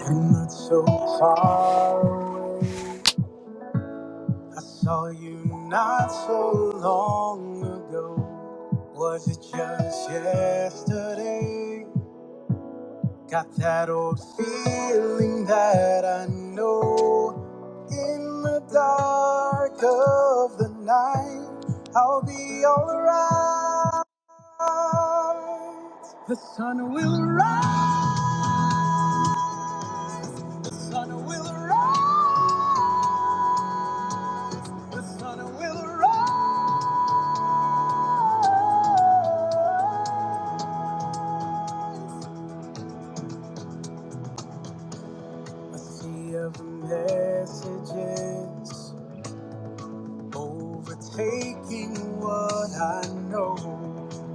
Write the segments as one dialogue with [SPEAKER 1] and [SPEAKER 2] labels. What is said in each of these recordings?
[SPEAKER 1] You're not so far away. I saw you not so long ago. Was it just yesterday? Got that old feeling that I know. In the dark of the night, I'll be alright. The sun will rise. The sun will rise. The sun will rise. The sea of messages overtaking what I know.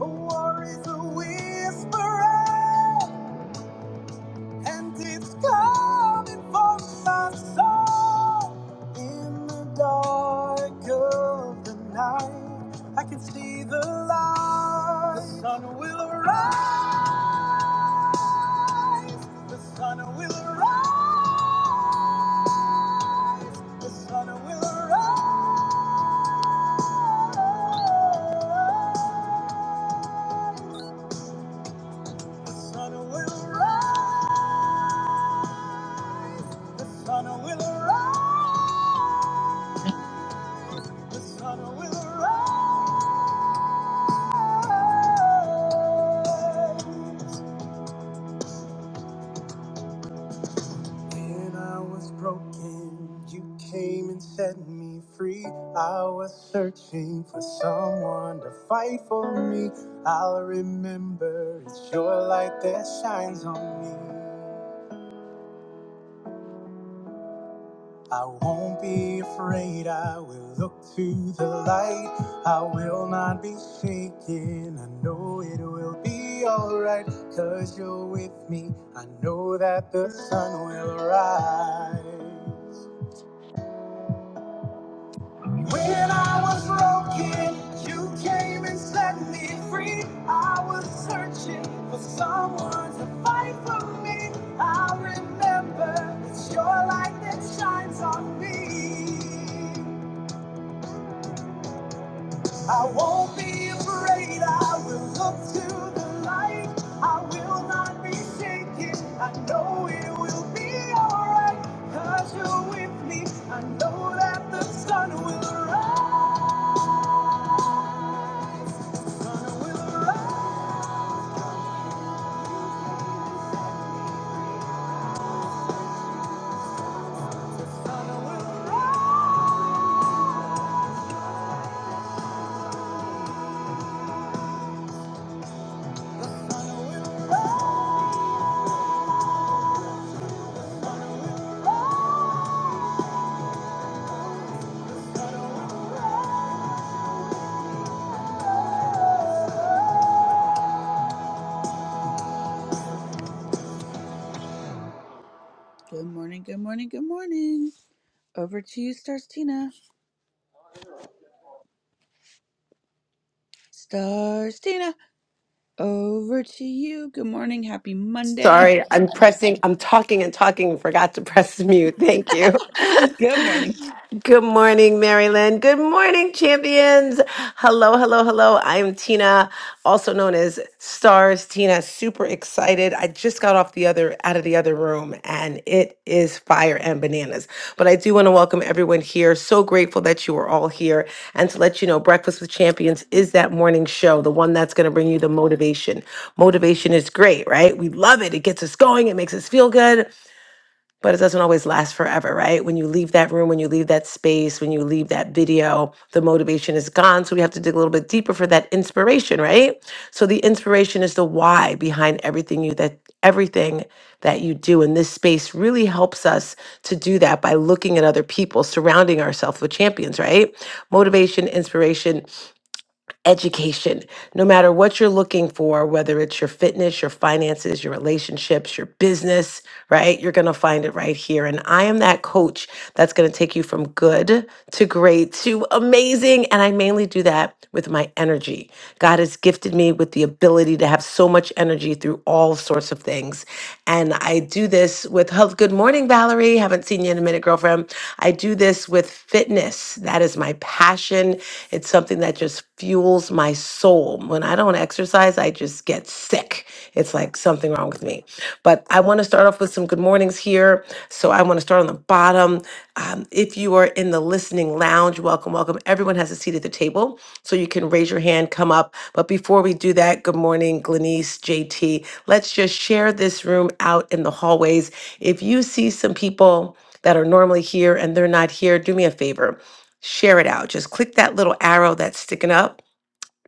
[SPEAKER 1] A war is a whisperer, and it's coming for my soul. In the dark of the night, I can see the light. The sun will arise. The sun will arise. The sun will arise. The sun will rise. The sun will rise. The sun will rise. When I was broken, you came and set me free. I was searching for someone to fight for me. I'll remember it's your light that shines on me. I won't be afraid. I will look to the light. I will not be shaken. I know it will be alright. Cause you're with me. I know that the sun will rise. When I was broken, you came and set me free. I was searching for someone to fight for me. I remember it's your light that shines on me. I won't be afraid. I will look to the light. I will not be shaken. I know it will be alright. Cause you're with me. I know that the sun will rise. Will rise. Good morning, good morning, good morning. Over to you, Stars Tina. Stars Tina, over to you. Good morning, happy Monday.
[SPEAKER 2] Sorry, I'm pressing, I'm talking and talking and forgot to press mute. Thank you.
[SPEAKER 1] Good morning.
[SPEAKER 2] Good morning, Marilyn. Good morning, champions. Hello, hello, hello. I'm Tina also known as Stars Tina. Super excited. I just got off the other out of the other room and it is fire and bananas. But I do want to welcome everyone here. So grateful that you are all here and to let you know Breakfast with Champions is that morning show, the one that's going to bring you the motivation. Motivation is great, right? We love it. It gets us going. It makes us feel good but it doesn't always last forever, right? When you leave that room, when you leave that space, when you leave that video, the motivation is gone. So we have to dig a little bit deeper for that inspiration, right? So the inspiration is the why behind everything you that everything that you do. And this space really helps us to do that by looking at other people, surrounding ourselves with champions, right? Motivation, inspiration, education. No matter what you're looking for, whether it's your fitness, your finances, your relationships, your business, right? You're going to find it right here. And I am that coach that's going to take you from good to great to amazing. And I mainly do that with my energy. God has gifted me with the ability to have so much energy through all sorts of things. And I do this with Health Good Morning morning, Valerie. Haven't seen you in a minute, girlfriend. I do this with fitness. That is my passion. It's something that just fuels my soul. When I don't exercise, I just get sick. It's like something wrong with me. But I want to start off with some good mornings here. So I want to start on the bottom. Um, if you are in the listening lounge, welcome, welcome. Everyone has a seat at the table. So you can raise your hand, come up. But before we do that, good morning, Glenice, JT. Let's just share this room out in the hallways if you see some people that are normally here and they're not here, do me a favor, share it out. Just click that little arrow that's sticking up.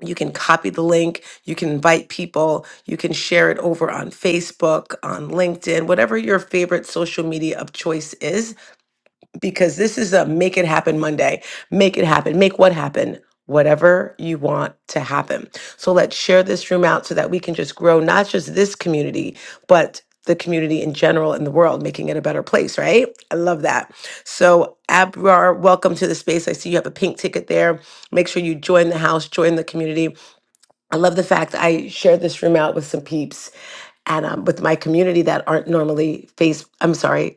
[SPEAKER 2] You can copy the link, you can invite people, you can share it over on Facebook, on LinkedIn, whatever your favorite social media of choice is because this is a make it happen Monday. Make it happen. Make what happen? Whatever you want to happen. So let's share this room out so that we can just grow not just this community, but the community in general in the world, making it a better place, right? I love that. So, Abrar, welcome to the space. I see you have a pink ticket there. Make sure you join the house, join the community. I love the fact I shared this room out with some peeps and um, with my community that aren't normally face. I'm sorry,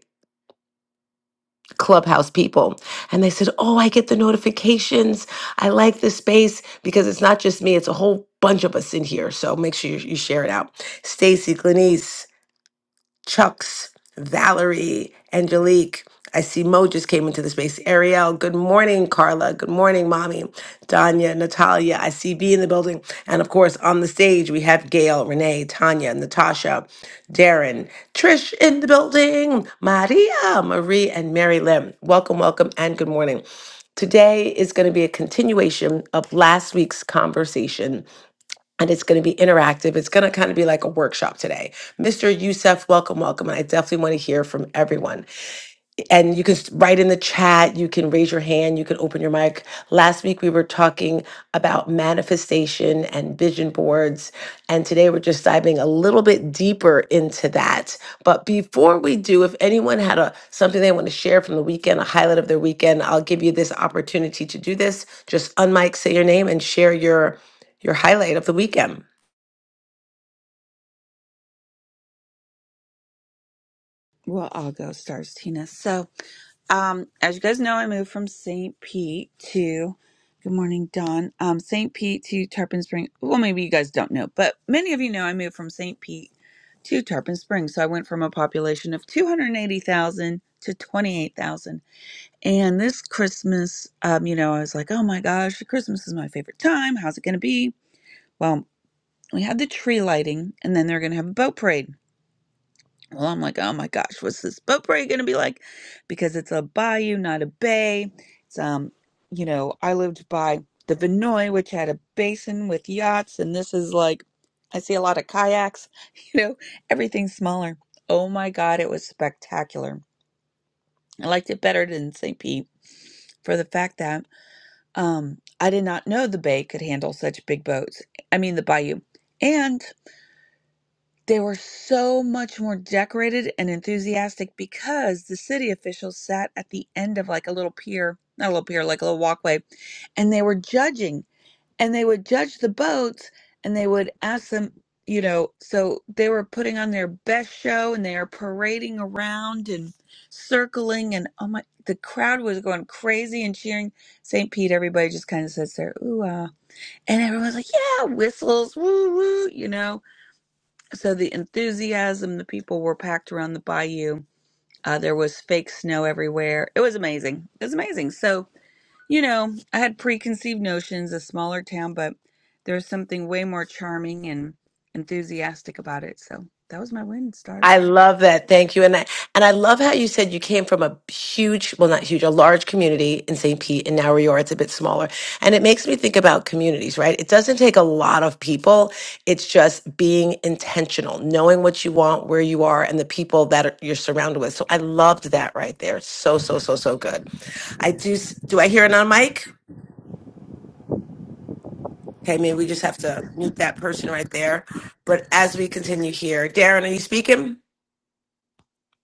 [SPEAKER 2] clubhouse people and they said oh i get the notifications i like this space because it's not just me it's a whole bunch of us in here so make sure you, you share it out stacy glenise Chucks, Valerie, Angelique. I see Mo just came into the space. Ariel, good morning, Carla. Good morning, Mommy. Danya, Natalia. I see B in the building. And of course, on the stage, we have Gail, Renee, Tanya, Natasha, Darren, Trish in the building, Maria, Marie, and Mary Lim. Welcome, welcome, and good morning. Today is going to be a continuation of last week's conversation and it's going to be interactive. It's going to kind of be like a workshop today. Mr. Youssef, welcome, welcome. And I definitely want to hear from everyone. And you can s- write in the chat, you can raise your hand, you can open your mic. Last week we were talking about manifestation and vision boards. And today we're just diving a little bit deeper into that. But before we do, if anyone had a something they want to share from the weekend, a highlight of their weekend, I'll give you this opportunity to do this. Just unmic, say your name, and share your your highlight of the weekend.
[SPEAKER 1] Well, I'll go, Stars Tina. So, um, as you guys know, I moved from St. Pete to, good morning, Dawn, um, St. Pete to Tarpon Spring. Well, maybe you guys don't know, but many of you know I moved from St. Pete to Tarpon Spring. So I went from a population of 280,000 to 28,000. And this Christmas, um, you know, I was like, oh my gosh, Christmas is my favorite time. How's it going to be? Well, we had the tree lighting, and then they're going to have a boat parade. Well, I'm like, oh my gosh, what's this boat parade gonna be like? Because it's a bayou, not a bay. It's um, you know, I lived by the Vinoy, which had a basin with yachts, and this is like, I see a lot of kayaks. You know, everything's smaller. Oh my God, it was spectacular. I liked it better than St. Pete for the fact that um, I did not know the bay could handle such big boats. I mean, the bayou. and. They were so much more decorated and enthusiastic because the city officials sat at the end of like a little pier, not a little pier, like a little walkway, and they were judging and they would judge the boats and they would ask them, you know, so they were putting on their best show and they are parading around and circling and oh my, the crowd was going crazy and cheering. St. Pete, everybody just kind of sits there, ooh ah, and everyone's like, yeah, whistles, woo woo, you know so the enthusiasm, the people were packed around the bayou. Uh, there was fake snow everywhere. It was amazing. It was amazing. So, you know, I had preconceived notions, a smaller town, but there's something way more charming and enthusiastic about it. So that was my win,
[SPEAKER 2] I
[SPEAKER 1] stars.
[SPEAKER 2] love that. Thank you. And I, and I love how you said you came from a huge, well, not huge, a large community in St. Pete, and now where you are, it's a bit smaller. And it makes me think about communities, right? It doesn't take a lot of people. It's just being intentional, knowing what you want, where you are, and the people that are, you're surrounded with. So I loved that right there. So, so, so, so good. I do, s- do I hear it on mic? Okay. Maybe we just have to meet that person right there. But as we continue here, Darren, are you speaking?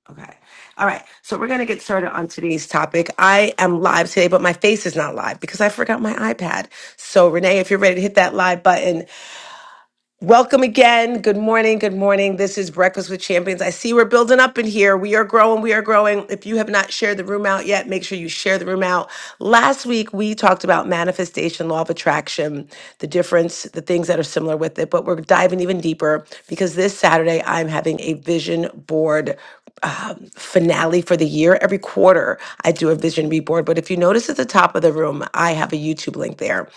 [SPEAKER 2] Okay. All right. So we're going to get started on today's topic. I am live today, but my face is not live because I forgot my iPad. So, Renee, if you're ready to hit that live button, welcome again. Good morning. Good morning. This is Breakfast with Champions. I see we're building up in here. We are growing. We are growing. If you have not shared the room out yet, make sure you share the room out. Last week, we talked about manifestation, law of attraction, the difference, the things that are similar with it, but we're diving even deeper because this Saturday, I'm having a vision board finale for the year. Every quarter, I do a vision reboard. But if you notice at the top of the room, I have a YouTube link there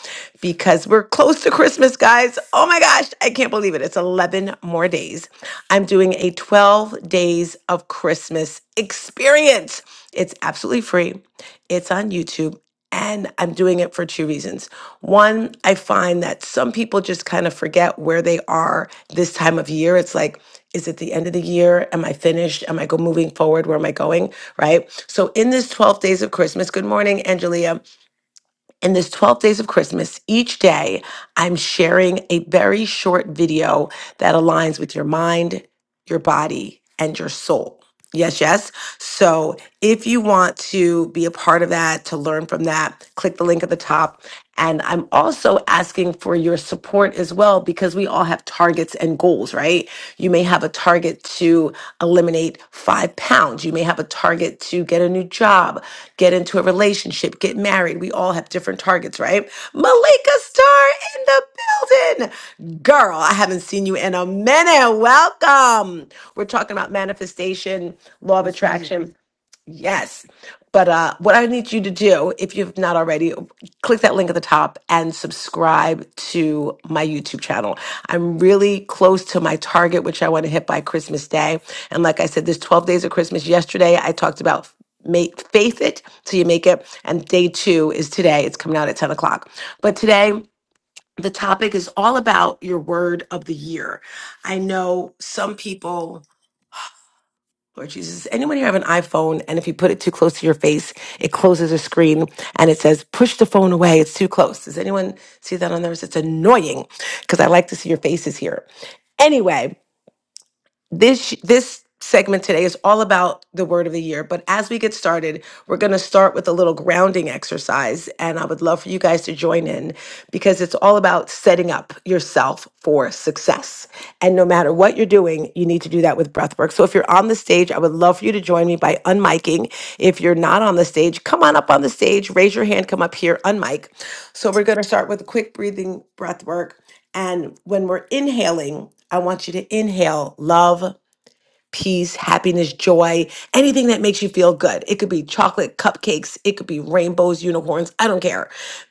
[SPEAKER 2] because we're close to Christmas, guys. Oh my gosh, I can't believe it. It's 11 more days. I'm doing a 12 days of Christmas experience. It's absolutely free, it's on YouTube. And I'm doing it for two reasons. One, I find that some people just kind of forget where they are this time of year. It's like, is it the end of the year? Am I finished? Am I go moving forward? Where am I going? Right. So in this 12 days of Christmas, good morning, Angelia. In this 12 days of Christmas, each day I'm sharing a very short video that aligns with your mind, your body, and your soul. Yes, yes. So if you want to be a part of that, to learn from that, click the link at the top. And I'm also asking for your support as well because we all have targets and goals, right? You may have a target to eliminate five pounds. You may have a target to get a new job, get into a relationship, get married. We all have different targets, right? Malika Star in the building. Girl, I haven't seen you in a minute. Welcome. We're talking about manifestation, law of
[SPEAKER 3] Where's Leah?
[SPEAKER 2] attraction. Yes. But uh, what I need you to do, if you've not already, click that link at the top and subscribe to my YouTube channel. I'm really close to my target, which I want to hit by Christmas Day. And like I said, there's 12 days of Christmas. Yesterday, I talked about make faith it till you make it. And day two is today. It's coming out at 10 o'clock. But today, the topic is all about your word of the year. I know some people Lord Jesus, anyone here have an iPhone and if you put it too close to your face, it closes the screen and it says, push the phone away. It's too close. Does anyone see that on theirs? It's annoying because I like to see your faces here. Anyway, this this segment today is all about the word of the year but as we get started we're going to start with a little grounding exercise and i would love for you guys to join in because it's all about setting up yourself for success and no matter what you're doing you need to do that with breath work so if you're on the stage i would love for you to join me by unmiking if you're not on the stage come on up on the stage raise your hand come up here unmic so we're going to start with a quick breathing breath work and when we're inhaling, I want you to inhale love, peace, happiness, joy, anything that makes you feel good. It could be chocolate, cupcakes, it could be rainbows, unicorns, I don't care.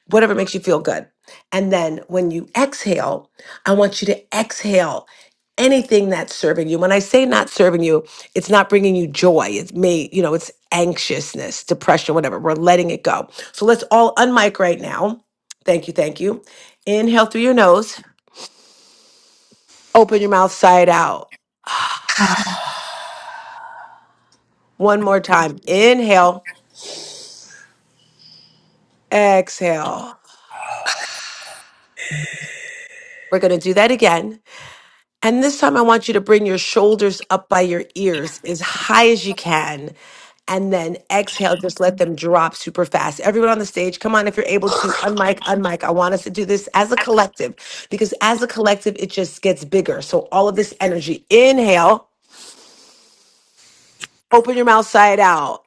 [SPEAKER 2] Whatever makes you feel good. And then when you exhale, I want you to exhale anything that's serving you. When I say not serving you, it's not bringing you joy. It may, you know, it's anxiousness, depression, whatever. We're letting it go. So let's all unmic right now. Thank you, thank you. Inhale through your nose. Open your mouth side out.
[SPEAKER 4] Ah,
[SPEAKER 2] One more time. Inhale, exhale. We're going to do that again. And this time, I want you to bring your shoulders up by your ears as high as you can. And then exhale, just let them drop super fast. Everyone on the stage, come on, if you're able to, unmic, unmic. I want us to do this as a collective because as a collective, it just gets bigger. So all of this energy, inhale, open your mouth side out.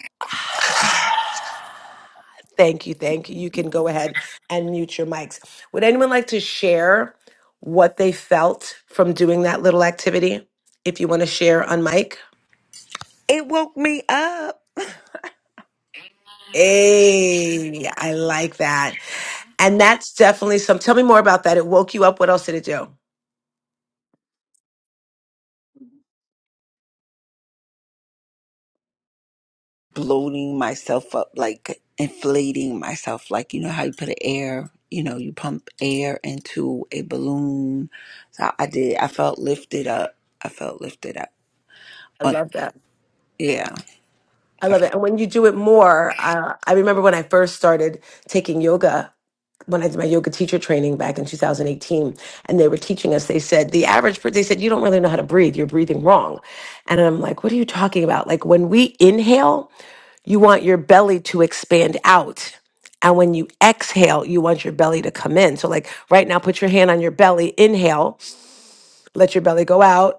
[SPEAKER 2] Thank you. Thank you. You can go ahead and mute your mics. Would anyone like to share what they felt from doing that little activity? If you want to share on mic.
[SPEAKER 5] It woke me up,
[SPEAKER 2] Hey, I like that. And that's definitely some. Tell me more about that. It woke you up. What else did it do?
[SPEAKER 5] bloating myself up, like inflating myself. Like, you know how you put an air, you know, you pump air into a balloon. So I did. I felt lifted up. I felt lifted up.
[SPEAKER 2] I
[SPEAKER 5] On-
[SPEAKER 2] love that.
[SPEAKER 5] Yeah.
[SPEAKER 2] I love it. And when you do it more, uh, I remember when I first started taking yoga, when I did my yoga teacher training back in 2018, and they were teaching us, they said, the average, per- they said, you don't really know how to breathe. You're breathing wrong. And I'm like, what are you talking about? Like when we inhale, you want your belly to expand out. And when you exhale, you want your belly to come in. So, like right now, put your hand on your belly, inhale, let your belly go out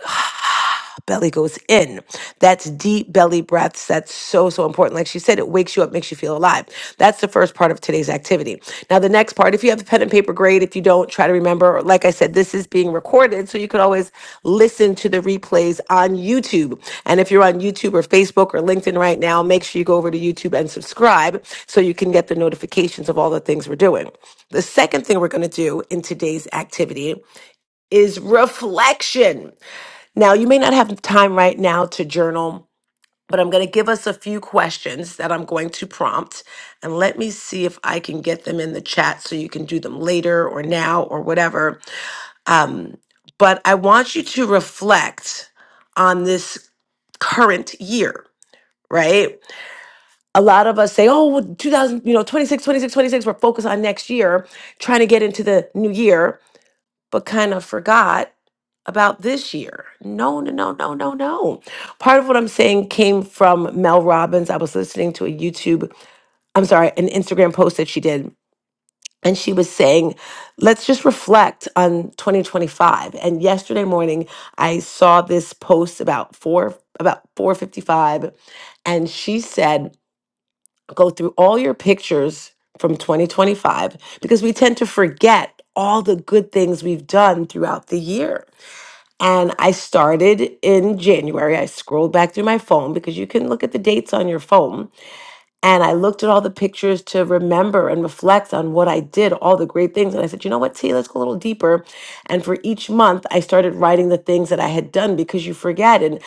[SPEAKER 2] belly goes in. That's deep belly breaths. That's so, so important. Like she said, it wakes you up, makes you feel alive. That's the first part of today's activity. Now, the next part, if you have the pen and paper, great. If you don't, try to remember. Like I said, this is being recorded, so you can always listen to the replays on YouTube. And if you're on YouTube or Facebook or LinkedIn right now, make sure you go over to YouTube and subscribe so you can get the notifications of all the things we're doing. The second thing we're going to do in today's activity is reflection. Now, you may not have time right now to journal, but I'm going to give us a few questions that I'm going to prompt. And let me see if I can get them in the chat so you can do them later or now or whatever. But I want you to reflect on this current year, right? A lot of us say, oh, well, 2000, you know, 26, 26, 26, we're focused on next year, trying to get into the new year, but kind of forgot about this year. No, no, no, no, no, no. Part of what I'm saying came from Mel Robbins. I was listening to a YouTube, I'm sorry, an Instagram post that she did. And she was saying, let's just reflect on 2025. And yesterday morning, I saw this post about four, about 455. And she said, go through all your pictures from 2025 because we tend to forget all the good things we've done throughout the year. And I started in January. I scrolled back through my phone because you can look at the dates on your phone and I looked at all the pictures to remember and reflect on what I did, all the great things. And I said, you know what, T, let's go a little deeper. And for each month, I started writing the things that I had done because you forget. And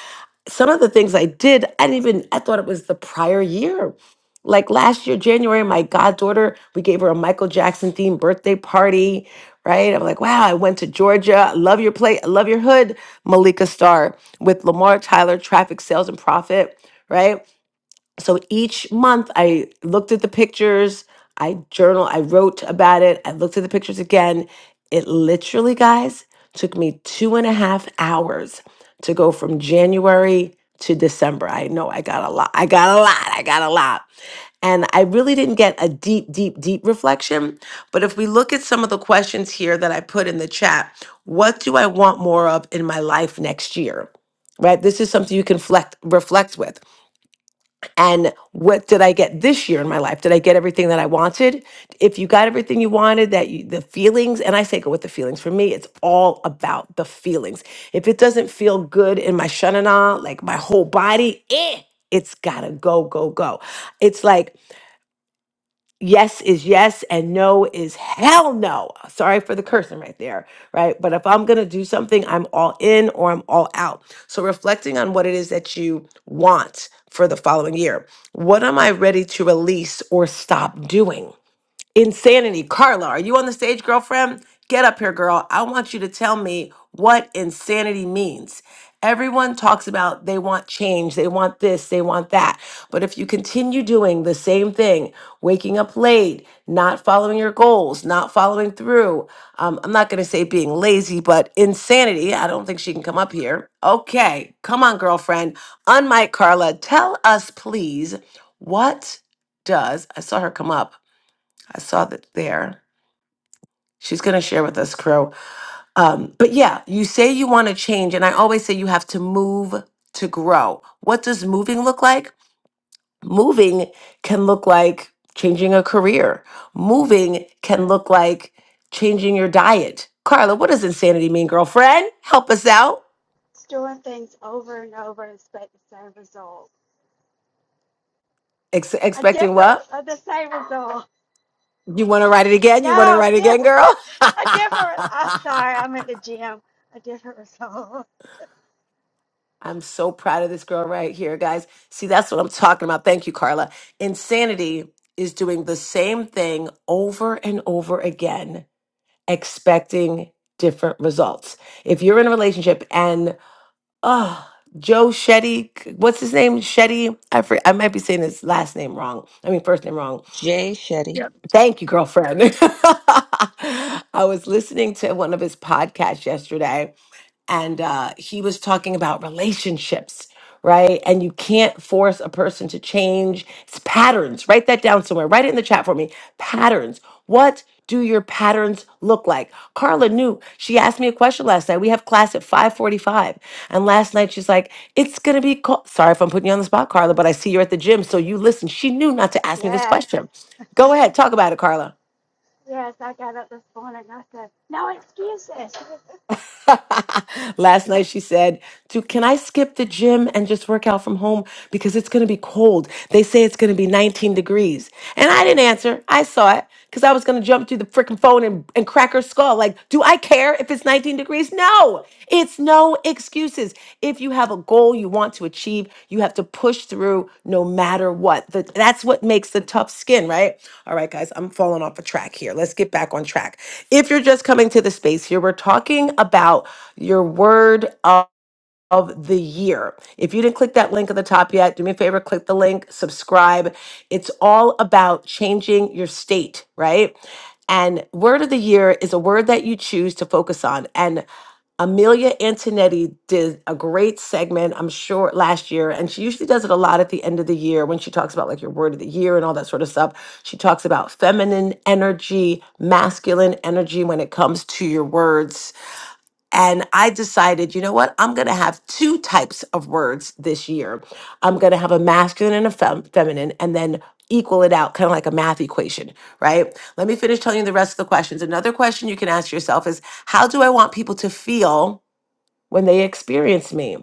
[SPEAKER 2] some of the things I did, I didn't even, I thought it was the prior year. Like last year, January, my goddaughter, we gave her a Michael Jackson themed birthday party, right? I'm like, wow, I went to Georgia. I Love your play, I love your hood, Malika Starr with Lamar Tyler, Traffic Sales and Profit, right? so each month I looked at the pictures, I journal, I wrote about it, I looked at the pictures again. It literally, guys, took me two and a half hours to go from January to December. I know I got a lot, I got a lot, I got a lot. And I really didn't get a deep, deep, deep reflection. But if we look at some of the questions here that I put in the chat, what do I want more of in my life next year? Right? This is something you can reflect, reflect with. And what did I get this year in my life? Did I get everything that I wanted? If you got everything you wanted, that you, the feelings, and I say go with the feelings. For me, it's all about the feelings. If it doesn't feel good in my shanana, like my whole body, eh, it's gotta go, go, go. It's like yes is yes and no is hell no. Sorry for the cursing right there, right? But if I'm going to do something, I'm all in or I'm all out. So reflecting on what it is that you want for the following year. What am I ready to release or stop doing? Insanity. Carla, are you on the stage, girlfriend? Get up here, girl. I want you to tell me what insanity means. Everyone talks about they want change, they want this, they want that. But if you continue doing the same thing, waking up late, not following your goals, not following through, um, I'm not going to say being lazy, but insanity. I don't think she can come up here. Okay, come on, girlfriend. Unmike Carla, tell us, please, what does, I saw her come up. I saw that there. She's going to share with us, Crow. Um, but yeah, you say you want to change, and I always say you have to move to grow. What does moving look like? Moving can look like changing a career, moving can look like changing your diet. Carla, what does insanity mean, girlfriend? Help us out.
[SPEAKER 6] It's doing things over and over and expect the same result.
[SPEAKER 2] Ex-
[SPEAKER 6] A
[SPEAKER 2] expecting
[SPEAKER 6] different,
[SPEAKER 2] what?
[SPEAKER 6] uh, the same result.
[SPEAKER 2] You want to write it again? You want to
[SPEAKER 6] No,
[SPEAKER 2] write it again,
[SPEAKER 6] different,
[SPEAKER 2] girl?
[SPEAKER 6] a different. I'm sorry, I'm at the gym. A different result.
[SPEAKER 2] I'm so proud of this girl right here, guys. See, that's what I'm talking about. Thank you, Carla. Insanity is doing the same thing over and over again, expecting different results. If you're in a relationship and, oh, Joe Shetty, what's his name? Shetty? I, for, I might be saying his last name wrong. I mean, first name wrong.
[SPEAKER 1] Jay Shetty.
[SPEAKER 7] Yeah,
[SPEAKER 2] Thank you, girlfriend. I was listening to one of his podcasts yesterday and uh, he was talking about relationships, right? And you can't force a person to change it's patterns. Write that down somewhere. Write it in the chat for me. Patterns. What do your patterns look like? Carla knew. She asked me a question last night. We have class at 5:45, and last night she's like, "It's gonna be called." Sorry if I'm putting you on the spot, Carla, but I see you're at the gym, so you listen. She knew not to ask me this
[SPEAKER 6] Yes,
[SPEAKER 2] question. Go ahead, talk about it, Carla.
[SPEAKER 6] yes. I got up this morning and I said, no excuses.
[SPEAKER 2] Last night she said, "Dude, can I skip the gym and just work out from home because it's going to be cold? They say it's going to be 19 degrees." And I didn't answer. I saw it because I was going to jump through the freaking phone and, and crack her skull. Like, do I care if it's 19 degrees? No, it's no excuses. If you have a goal you want to achieve, you have to push through no matter what. The- that's what makes the tough skin, right? All right, guys, I'm falling off a track here. Let's get back on track. If you're just coming to the space here, we're talking about your word of the year. If you didn't click that link at the top yet, do me a favor, click the link, subscribe. It's all about changing your state, right? And word of the year is a word that you choose to focus on. And Amelia Antonetti did a great segment, I'm sure, last year. And she usually does it a lot at the end of the year when she talks about like your word of the year and all that sort of stuff. She talks about feminine energy, masculine energy when it comes to your words and I decided, you know what? I'm going to have two types of words this year. I'm going to have a masculine and a fem- feminine, and then equal it out, kind of like a math equation, right? Let me finish telling you the rest of the questions. Another question you can ask yourself is how do I want people to feel when they experience me?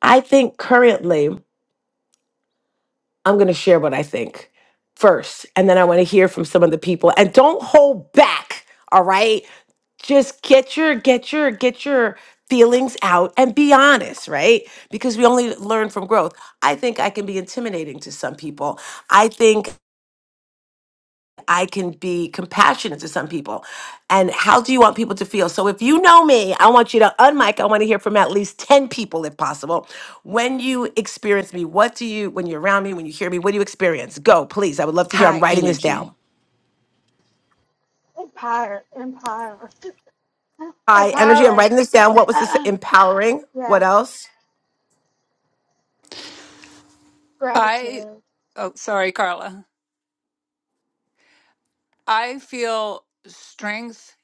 [SPEAKER 2] I think currently, I'm going to share what I think first, and then I want to hear from some of the people. And don't hold back. All right just get your get your get your feelings out and be honest right because we only learn from growth i think i can be intimidating to some people i think i can be compassionate to some people and how do you want people to feel so if you know me i want you to unmic i want to hear from at least 10 people if possible when you experience me what do you when you're around me when you hear me what do you experience go please i would love to hear i'm
[SPEAKER 5] High
[SPEAKER 2] writing this
[SPEAKER 5] energy.
[SPEAKER 2] down
[SPEAKER 6] Empower, empower,
[SPEAKER 2] high energy i'm
[SPEAKER 6] empowering.
[SPEAKER 2] writing this down what was this empowering what
[SPEAKER 6] yes,
[SPEAKER 2] else
[SPEAKER 7] I
[SPEAKER 6] gratitude.
[SPEAKER 7] oh sorry, Carla. I feel strength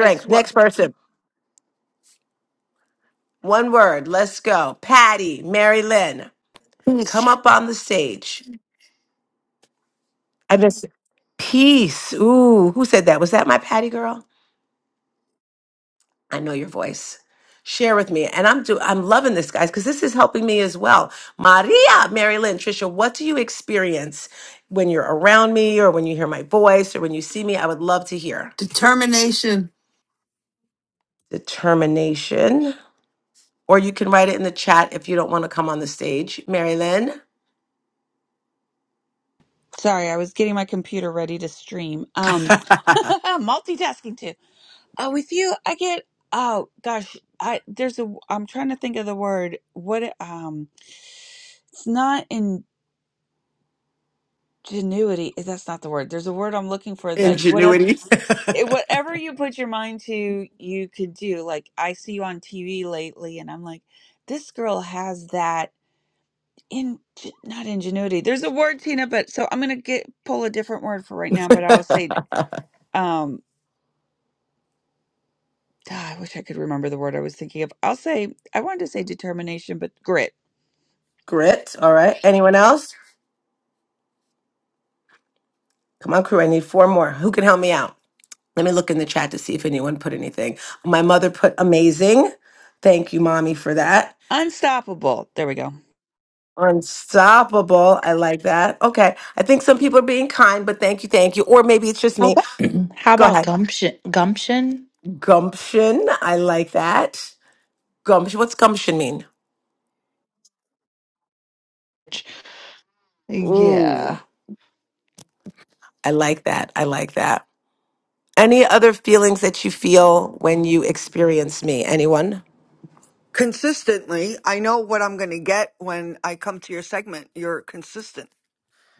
[SPEAKER 7] as well.
[SPEAKER 2] next person One word. Let's go. Patty, Mary Lynn, come
[SPEAKER 8] Cons-
[SPEAKER 2] up on the stage. I miss peace. Ooh, who said that? Was that my Patty girl? I know your voice. Share with me. And I'm do I'm loving this, guys, because this is helping me as well. Maria, Mary Lynn, Trisha, what do you experience when you're around me or when you hear my voice or when you see me? I would love to hear.
[SPEAKER 3] Determination.
[SPEAKER 2] Determination. Or you can write it in the chat if you don't want to come on the stage. Mary Lynn.
[SPEAKER 1] Sorry, I was getting my computer ready to stream. Um, multitasking Uh, with you, I get oh gosh, I there's a I'm trying to think of the word. What it- um, it's not ingenuity. eh, That's not the word. There's a word I'm looking for. Like whatever,
[SPEAKER 2] Ingenuity.
[SPEAKER 1] it, whatever you put your mind to, you could do. Like I see you on TV lately, and I'm like, this girl has that in not ingenuity. There's a word, Tina, but so I'm gonna get pull a different word for right now. But I'll say um. ah, I wish I could remember the word I was thinking of. I'll say I wanted to say determination, but grit
[SPEAKER 2] Grit. All right. Anyone else? Come on, crew. I need four more. Who can help me out? Let me look in the chat to see if anyone put anything. My mother put amazing. Thank you, mommy, for that.
[SPEAKER 1] Unstoppable. There we go.
[SPEAKER 2] Unstoppable. I like that. Okay. I think some people are being kind, but thank you, thank you. Or maybe it's just
[SPEAKER 9] How
[SPEAKER 2] me.
[SPEAKER 9] about, how
[SPEAKER 2] Go
[SPEAKER 9] about
[SPEAKER 2] ahead.
[SPEAKER 9] gumption? Gumption?
[SPEAKER 2] Gumption. I like that. Gumption. What's gumption mean?
[SPEAKER 9] Yeah.
[SPEAKER 2] Ooh, I like that. I like that. Any other feelings that you feel when you experience me? Anyone?
[SPEAKER 8] Consistently, I know what I'm going to get when I come to your segment. You're consistent.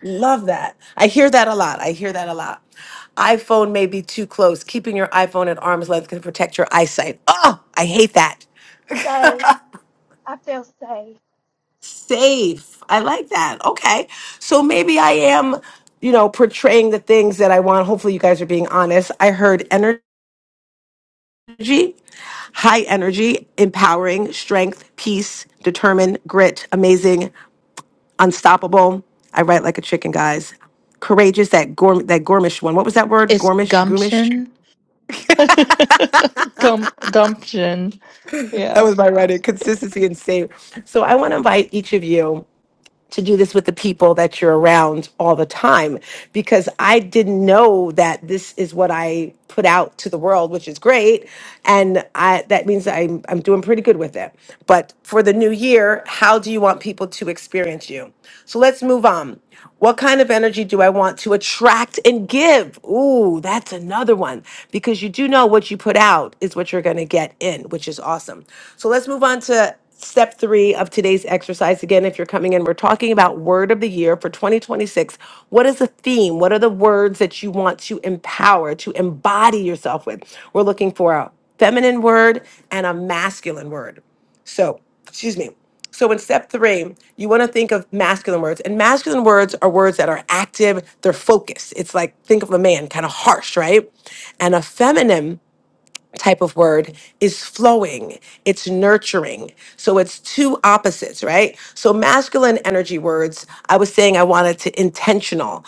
[SPEAKER 2] Love that. I hear that a lot. I hear that a lot. iPhone may be too close. Keeping your iPhone at arm's length can protect your eyesight. Oh, I hate that.
[SPEAKER 6] Safe. I feel safe.
[SPEAKER 2] Safe. I like that. Okay. So maybe I am, you know, portraying the things that I want. Hopefully, you guys are being honest. I heard energy, high energy, empowering, strength, peace, determined, grit, amazing, unstoppable. I write like a chicken, guys. Courageous, that gourm, that gourmish one. What was that word?
[SPEAKER 9] It's
[SPEAKER 2] Gourmish, goomish.
[SPEAKER 9] gumption. Gum, gumption.
[SPEAKER 2] That
[SPEAKER 9] Yeah.
[SPEAKER 2] was my running consistency and save. So I want to invite each of you to do this with the people that you're around all the time because I didn't know that this is what I put out to the world, which is great. And I, that means I'm, I'm doing pretty good with it. But for the new year, how do you want people to experience you? So let's move on. What kind of energy do I want to attract and give? Ooh, that's another one because you do know what you put out is what you're going to get in, which is awesome. So let's move on to step three of today's exercise. Again, if you're coming in, we're talking about word of the year for 2026. What is the theme? What are the words that you want to empower, to embody yourself with? We're looking for a feminine word and a masculine word. So, excuse me. So, in step three, you want to think of masculine words. And masculine words are words that are active, they're focused. It's like, think of a man, kind of harsh, right? And a feminine type of word is flowing, it's nurturing. So it's two opposites, right? So masculine energy words, I was saying I wanted to intentional.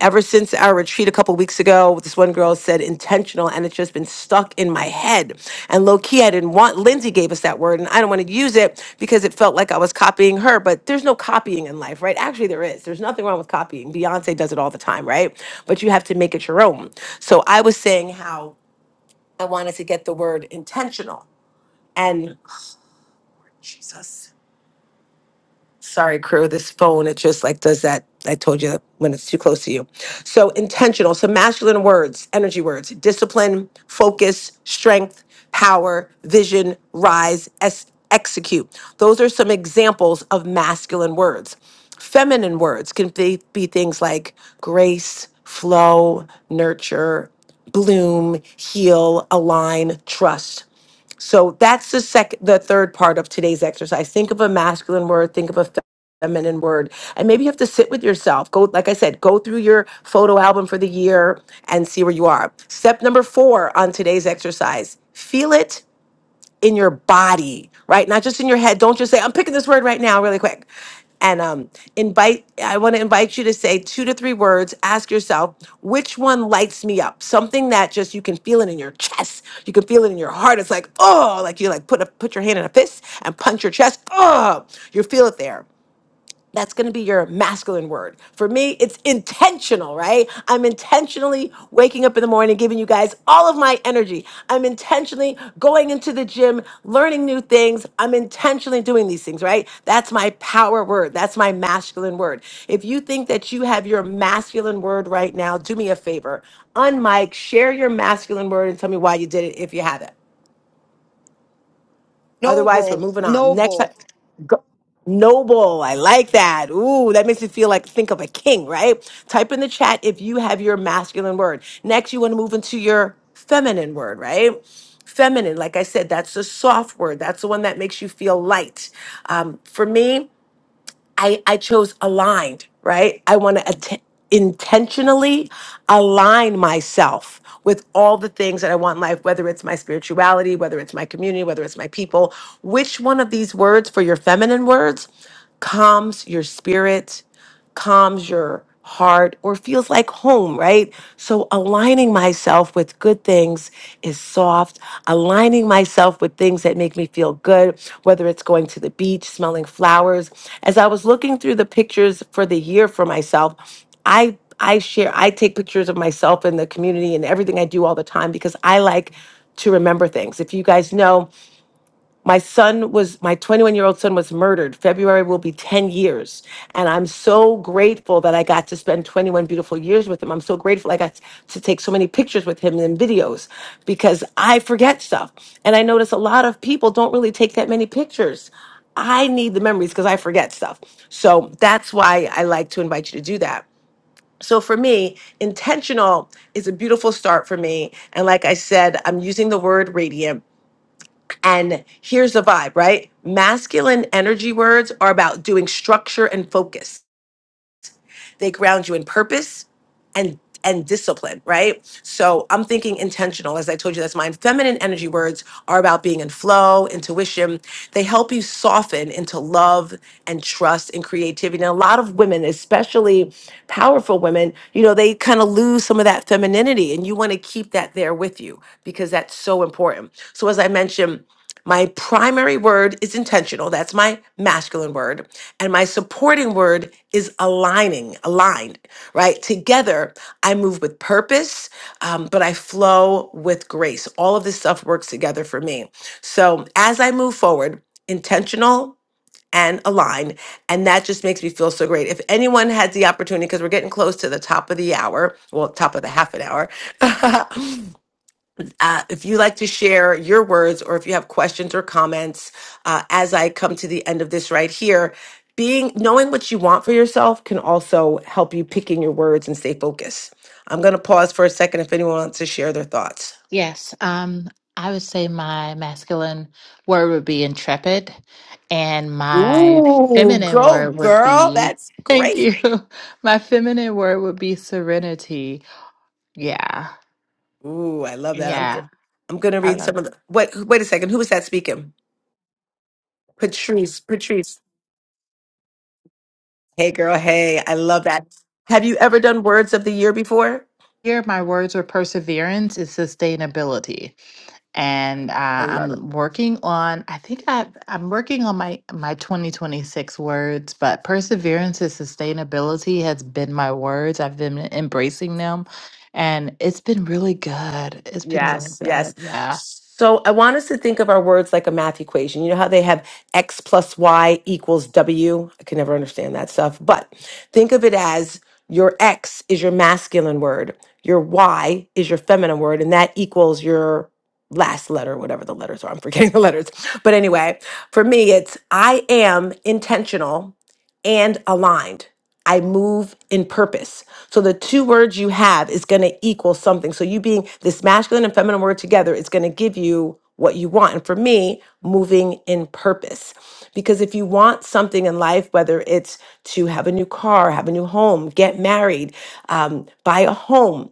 [SPEAKER 2] Ever since our retreat a couple weeks ago, this one girl said intentional, and it's just been stuck in my head. And low key, I didn't want Lindsay gave us that word, and I don't want to use it because it felt like I was copying her. But there's no copying in life, right? Actually, there is. There's nothing wrong with copying. Beyonce does it all the time, right? But you have to make it your own. So I was saying how I wanted to get the word intentional. And Jesus, sorry, crew, this phone, it just like does that. I told you when it's too close to you. So, intentional. So, masculine words, energy words, discipline, focus, strength, power, vision, rise, es- execute. Those are some examples of masculine words. Feminine words can be, be things like grace, flow, nurture, bloom, heal, align, trust. So that's the second, the third part of today's exercise. Think of a masculine word, think of a feminine word, and maybe you have to sit with yourself. Go, like I said, go through your photo album for the year and see where you are. Step number four on today's exercise: feel it in your body, right? Not just in your head. Don't just say, I'm picking this word right now, really quick. And um, invite, I want to invite you to say two to three words. Ask yourself, which one lights me up? Something that just you can feel it in your chest. You can feel it in your heart. It's like, oh, like you like put a, put your hand in a fist and punch your chest. Oh, you feel it there that's going to be your masculine word. For me, it's intentional, right? I'm intentionally waking up in the morning, giving you guys all of my energy. I'm intentionally going into the gym, learning new things. I'm intentionally doing these things, right? That's my power word. That's my masculine word. If you think that you have your masculine word right now, do me a favor. Unmic, share your masculine word and tell me why you did it if you have it. Otherwise, we're
[SPEAKER 8] Noble,
[SPEAKER 2] moving on. Next
[SPEAKER 8] noble.
[SPEAKER 2] up, go- noble. I like that. Ooh, that makes me feel like think of a king, right? Type in the chat if you have your masculine word. Next, you want to move into your feminine word, right? Feminine, like I said, that's the soft word. That's the one that makes you feel light. Um, for me, I I chose aligned, right? I want to att- intentionally align myself with all the things that I want in life, whether it's my spirituality, whether it's my community, whether it's my people. Which one of these words for your feminine words calms your spirit? calms your heart or feels like home, right? So aligning myself with good things is soft. Aligning myself with things that make me feel good, whether it's going to the beach, smelling flowers. As I was looking through the pictures for the year for myself, I I share I take pictures of myself and the community and everything I do all the time because I like to remember things. If you guys know, my son was, my 21 year old son was murdered. February will be 10 years. And I'm so grateful that I got to spend 21 beautiful years with him. I'm so grateful I got to take so many pictures with him and videos because I forget stuff. And I notice a lot of people don't really take that many pictures. I need the memories because I forget stuff. So that's why I like to invite you to do that. So for me, intentional is a beautiful start for me. And like I said, I'm using the word radiant and here's the vibe, right? Masculine energy words are about doing structure and focus. They ground you in purpose and and discipline, right? So I'm thinking intentional. As I told you, that's mine. Feminine energy words are about being in flow, intuition. They help you soften into love and trust and creativity. And a lot of women, especially powerful women, you know, they kind of lose some of that femininity and you want to keep that there with you because that's so important. So as I mentioned, my primary word is intentional. That's my masculine word. And my supporting word is aligning, aligned, right? Together, I move with purpose, um, but I flow with grace. All of this stuff works together for me. So as I move forward, intentional and aligned. And that just makes me feel so great. If anyone had the opportunity, because we're getting close to the top of the hour, well, top of the half an hour, Uh, if you like to share your words or if you have questions or comments uh, as I come to the end of this right here, being knowing what you want for yourself can also help you pick in your words and stay focused. I'm going to pause for a second if anyone wants to share their thoughts.
[SPEAKER 9] Yes. Um, I would say my masculine word would be intrepid, and my
[SPEAKER 2] Ooh,
[SPEAKER 9] feminine
[SPEAKER 2] go
[SPEAKER 9] word would
[SPEAKER 2] girl.
[SPEAKER 9] be,
[SPEAKER 2] That's
[SPEAKER 9] thank
[SPEAKER 2] great.
[SPEAKER 9] you. My feminine word would be serenity. Yeah.
[SPEAKER 2] Ooh, I love that. I'm go-
[SPEAKER 9] Yeah.
[SPEAKER 2] I'm gonna
[SPEAKER 9] I do
[SPEAKER 2] read some of the wait wait a second. Who was that speaking? Patrice. Patrice. Hey girl, hey, I love that. Have you ever done words of the year before?
[SPEAKER 9] Here, my words are perseverance and sustainability. and
[SPEAKER 2] I
[SPEAKER 9] uh,
[SPEAKER 2] love it.
[SPEAKER 9] I'm working on. I think I I'm working on my my 2026 words, but perseverance and sustainability has been my words. I've been embracing them, and it's been really good. It's been really
[SPEAKER 2] Yes,
[SPEAKER 9] good.
[SPEAKER 2] yes.
[SPEAKER 9] Yeah.
[SPEAKER 2] So I want us to think of our words like a math equation. You know how they have x plus y equals w? I can never understand that stuff, but think of it as your x is your masculine word, your y is your feminine word, and that equals your last letter, whatever the letters are. I'm forgetting the letters. But anyway, for me, it's I am intentional and aligned. I move in purpose. So the two words you have is going to equal something. So you being this masculine and feminine word together, it's going to give you what you want. And for me, moving in purpose. Because if you want something in life, whether it's to have a new car, have a new home, get married, um, buy a home,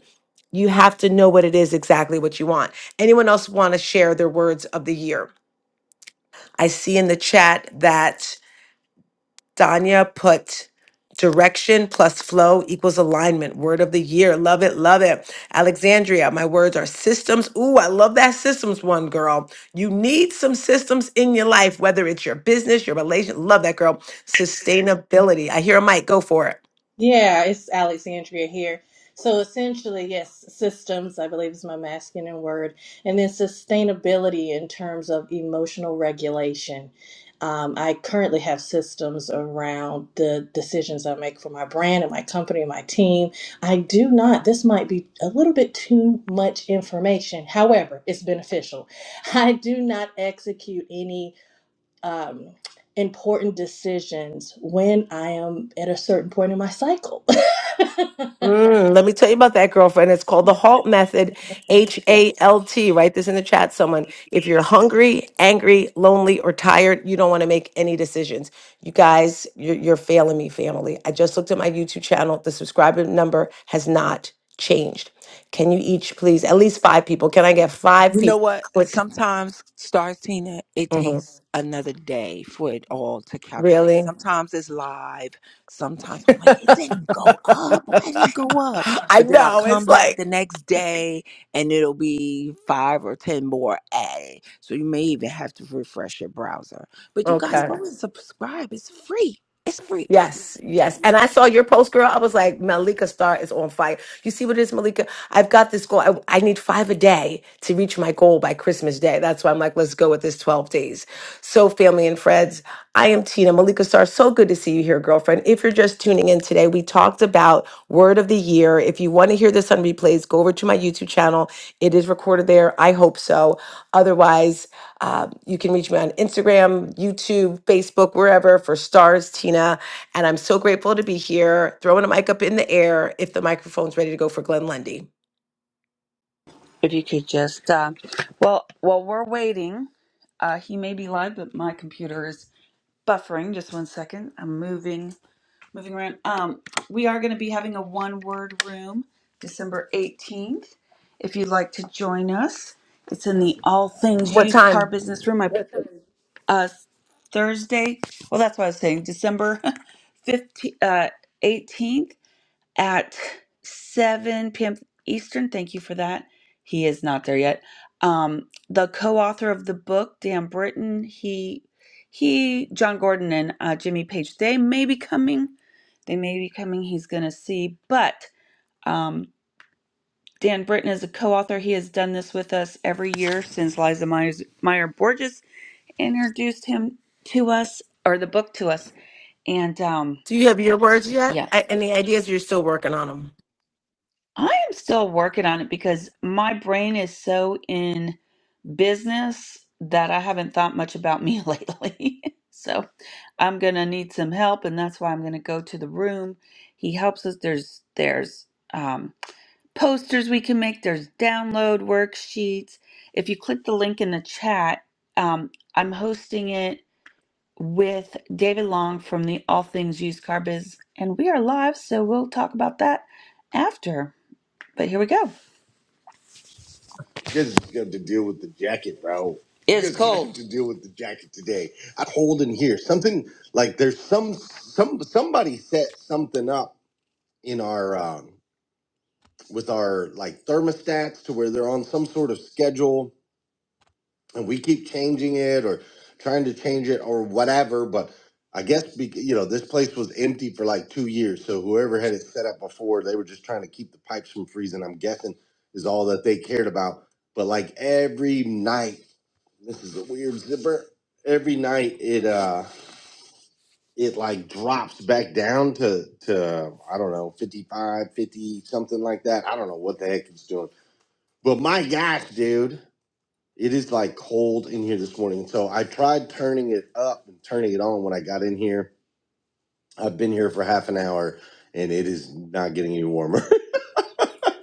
[SPEAKER 2] you have to know what it is exactly what you want. Anyone else want to share their words of the year? I see in the chat that Danya put direction plus flow equals alignment. Word of the year. Love it. Love it. Alexandria, my words are systems. Ooh, I love that systems one, girl. You need some systems in your life, whether it's your business, your relation. Love that, girl. Sustainability. I hear a mic. Go for it.
[SPEAKER 10] Yeah, it's Alexandria here. So essentially, yes, systems, I believe is my masculine word, and then sustainability in terms of emotional regulation. Um, I currently have systems around the decisions I make for my brand and my company and my team. I do not, this might be a little bit too much information. However, it's beneficial. I do not execute any um, important decisions when I am at a certain point in my cycle.
[SPEAKER 2] Mm, let me tell you about that girlfriend. It's called the HALT method, H
[SPEAKER 10] Yes.
[SPEAKER 2] A L T. Write this in the chat, someone. If you're hungry, angry, lonely, or tired, you don't want to make any decisions. You guys, you're, you're failing me, family. I just looked at my YouTube channel. The subscriber number has not changed. Can you each please, at least five people? Can I get five
[SPEAKER 5] You know
[SPEAKER 2] people? to
[SPEAKER 5] what?
[SPEAKER 2] Click.
[SPEAKER 5] Sometimes, stars Tina, it
[SPEAKER 2] Mhm.
[SPEAKER 5] takes another day for it all to calculate.
[SPEAKER 2] Really?
[SPEAKER 5] Sometimes it's live. Sometimes I'm like, it didn't go up. Why didn't it go up?
[SPEAKER 2] I
[SPEAKER 5] But then I'll
[SPEAKER 2] know.
[SPEAKER 5] come
[SPEAKER 2] It's
[SPEAKER 5] back
[SPEAKER 2] like,
[SPEAKER 5] the next day and it'll be five or 10 more added. So you may even have to refresh your browser. But you guys
[SPEAKER 2] okay.
[SPEAKER 5] go and subscribe. It's free. It's free.
[SPEAKER 2] Yes, yes. And I saw your post, girl. I was like, Malika Star is on fire. You see what it is, Malika? I've got this goal. I, I need five a day to reach my goal by Christmas Day. That's why I'm like, let's go with this 12 days. So, family and friends, I am Tina. Malika Star, so good to see you here, girlfriend. If you're just tuning in today, we talked about word of the year. If you want to hear this on replays, go over to my YouTube channel. It is recorded there. I hope so. Otherwise, uh, you can reach me on Instagram, YouTube, Facebook, wherever for stars, Tina. And I'm so grateful to be here, throwing a mic up in the air if the microphone's ready to go for Glenn Lundy.
[SPEAKER 1] If you could just, uh, well, while we're waiting, uh, he may be live, but my computer is buffering. Just one second. I'm moving, moving around. Um, we are going to be having a one-word room, December 18th. If you'd like to join us, it's in the All Things
[SPEAKER 2] What
[SPEAKER 1] Used Car
[SPEAKER 2] time?
[SPEAKER 1] Business Room. I put uh, Thursday. Well, that's what I was saying. December fifteenth, uh, 18th. at 7 p.m. Eastern. Thank you for that. He is not there yet. Um, the co-author of the book, Dan Britton, he he, John Gordon and uh, Jimmy Page, they may be coming. They may be coming. He's gonna see, but um, Dan Britton is a co-author. He has done this with us every year since Liza Myers, Meyer Borges introduced him to us or the book to us. And um,
[SPEAKER 2] Do you have your words yet?
[SPEAKER 1] yeah.
[SPEAKER 2] I, any ideas? You're still working on them.
[SPEAKER 1] I am still working on it because my brain is so in business that I haven't thought much about me lately. so I'm gonna need some help, and that's why I'm gonna go to the room. He helps us. There's there's um, posters we can make. There's download worksheets. If you click the link in the chat, um, I'm hosting it with David Long from the All Things Used Car Biz, and we are live, so we'll talk about that after. But here we go. You guys just have to deal with the jacket, bro. You It's guys just have cold. to deal with the jacket today. I hold in here something like there's some some somebody set something up in our um, with our like thermostats to where they're on some sort of schedule and we keep changing it or trying to change it or whatever but i guess bec- you know this place was empty for like two years so whoever had it set up before they were just trying to keep the pipes from freezing i'm guessing is all that they cared about but like every night this is a weird zipper every night it uh it like drops back down to to i don't know 55 50 something like that i don't know what the heck it's doing but my gosh dude it is like cold in here this morning. So I tried turning it up and turning it on when I got in here. I've been here for half an hour and it is not getting any warmer.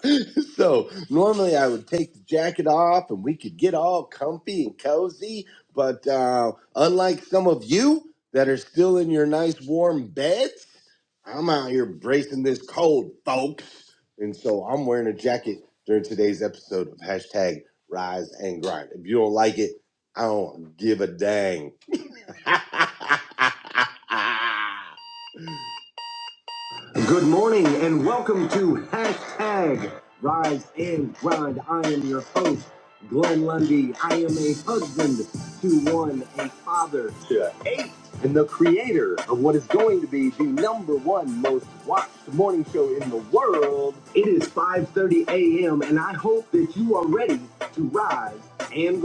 [SPEAKER 1] so normally I would take the jacket off and we could get all comfy and cozy. But uh, unlike some of you that are still in your nice warm beds, I'm out here bracing this cold, folks. And so I'm wearing a jacket during today's episode of hashtag Rise and Grind. If you don't like it, I don't give a dang. Good morning and welcome to hashtag Rise and Grind. I am your host, Glenn Lundy. I am a husband, author, and the creator of going to be the number one most watched morning show in the world. It is 5 p.m. and I hope that you are ready to rise and.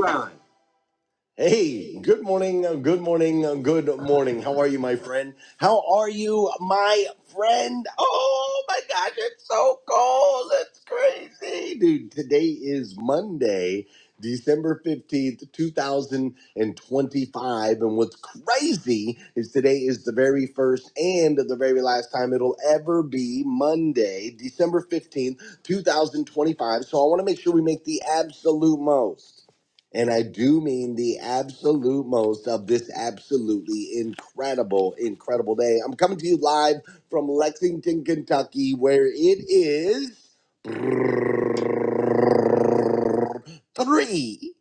[SPEAKER 1] Hey, good morning, uh, good morning, uh, good morning. How are you, my friend? How are you, my friend? Oh my gosh, it's so cold. It's crazy. Dude, today is Monday, December 15th, 2025. And what's crazy is today is the very first and the very last time it'll ever be Monday, December 15th, 2025. So I want to make sure we make the absolute most. And I do mean the absolute most of this absolutely incredible, incredible day. I'm coming to you live from Lexington, Kentucky, where it is three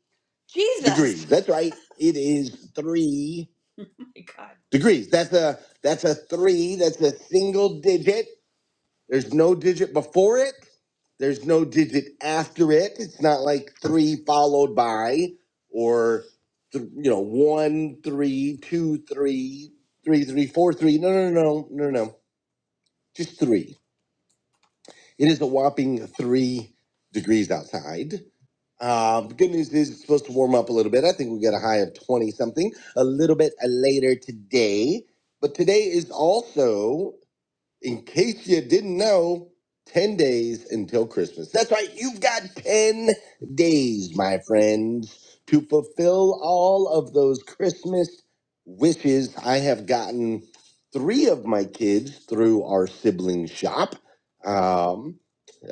[SPEAKER 1] Jesus. degrees. That's right. It is three Oh My God. degrees. That's a that's a three. That's a single digit. There's no digit before it. There's no digit after it. It's not like three followed by or th- you know one three two three three three four three. No no no no no no. no. Just three. It is a whopping three degrees outside. Uh, the good news is it's supposed to warm up a little bit. I think we get a high of twenty something a little bit uh, later today. But today is also in case you didn't know, 10 days until Christmas. That's right, you've got 10 days, my friends, to fulfill all of those Christmas wishes. I have gotten three of my kids through our sibling shop. Um,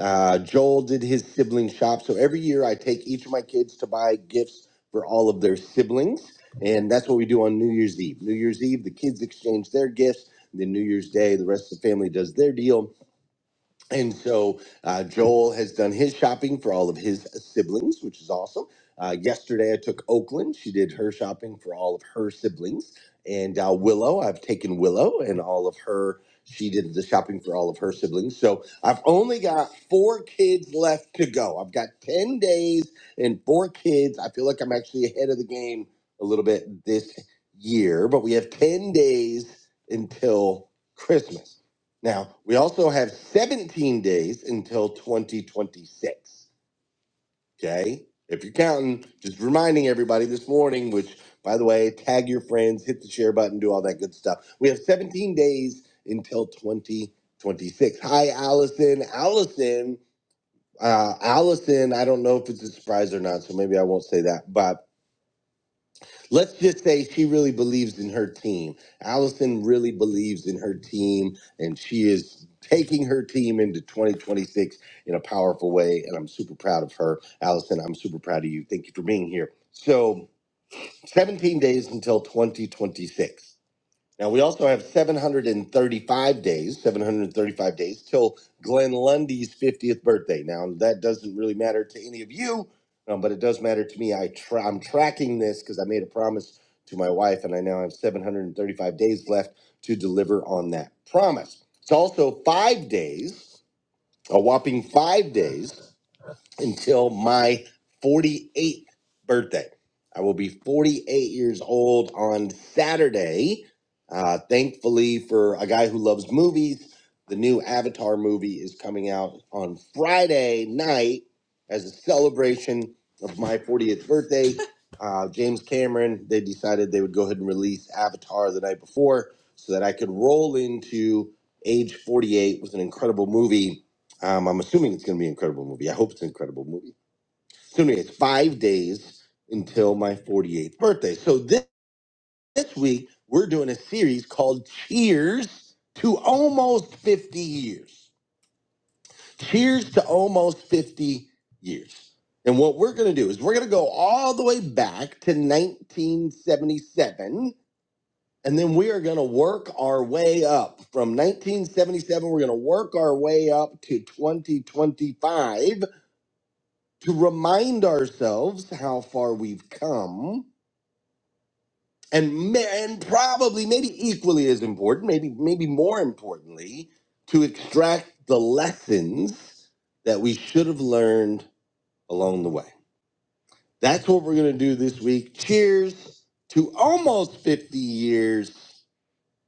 [SPEAKER 1] uh, Joel did his sibling shop. So every year I take each of my kids to buy gifts for all of their siblings. And that's what we do on New Year's Eve. New Year's Eve, the kids exchange their gifts then New Year's Day, the rest of the family does their deal and so uh, Joel has done his shopping for all of his siblings, which is awesome. Uh, yesterday, I took Oakland. She did her shopping for all of her siblings. And uh, Willow, I've taken Willow and all of her. She did the shopping for all of her siblings. So I've only got four kids left to go. I've got 10 days and four kids. I feel like I'm actually ahead of the game a little bit this year, but we have 10 days until Christmas. Now, we also have 17 days until 2026. Okay. If you're counting, just reminding everybody this morning, which, by the way, tag your friends, hit the share button, do all that good stuff. We have 17 days until 2026. Hi, Allison. Allison. Uh, Allison, I don't know if it's a surprise or not, so maybe I won't say that. but let's just say she really believes in her team. Allison really believes in her team, and she is taking her team into 2026 in a powerful way. And I'm super proud of her. Allison, I'm super proud of you. Thank you for being here. So, 17 days until 2026. Now we also have 735 days, 735 days till Glenn Lundy's 50th birthday. Now that doesn't really matter to any of you, um, but it does matter to me. I tra- I'm tracking this because I made a promise to my wife, and I now have 735 days left to deliver on that promise. It's also five days, a whopping five days until my 48th birthday. I will be 48 years old on Saturday. Uh, thankfully, for a guy who loves movies, the new Avatar movie is coming out on Friday night as a celebration of my 40th birthday. Uh, James Cameron, they decided they would go ahead and release Avatar the night before so that I could roll into age 48 with an incredible movie um, I'm assuming it's going to be an incredible movie. I hope it's an incredible movie. So anyway, it's five days until my 48th birthday. So this, this week we're doing a series called Cheers to Almost 50 Years. Cheers to Almost 50 Years. And what we're going to do is we're going to go all the way back to 1977. And then we are going to work our way up from 1977. We're going to work our way up to 2025 to remind ourselves how far we've come and ma- and probably maybe equally as important maybe maybe more importantly to extract the lessons that we should have learned along the way that's what we're going to do this week cheers to almost 50 years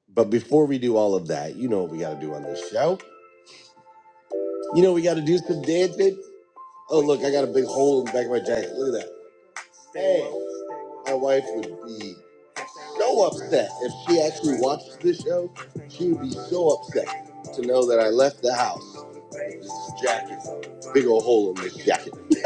[SPEAKER 1] but before we do all of that you know what we got to do on this show you know we got to do some dancing oh look i got a big hole in the back of my jacket look at that hey my wife would be so upset. If she actually watches this show, she would be so upset to know that I left the house. This jacket, big old hole in this jacket.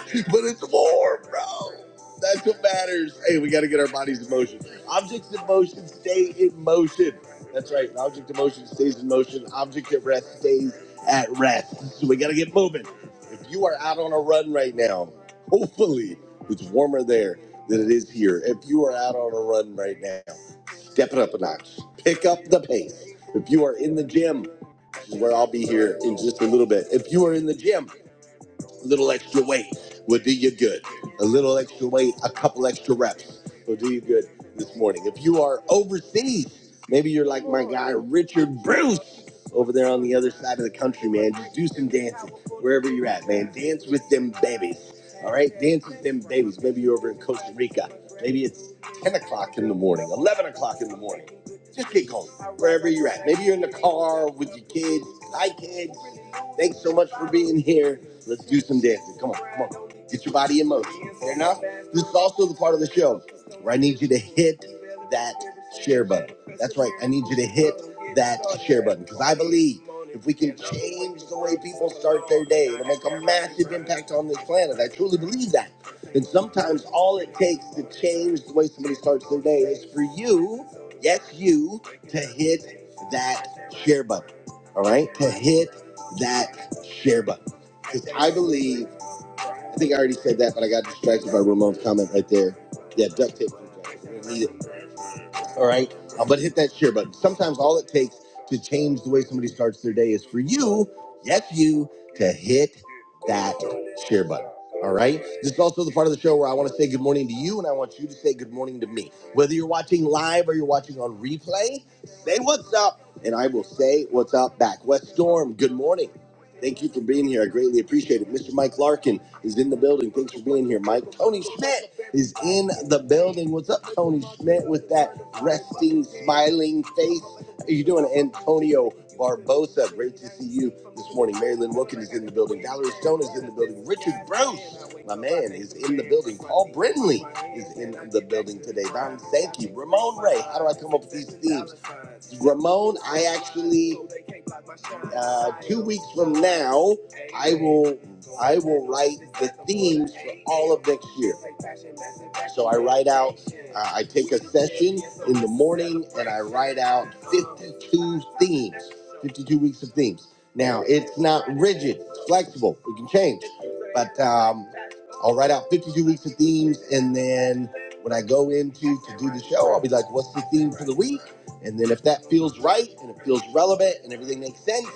[SPEAKER 1] but it's warm, bro. That's what matters. Hey, we got to get our bodies in motion. Objects in motion stay in motion. That's right. An object in motion stays in motion. Object at rest stays at rest. So we got to get moving. If you are out on a run right now, hopefully it's warmer there than it is here. If you are out on a run right now, step it up a notch. Pick up the pace. If you are in the gym, this is where I'll be here in just a little bit. If you are in the gym, a little extra weight will do you good. A little extra weight, a couple extra reps will do you good this morning. If you are overseas, maybe you're like my guy Richard Bruce over there on the other side of the country, man. Just do some dancing wherever you're at, man. Dance with them babies. All right, dance with them babies. Maybe you're over in Costa Rica. Maybe it's 10 o'clock in the morning, 11 o'clock in the morning. Just get going wherever you're at. Maybe you're in the car with your kids, my kids. Thanks so much for being here. Let's do some dancing. Come on, come on. Get your body in motion. Fair enough? This is also the part of the show where I need you to hit that share button. That's right. I need you to hit that share button because I believe if we can change the way people start their day, it'll make a massive impact on this planet. I truly believe that. And sometimes all it takes to change the way somebody starts their day is for you, yes, you, to hit that share button. All right? To hit that share button. Because I believe, I think I already said that, but I got distracted by Ramon's comment right there. Yeah, duct tape. We're going need it. All right. Uh, but hit that share button. Sometimes all it takes to change the way somebody starts their day is for you, yes, you, to hit that share button. All right. This is also the part of the show where I want to say good morning to you and I want you to say good morning to me. Whether you're watching live or you're watching on replay, say what's up and I will say what's up back. West Storm, good morning. Thank you for being here. I greatly appreciate it. Mr. Mike Larkin is in the building. Thanks for being here, Mike. Tony Schmidt is in the building. What's up, Tony Schmidt, with that resting, smiling face? How you doing, Antonio Barbosa? Great to see you this morning. Marilyn Wilkins is in the building. Valerie Stone is in the building. Richard Bruce, my man, is in the building. Paul Brindley is in the building today. Don Sankey, Ramon Ray. How do I come up with these themes? Ramon, I actually uh, two weeks from now, I will I will write the themes for all of next year. So I write out, uh, I take a session in the morning and I write out 52 themes, 52 weeks of themes. Now, it's not rigid, it's flexible, it can change. But um, I'll write out 52 weeks of themes and then when I go into to do the show, I'll be like, what's the theme for the week? And then if that feels right and it feels relevant and everything makes sense,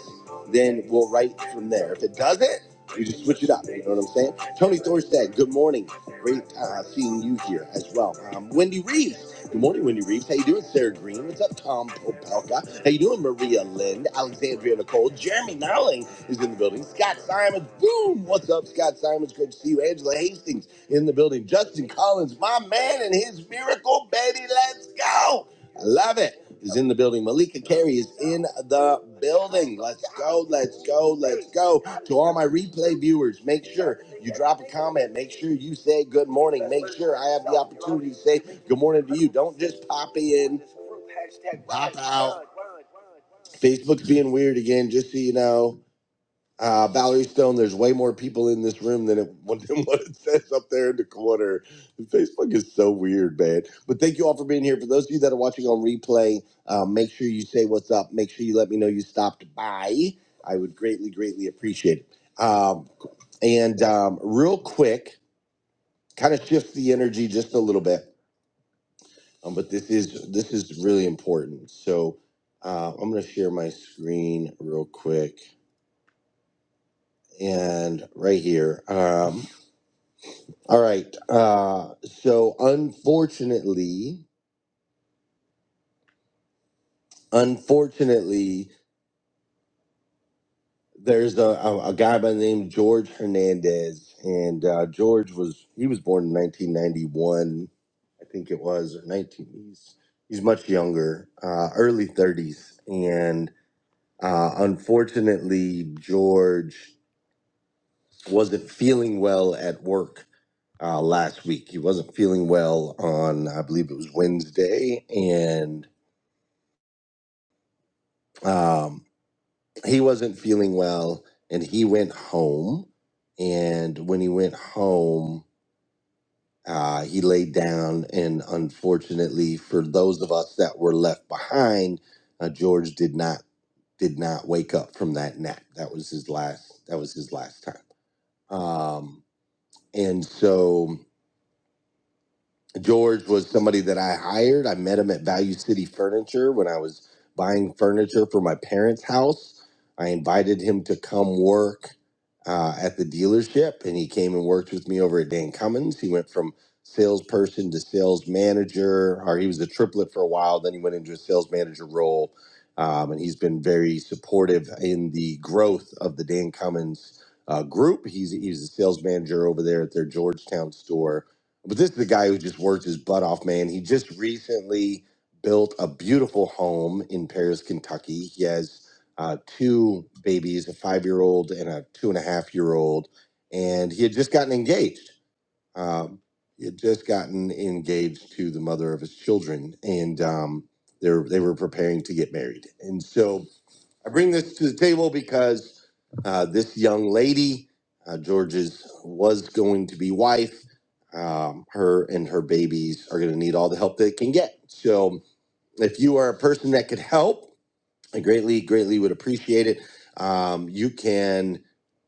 [SPEAKER 1] then we'll write from there. If it doesn't, we just switch it up. You know what I'm saying? Tony Thorstad, good morning. Great uh, seeing you here as well. Um, Wendy Reeves. Good morning, Wendy Reeves. How you doing, Sarah Green? What's up, Tom Popelka? How you doing, Maria Lind? Alexandria Nicole. Jeremy Nowling is in the building. Scott Simons. Boom. What's up, Scott Simons? Good to see you. Angela Hastings in the building. Justin Collins, my man and his miracle baby. Let's go. I love it. Is in the building. Malika Carey is in the building. Let's go. Let's go. Let's go. To all my replay viewers, make sure you drop a comment. Make sure you say good morning. Make sure I have the opportunity to say good morning to you. Don't just pop in, pop out. Facebook's being weird again, just so you know. Uh, Valerie Stone, there's way more people in this room than it, than what it says up there in the corner. Facebook is so weird, man. But thank you all for being here. For those of you that are watching on replay, uh, make sure you say what's up. Make sure you let me know you stopped by. I would greatly, greatly appreciate it. Um, and um, real quick, kind of shift the energy just a little bit. Um, but this is this is really important. So uh, I'm going to share my screen real quick and right here. Um, All right. Uh, so unfortunately, unfortunately, there's a, a, a guy by the name of George Hernandez, and uh, George was he was born in 1991, I think it was, or 19. He's he's much younger, uh, early 30s, and uh, unfortunately, George wasn't feeling well at work uh, last week. He wasn't feeling well on, I believe it was Wednesday, and. um, he wasn't feeling well and he went home and when he went home uh, he laid down and unfortunately for those of us that were left behind uh, george did not did not wake up from that nap that was his last that was his last time um, and so George was somebody that I hired. I met him at Value City Furniture when I was buying furniture for my parents' house. I invited him to come work uh, at the dealership, and he came and worked with me over at Dan Cummins. He went from salesperson to sales manager, or he was a triplet for a while. Then he went into a sales manager role, um, and he's been very supportive in the growth of the Dan Cummins uh, group. He's he's a sales manager over there at their Georgetown store but this is a guy who just worked his butt off, man. He just recently built a beautiful home in Paris, Kentucky. He has uh, two babies, a five year old and a two and a half year old. And he had just gotten engaged. Um, he had just gotten engaged to the mother of his children. And um, they're, they were preparing to get married. And so I bring this to the table because uh, this young lady, uh, George's, was going to be wife. Um, her and her babies are going to need all the help they can get. So, if you are a person that could help, I greatly, greatly would appreciate it. Um, you can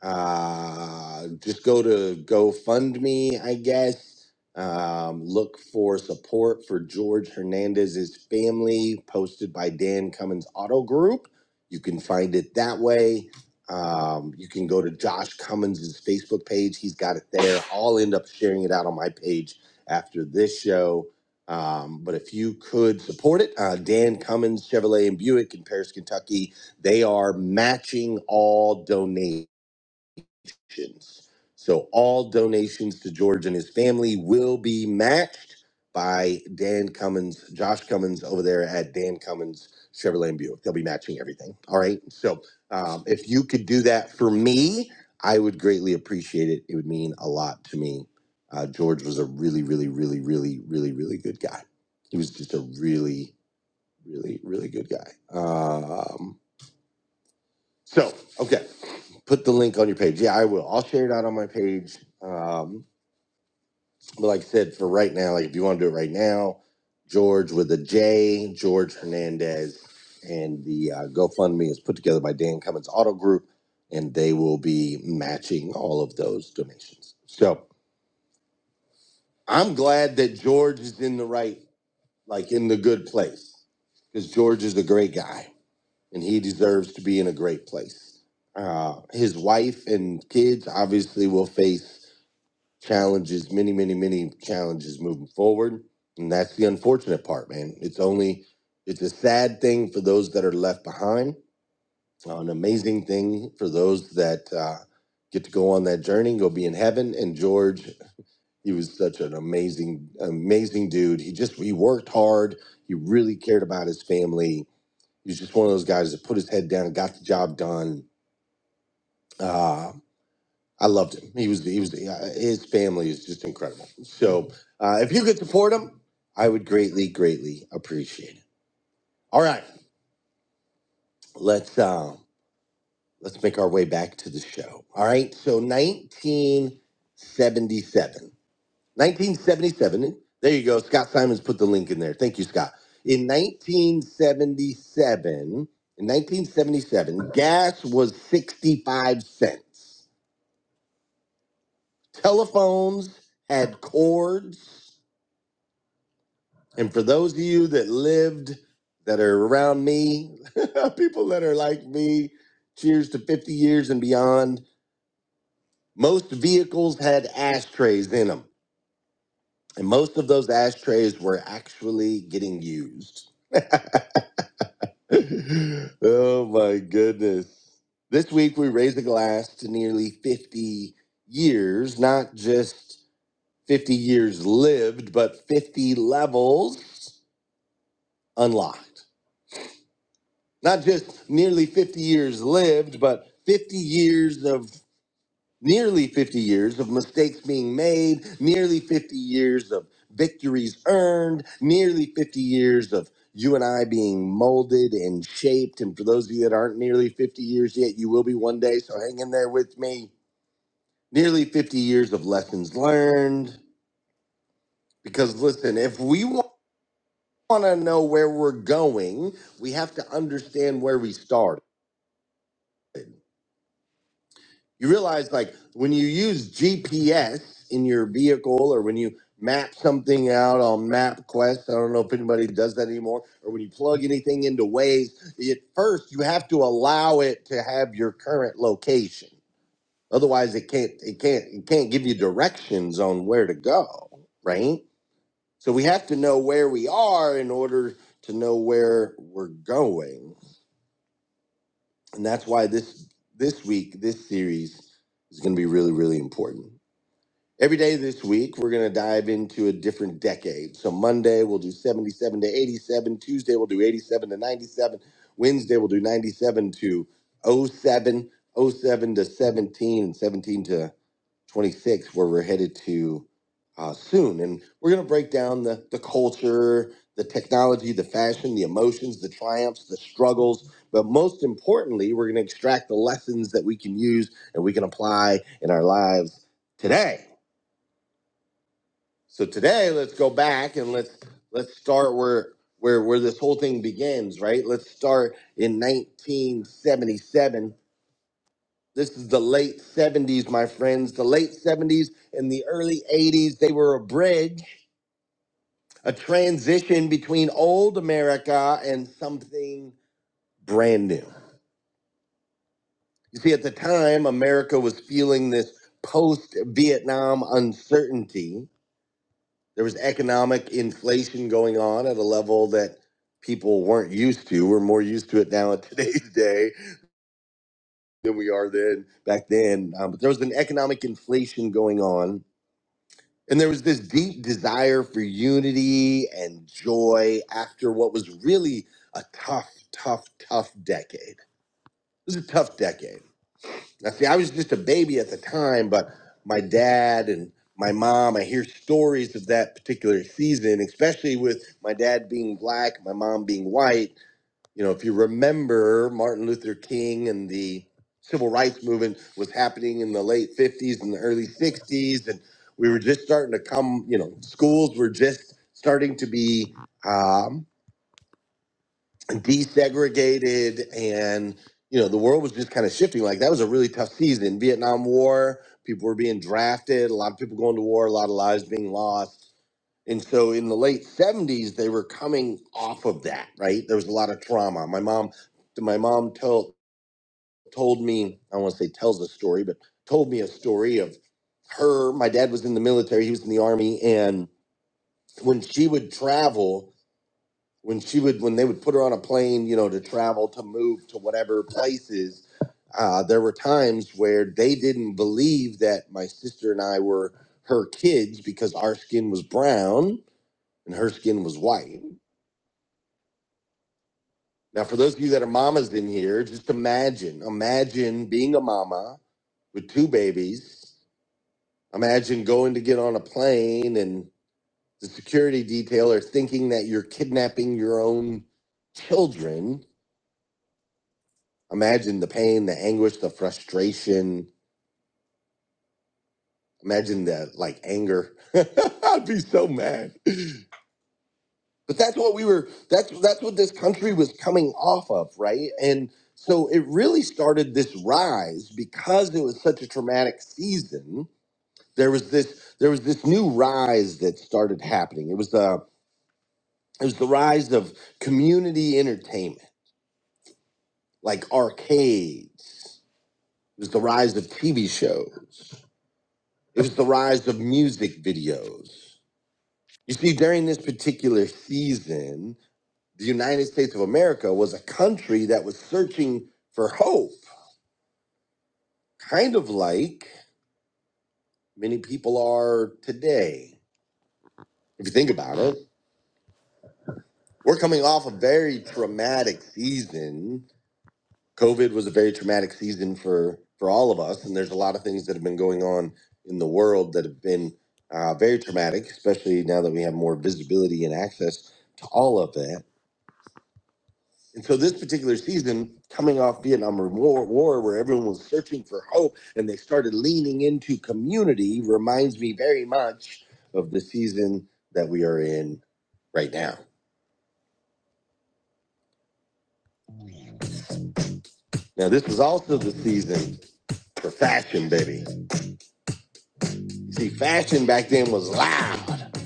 [SPEAKER 1] uh, just go to GoFundMe, I guess. Um, look for support for George Hernandez's family, posted by Dan Cummins Auto Group. You can find it that way. Um, you can go to Josh Cummins's Facebook page. He's got it there. I'll end up sharing it out on my page after this show um, but if you could support it, uh, Dan Cummins Chevrolet and Buick in Paris, Kentucky, they are matching all donations donations. So all donations to George and his family will be matched by Dan Cummins, Josh Cummins over there at Dan Cummins Chevrolet and Buick. They'll be matching everything. All right. So um, if you could do that for me, I would greatly appreciate it. It would mean a lot to me. Uh, George was a really, really, really, really, really, really good guy. He was just a really, really, really good guy. Um, so, okay, put the link on your page. Yeah, I will. I'll share it out on my page. Um, but like I said, for right now, like if you want to do it right now, George with a J, George Hernandez, and the uh, GoFundMe is put together by Dan Cummins Auto Group, and they will be matching all of those donations. So I'm glad that George is in the right, like in the good place, because George is a great guy. and he deserves to be in a great place. Uh, his wife and kids obviously will face challenges, many, many, many challenges moving forward, and that's the unfortunate part, man. It's only it's a sad thing for those that are left behind, uh, an amazing thing for those that uh, get to go on that journey, go be in heaven. And George, he was such an amazing, amazing dude. He just he worked hard. He really cared about his family he was just one of those guys that put his head down, got the job done. Uh, I loved him. He was the, he was the, uh, his family is just incredible. So uh, if you could support him, I would greatly, greatly appreciate it. All right, let's uh, let's make our way back to the show. All right, so 1977. 1977. There you go. Scott Simons put the link in there. Thank you, Scott. In 1977, in 1977, gas was 65 cents. Telephones had cords. And for those of you that lived that are around me, people that are like me, cheers to 50 years and beyond, most vehicles had ashtrays in them. And most of those ashtrays were actually getting used. oh my goodness. This week we raise a glass to nearly 50 years, not just 50 years lived, but 50 levels unlocked. Not just nearly 50 years lived, but 50 years of nearly 50 years of mistakes being made, nearly 50 years of victories earned, nearly 50 years of you and I being molded and shaped. And for those of you that aren't nearly 50 years yet, you will be one day. So hang in there with me. Nearly 50 years of lessons learned. Because listen, if we want to know where we're going, we have to understand where we started. you realize like when you use GPS in your vehicle or when you map something out on MapQuest, I don't know if anybody does that anymore, or when you plug anything into Waze, at first you have to allow it to have your current location. Otherwise it can't it can't it can't give you directions on where to go, right? So we have to know where we are in order to know where we're going. And that's why this this week, this series is going to be really, really important. Every day this week, we're going to dive into a different decade. So Monday, we'll do 77 to 87. Tuesday, we'll do 87 to 97. Wednesday, we'll do 97 to oh-seven, oh-seven to 17, and 17 to 26, where we're headed to uh, soon. And we're going to break down the, the culture, the technology, the fashion, the emotions, the triumphs, the struggles. But most importantly, we're going to extract the lessons that we can use and we can apply in our lives today. So today, let's go back and let's let's start where where where this whole thing begins, right? Let's start in 1977. This is the late 70s, my friends. The late 70s and the early 80s, they were a bridge, a transition between old America and something brand new. You see, at the time, America was feeling this post Vietnam uncertainty There was economic inflation going on at a level that people weren't used to. We're more used to it now in today's day than we are then back then. Um, but there was an economic inflation going on. And there was this deep desire for unity and joy after what was really a tough, tough, tough decade. It was a tough decade. Now, see, I was just a baby at the time, but my dad and my mom, I hear stories of that particular season, especially with my dad being black, my mom being white. You know, if you remember, Martin Luther King and the civil rights movement was happening in the late 50s and the early 60s. And we were just starting to come, you know, schools were just starting to be. um, desegregated and you know the world was just kind of shifting like that was a really tough season vietnam war people were being drafted a lot of people going to war a lot of lives being lost and so in the late 70s they were coming off of that right there was a lot of trauma my mom my mom told told me i don't want to say tells a story but told me a story of her my dad was in the military he was in the army and when she would travel when she would when they would put her on a plane you know to travel to move to whatever places uh, there were times where they didn't believe that my sister and i were her kids because our skin was brown and her skin was white now for those of you that are mamas in here just imagine imagine being a mama with two babies imagine going to get on a plane and the security detail are thinking that you're kidnapping your own children Imagine the pain, the anguish, the frustration. Imagine the like anger. I'd be so mad. But that's what we were that's that's what this country was coming off of, right? And so it really started this rise because it was such a traumatic season. There was this there was this new rise that started happening. It was the it was the rise of community entertainment, like arcades. It was the rise of TV shows It was the rise of music videos. You see, during this particular season, the United States of America was a country that was searching for hope, kind of like many people are today. If you think about it, we're coming off a very traumatic season. COVID was a very traumatic season for, for all of us, and there's a lot of things that have been going on in the world that have been uh, very traumatic, especially now that we have more visibility and access to all of that. And so this particular season, coming off Vietnam War, War, where everyone was searching for hope and they started leaning into community, reminds me very much of the season that we are in right now. Now, this was also the season for fashion, baby. See, fashion back then was loud.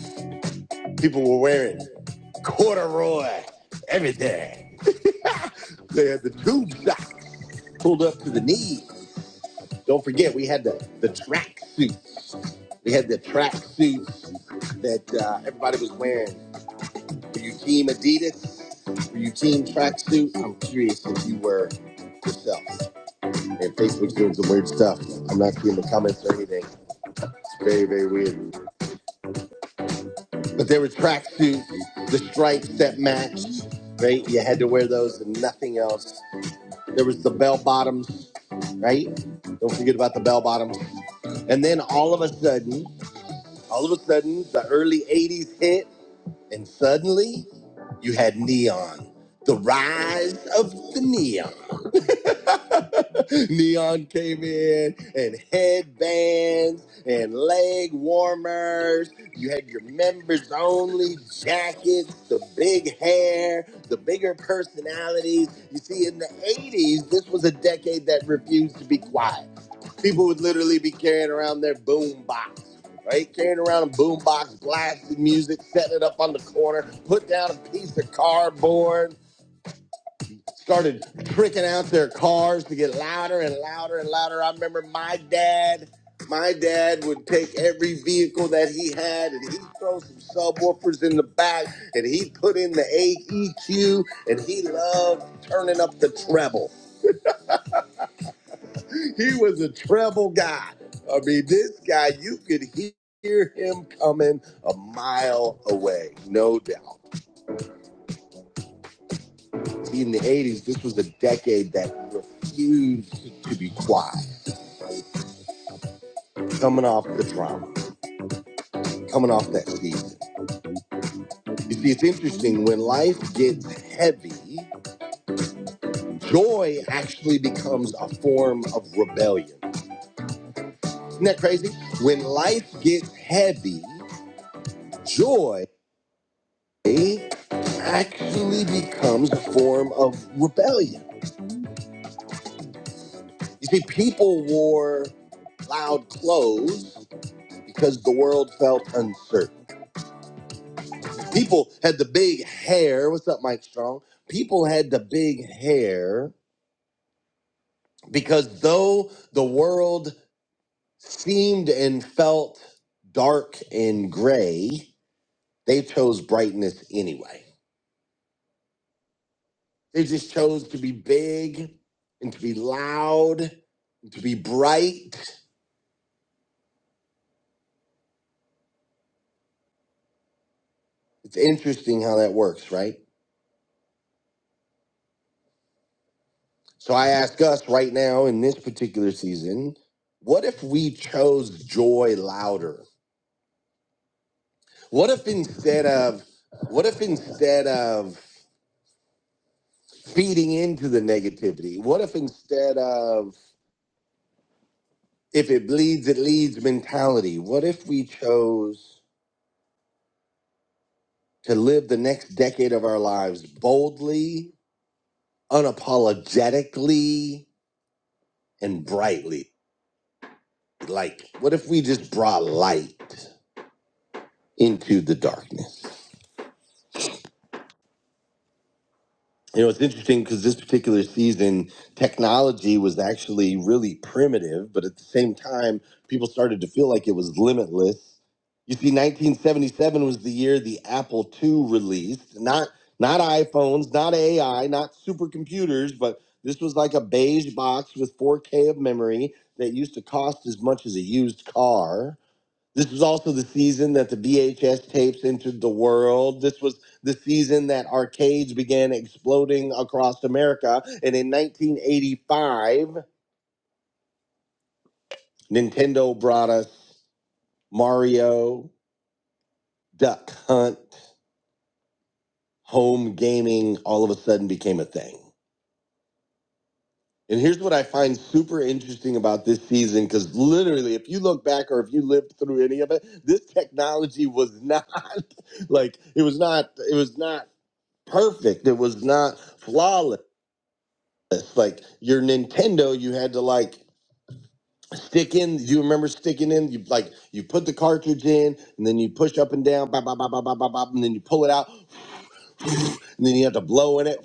[SPEAKER 1] People were wearing corduroy everything. they had the tube socks pulled up to the knees. Don't forget, we had the the track suits. We had the track suits that uh, everybody was wearing. Were you team Adidas? Were you team tracksuit? I'm curious if you were yourself. And Facebook's doing some weird stuff. I'm not seeing the comments or anything. It's very, very weird. But there were tracksuits, the stripes that matched, right? You had to wear those and nothing else. There was the bell bottoms, right? Don't forget about the bell bottoms. And then all of a sudden, All of a sudden, the early 80s hit, and suddenly you had neon. The rise of the neon. neon came in, and headbands and leg warmers. You had your members only jackets, the big hair, the bigger personalities. You see, in the 80s, this was a decade that refused to be quiet. People would literally be carrying around their boom box right? Carrying around a boombox, blasting music, setting it up on the corner, put down a piece of cardboard, started pricking out their cars to get louder and louder and louder. I remember my dad. My dad would take every vehicle that he had and he'd throw some subwoofers in the back and he'd put in the AEQ and he loved turning up the treble. he was a treble guy. I mean, this guy, you could hear him coming a mile away, no doubt. in the 80s, this was a decade that refused to be quiet, coming off the trauma, coming off that season. You see, it's interesting when life gets heavy, joy actually becomes a form of rebellion. Isn't that crazy? When life gets heavy, joy. It actually becomes a form of rebellion. You see, people wore loud clothes because the world felt uncertain. People had the big hair. What's up, Mike Strong? People had the big hair because though the world seemed and felt dark and gray, they chose brightness anyway. They just chose to be big and to be loud and to be bright. It's interesting how that works, right? So I ask us right now in this particular season, what if we chose joy louder? What if instead of what if instead of feeding into the negativity? What if instead of if it bleeds it leads mentality? What if we chose to live the next decade of our lives boldly unapologetically and brightly. Like, what if we just brought light into the darkness? you know it's interesting because this particular season technology was actually really primitive but at the same time people started to feel like it was limitless you see 1977 was the year the apple ii released not not iphones not ai not supercomputers but this was like a beige box with 4k of memory that used to cost as much as a used car this was also the season that the VHS tapes entered the world. This was the season that arcades began exploding across America. And in 1985, Nintendo brought us Mario, Duck Hunt, home gaming all of a sudden became a thing. And here's what I find super interesting about this season because literally, if you look back or if you lived through any of it, this technology was not like it was not it was not perfect. It was not flawless. Like your Nintendo, you had to like stick in. You remember sticking in? You like you put the cartridge in, and then you push up and down, bop, bop, bop, bop, bop, bop, bop, and then you pull it out, and then you have to blow in it.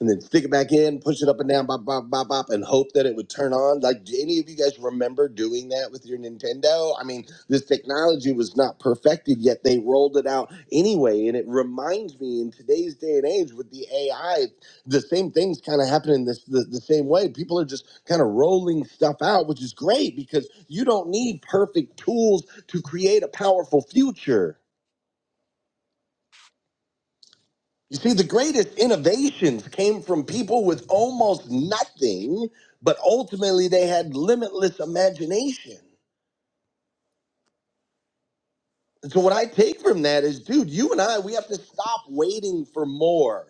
[SPEAKER 1] and then stick it back in, push it up and down, bop, bop, bop, bop, and hope that it would turn on. Like, do any of you guys remember doing that with your Nintendo? I mean, this technology was not perfected yet. They rolled it out anyway. And it reminds me in today's day and age with the AI, the same things kind of happen in this the, the same way. People are just kind of rolling stuff out, which is great because you don't need perfect tools to create a powerful future. You see, the greatest innovations came from people with almost nothing, but ultimately they had limitless imagination. So what I take from that is, dude, you and I, we have to stop waiting for more.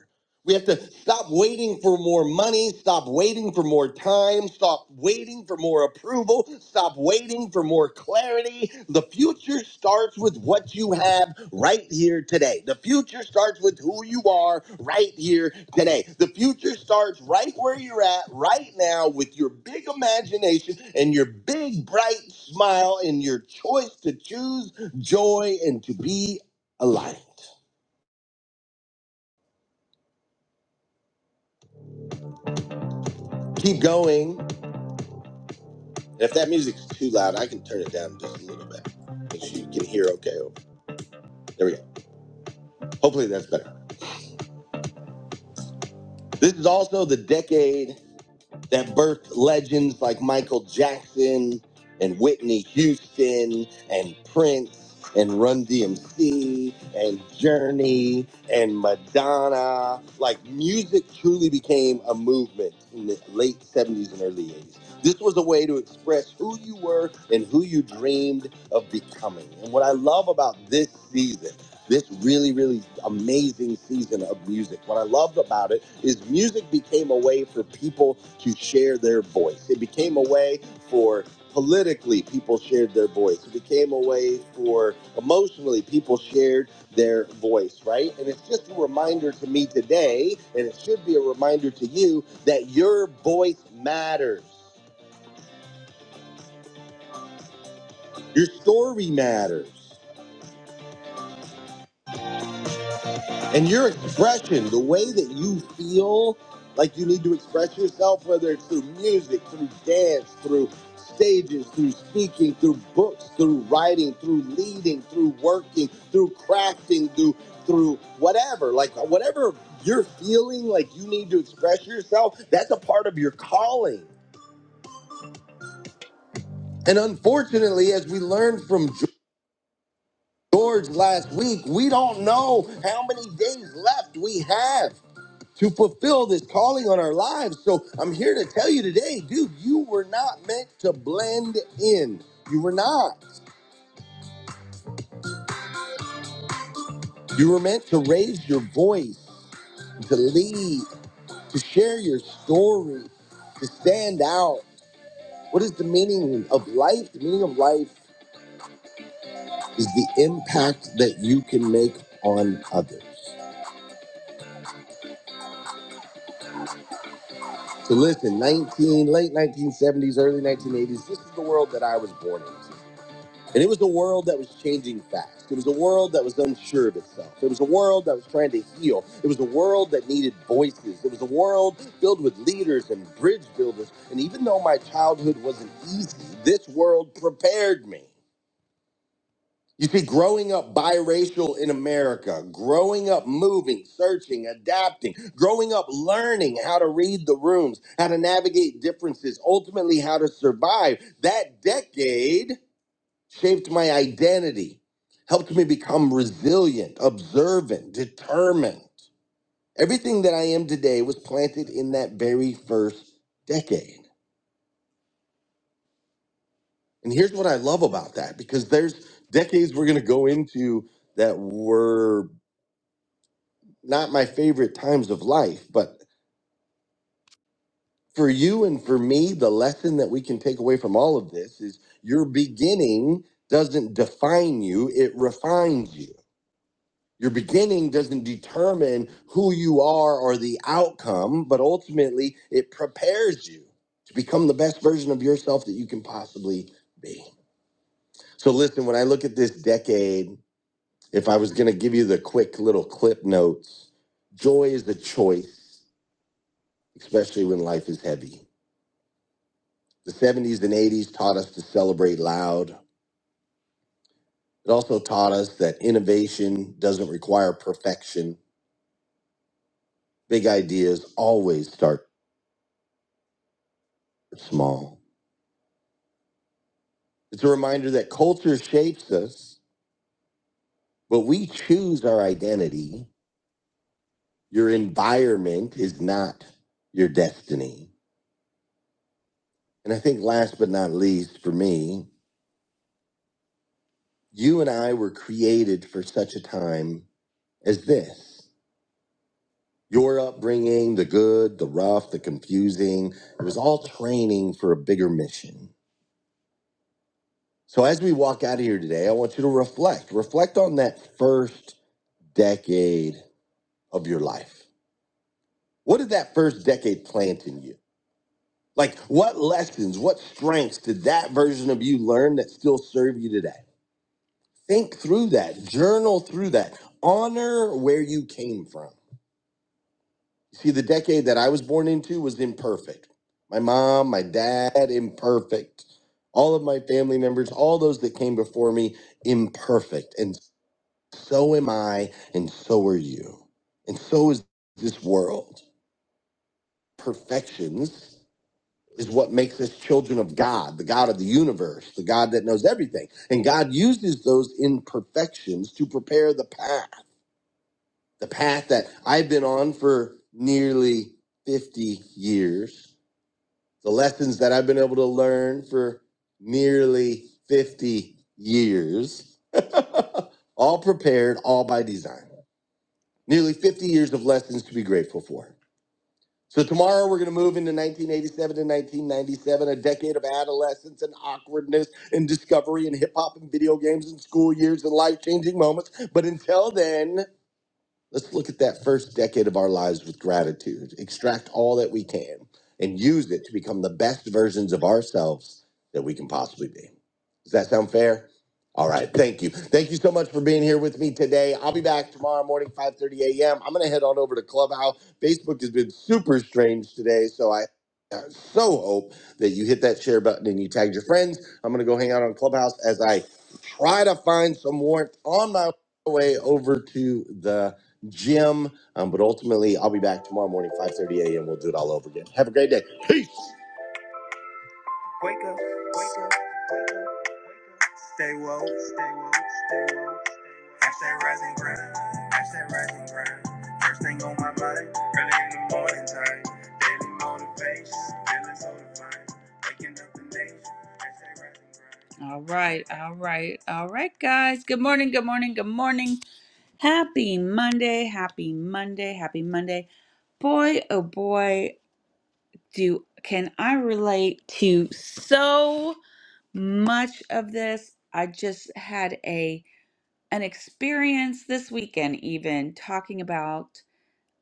[SPEAKER 1] We have to stop waiting for more money, stop waiting for more time, stop waiting for more approval, stop waiting for more clarity. The future starts with what you have right here today. The future starts with who you are right here today. The future starts right where you're at right now with your big imagination and your big bright smile and your choice to choose joy and to be aligned. Keep going. And if that music's too loud, I can turn it down just a little bit. Make sure you can hear okay. There we go. Hopefully that's better. This is also the decade. that birthed legends like Michael Jackson and Whitney Houston and Prince and Run DMC and Journey and Madonna. Like music truly became a movement in the late 70s and early 80s. This was a way to express who you were and who you dreamed of becoming. And what I love about this season this really, really amazing season of music. What I loved about it is music became a way for people to share their voice. It became a way for politically people shared their voice. It became a way for emotionally people shared their voice, right? And it's just a reminder to me today, and it should be a reminder to you that your voice matters, your story matters. And your expression, the way that you feel like you need to express yourself, whether it's through music, through dance, through stages, through speaking, through books, through writing, through leading, through working, through crafting, through through whatever, like whatever you're feeling like you need to express yourself, that's a part of your calling. And unfortunately, as we learned from George last week, we don't know how many days left we have. to fulfill this calling on our lives. So I'm here to tell you today, dude, you were not meant to blend in. You were not. You were meant to raise your voice, to lead, to share your story, to stand out. What is the meaning of life? The meaning of life is the impact that you can make on others. So listen, 19 late 1970s, early 1980s, this is the world that I was born into. And it was a world that was changing fast. It was a world that was unsure of itself. It was a world that was trying to heal. It was a world that needed voices. It was a world filled with leaders and bridge builders. And even though my childhood wasn't easy, this world prepared me. You see, growing up biracial in America, growing up moving, searching, adapting, growing up learning how to read the rooms, how to navigate differences, ultimately how to survive, that decade shaped my identity, helped me become resilient, observant, determined. Everything that I am today was planted in that very first decade. And here's what I love about that because there's decades we're going to go into that were not my favorite times of life, but for you and for me, the lesson that we can take away from all of this is your beginning doesn't define you, it refines you Your beginning doesn't determine who you are or the outcome, but ultimately it prepares you to become the best version of yourself that you can possibly be. So, listen, when I look at this decade, if I was going to give you the quick little clip notes, joy is a choice, especially when life is heavy. The 70s and 80s taught us to celebrate loud. It also taught us that innovation doesn't require perfection. Big ideas always start small. It's a reminder that culture shapes us, but we choose our identity. Your environment is not your destiny. And I think last but not least for me, you and I were created for such a time as this. Your upbringing, the good, the rough, the confusing, it was all training for a bigger mission. So as we walk out of here today, I want you to reflect. Reflect on that first decade of your life. What did that first decade plant in you? Like, what lessons, what strengths did that version of you learn that still serve you today? Think through that, journal through that, honor where you came from. See, the decade that I was born into was imperfect. My mom, my dad, imperfect. All of my family members, all those that came before me, imperfect. And so am I, and so are you. And so is this world. Perfections is what makes us children of God, the God of the universe, the God that knows everything. And God uses those imperfections to prepare the path, the path that I've been on for nearly 50 years, the lessons that I've been able to learn for nearly 50 years, all prepared, all by design. Nearly 50 years of lessons to be grateful for. So tomorrow we're going to move into 1987 to 1997, a decade of adolescence and awkwardness and discovery and hip hop and video games and school years and life changing moments. But until then. Let's look at that first decade of our lives with gratitude. Extract all that we can and use it to become the best versions of ourselves that we can possibly be. Does that sound fair? All right. Thank you. Thank you so much for being here with me today. I'll be back tomorrow morning, 5:30 a.m. I'm gonna head on over to Clubhouse. Facebook has been super strange today, so I I so hope that you hit that share button and you tagged your friends. I'm gonna go hang out on Clubhouse as I try to find some warmth on my way over to the gym. Um, but ultimately, I'll be back tomorrow morning, 5:30 a.m. We'll do it all over again. Have a great day. Peace. Wake up. Wake up. Wake up. Stay woke. Stay woke. Stay woke. Hashtag rise and grind. Hashtag rise and grind. First thing on my mind. Early in the morning time. Daily motivation. Feeling so divine. Waking up the nation. Hashtag rise and grind. All right, all right, all right, guys. Good morning, good morning, good morning. Happy Monday, happy Monday, happy Monday. Boy, oh boy, do can I relate to so much of this. I just had a an experience this weekend even talking about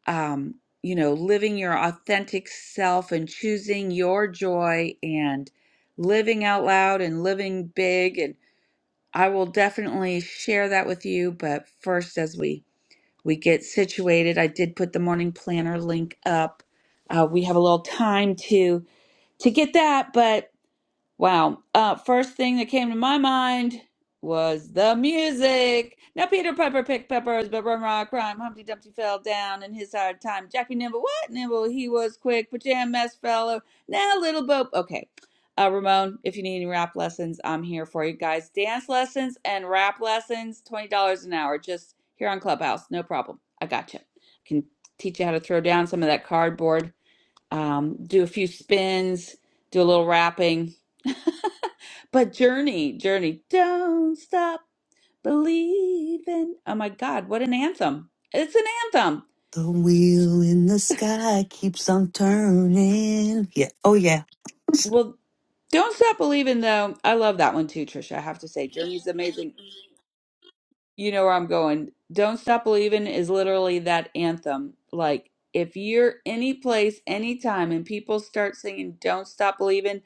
[SPEAKER 1] um, you know, living your authentic self and choosing your joy and living out loud and living big and I will definitely share that with you, but first as we we get situated. I did put the morning planner link up. Uh, we have a little time to to get that, but Wow. Uh, first thing that came to my mind was the music. Now, Peter Piper picked peppers, but Run Rock Crime. Humpty Dumpty fell down in his hard time. Jackie Nimble, what? Nimble, he was quick, but jam mess fellow. Now, little Bo. Okay. Uh, Ramon, if you need any rap lessons, I'm here for you guys. Dance lessons and rap lessons, $20 an hour, just here on Clubhouse. No problem. I got you. Can teach you how to throw down some of that cardboard, um, do a few spins, do a little rapping. But Journey, Journey, don't stop believing. Oh my God, what an anthem! It's an anthem.
[SPEAKER 3] The wheel in the sky keeps on turning. Yeah. Oh, yeah.
[SPEAKER 1] Well, don't stop believing though. I love that one too, Trisha. I have to say, Journey's amazing. You know where I'm going. Don't stop believing is literally that anthem. Like if you're any place, anytime, and people start singing "Don't Stop Believing,"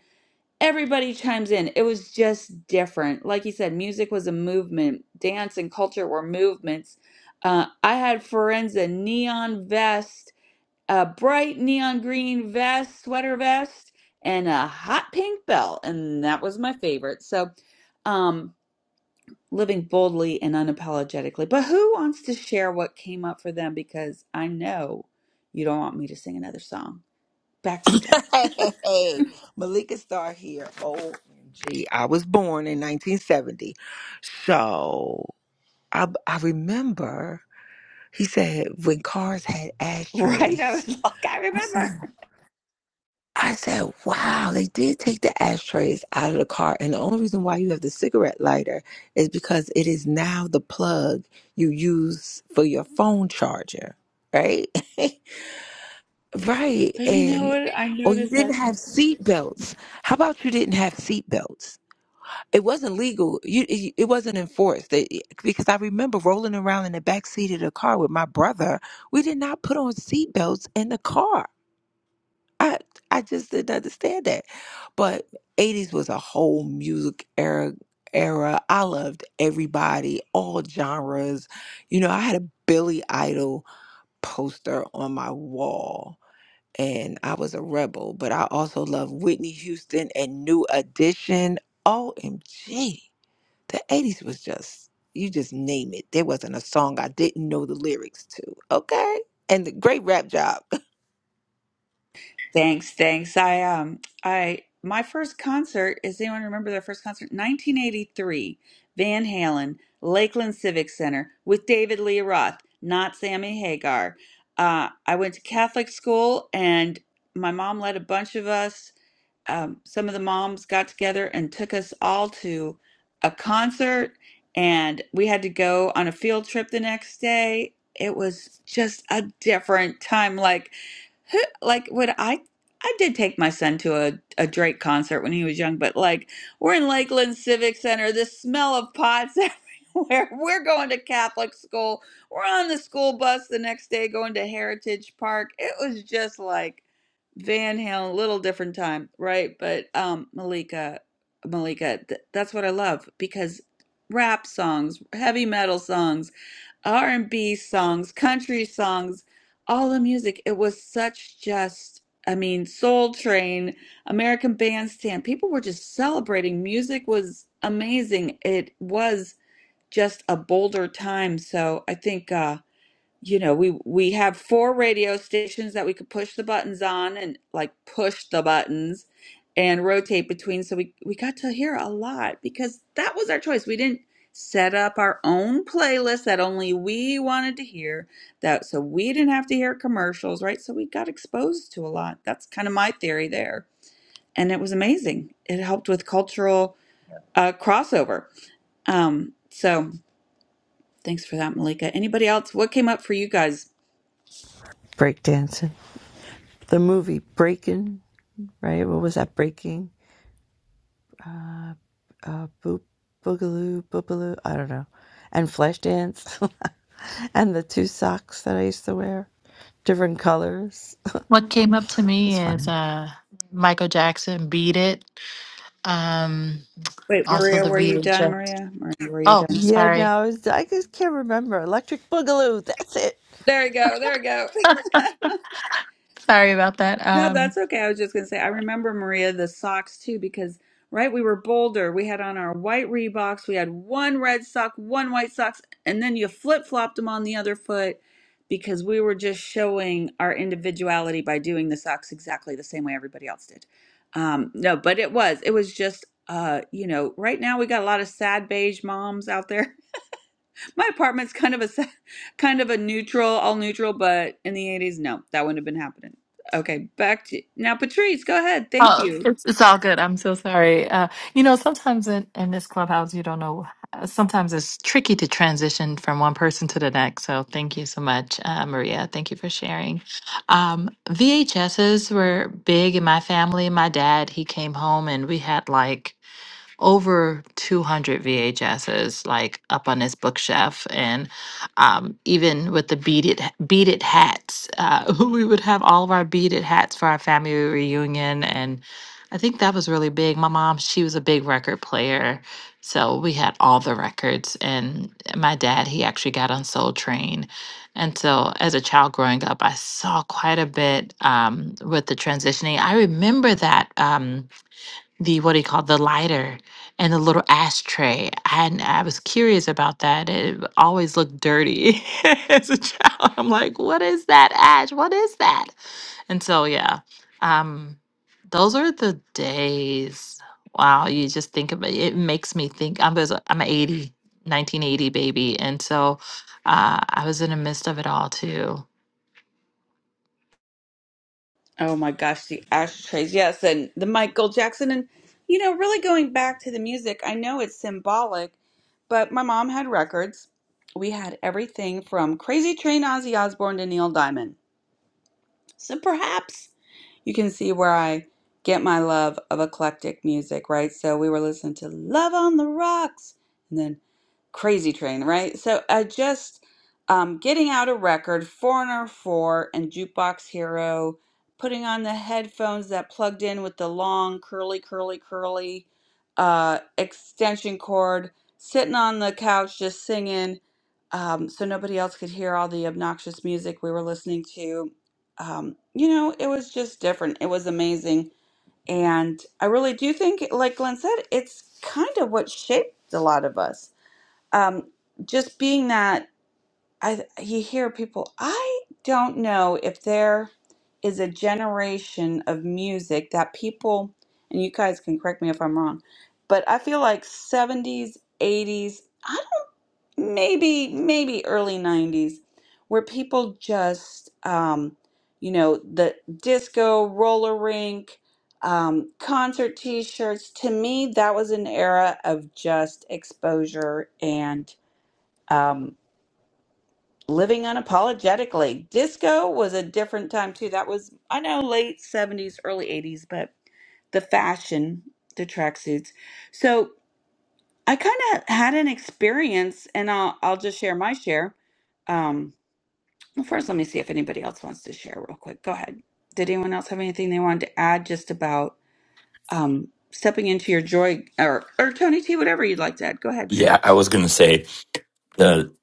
[SPEAKER 1] everybody chimes in. It was just different. Like you said, music was a movement, dance and culture were movements. Uh, I had Forenza neon vest, a bright neon green vest, sweater vest, and a hot pink belt, and that was my favorite. So, um, living boldly and unapologetically. But who wants to share what came up for them? Because I know you don't want me to sing another song. Back to you guys.
[SPEAKER 5] Hey, Malika Star here. OMG. I was born in 1970. So. I, I remember he said when cars had
[SPEAKER 1] Right? I
[SPEAKER 5] ashtrays.
[SPEAKER 1] was like, I
[SPEAKER 5] I
[SPEAKER 1] remember.
[SPEAKER 5] said, I said, wow, they did take the ashtrays out of the car. And the only reason why you have the cigarette lighter is because it is now the plug you use for your phone charger, right? right.
[SPEAKER 1] But you know
[SPEAKER 5] And,
[SPEAKER 1] what? I
[SPEAKER 5] or you
[SPEAKER 1] noticed that.
[SPEAKER 5] didn't have seat belts. How about you didn't have seat belts? it wasn't legal. You, it it wasn't enforced They- e, because I remember rolling around in the back seat of the car with my brother. We did not put on seatbelts in the car. I I just didn't understand that. But eighties was a whole music era. Era. I loved everybody, all genres. You know, I had a Billy Idol poster on my wall. And I was a rebel, but I also loved Whitney Houston and New Edition. OMG. The 80s was just, you just name it. There wasn't a song I didn't know the lyrics to. Okay. And the great rap job.
[SPEAKER 1] Thanks, thanks. I um, I my first concert. Is anyone remember their first concert? 1983, Van Halen, Lakeland Civic Center with David Lee Roth, not Sammy Hagar. Uh, I went to Catholic school, and my mom led a bunch of us. um, some of the moms got together and took us all to a concert, and we had to go on a field trip the next day. It was just a different time. Like, who, like would I? I did take my son to a, a Drake concert when he was young, but like we're in Lakeland Civic Center, the smell of pots everywhere. We're going to Catholic school. We're on the school bus the next day going to Heritage Park. It was just like Van Halen, a little different time, right? But um, Malika, Malika, th that's what I love because rap songs, heavy metal songs, R&B songs, country songs, all the music, it was such just, I mean, Soul Train, American Bandstand, people were just celebrating. Music was amazing. It was just a bolder time, so I think. uh, you know, we we have four radio stations that we could push the buttons on and like push the buttons and rotate between. So we we got to hear a lot because that was our choice. We didn't set up our own playlist that only we wanted to hear that so we didn't have to hear commercials, right? So we got exposed to a lot. That's kind of my theory there. And it was amazing. It helped with cultural uh crossover. Um so thanks for that, Malika. Anybody else? What came up for you guys?
[SPEAKER 11] breakdancing. The movie Breaking, right? What was that? Breaking, uh, boop, boogaloo, boogaloo. I don't know. And Flashdance, and the two socks that I used to wear, different colors.
[SPEAKER 9] What came up to
[SPEAKER 11] It was
[SPEAKER 9] me is
[SPEAKER 11] funny.
[SPEAKER 9] uh, Michael Jackson "Beat It." Um,
[SPEAKER 1] Wait,
[SPEAKER 9] also
[SPEAKER 1] Maria,
[SPEAKER 9] the
[SPEAKER 1] were you done,
[SPEAKER 9] VHS.
[SPEAKER 1] Maria? Maria, were you
[SPEAKER 9] Oh,
[SPEAKER 1] done?
[SPEAKER 11] Yeah,
[SPEAKER 9] sorry.
[SPEAKER 11] no, it's I just can't remember. Electric Boogaloo. That's it.
[SPEAKER 1] There we go. There we go.
[SPEAKER 9] Sorry about that.
[SPEAKER 1] no,
[SPEAKER 9] Um,
[SPEAKER 1] that's okay. I was just going to say, I remember, Maria, the socks too, because, right, we were Boulder. We had on our white Reeboks. We had one red sock, one white socks, and then you flip flopped them on the other foot because we were just showing our individuality by doing the socks exactly the same way everybody else did. Um, no, but it was, it was just, uh, you know, right now we got a lot of sad beige moms out there My apartment's kind of a se- kind of a neutral, all neutral, but in the 80s, no, that wouldn't have been happening. Okay, back to now, Patrice. Go ahead. Thank
[SPEAKER 9] Oh,
[SPEAKER 1] you.
[SPEAKER 9] it's it's all good. I'm so sorry. Uh, you know, sometimes in, in this clubhouse, you don't know. uh, Sometimes it's tricky to transition from one person to the next. So thank you so much, uh, Maria. Thank you for sharing. Um, VHSs were big in my family. My dad, he came home and we had like over 200 VHSs like up on his bookshelf. And um, even with the beaded, beaded hats, uh, we would have all of our beaded hats for our family reunion. And I think that was really big. My mom, she was a big record player. So we had all the records. And my dad, he actually got on Soul Train. And so, as a child growing up, I saw quite a bit um, with the transitioning. I remember that. Um, the what do you call the lighter and the little ashtray. And I was curious about that. It always looked dirty as a child. I'm like, what is that ash? What is that? And so yeah, um, those are the days. Wow, you just think about it. It makes me think. I'm there's a, I'm an 80 1980 baby, and so uh, I was in the midst of it all too.
[SPEAKER 1] Oh my gosh, the ashtrays. Yes, and the Michael Jackson, and you know, really going back to the music. I know it's symbolic, but my mom had records. We had everything from Crazy Train, Ozzy Osbourne to Neil Diamond. So perhaps you can see where I get my love of eclectic music, right? So we were listening to Love on the Rocks and then Crazy Train, right? So I just um, getting out a record, Foreigner 4 and Jukebox Hero, putting on the headphones that plugged in with the long, curly, curly, curly uh, extension cord, sitting on the couch just singing um, so nobody else could hear all the obnoxious music we were listening to. Um, you know, it was just different. It was amazing. And I really do think, like Glenn said, it's kind of what shaped a lot of us um, just being that I you hear people, I don't know if there is a generation of music that people, and you guys can correct me if I'm wrong, but I feel like 70s, 80s, I don't, maybe maybe early 90s, where people just, um, you know, the disco, roller rink. Um, concert t-shirts to me that was an era of just exposure and um, living unapologetically. Disco was a different time too. That was I know late seventies, early eighties, but the fashion, the tracksuits. So I kind of had an experience, and I'll I'll just share my share. Um, well, first, let me see if anybody else wants to share real quick. Go ahead. Did anyone else have anything they wanted to add just about um, stepping into your joy, or or Tony T, whatever you'd like to add? Go ahead.
[SPEAKER 12] Yeah, I was going to say the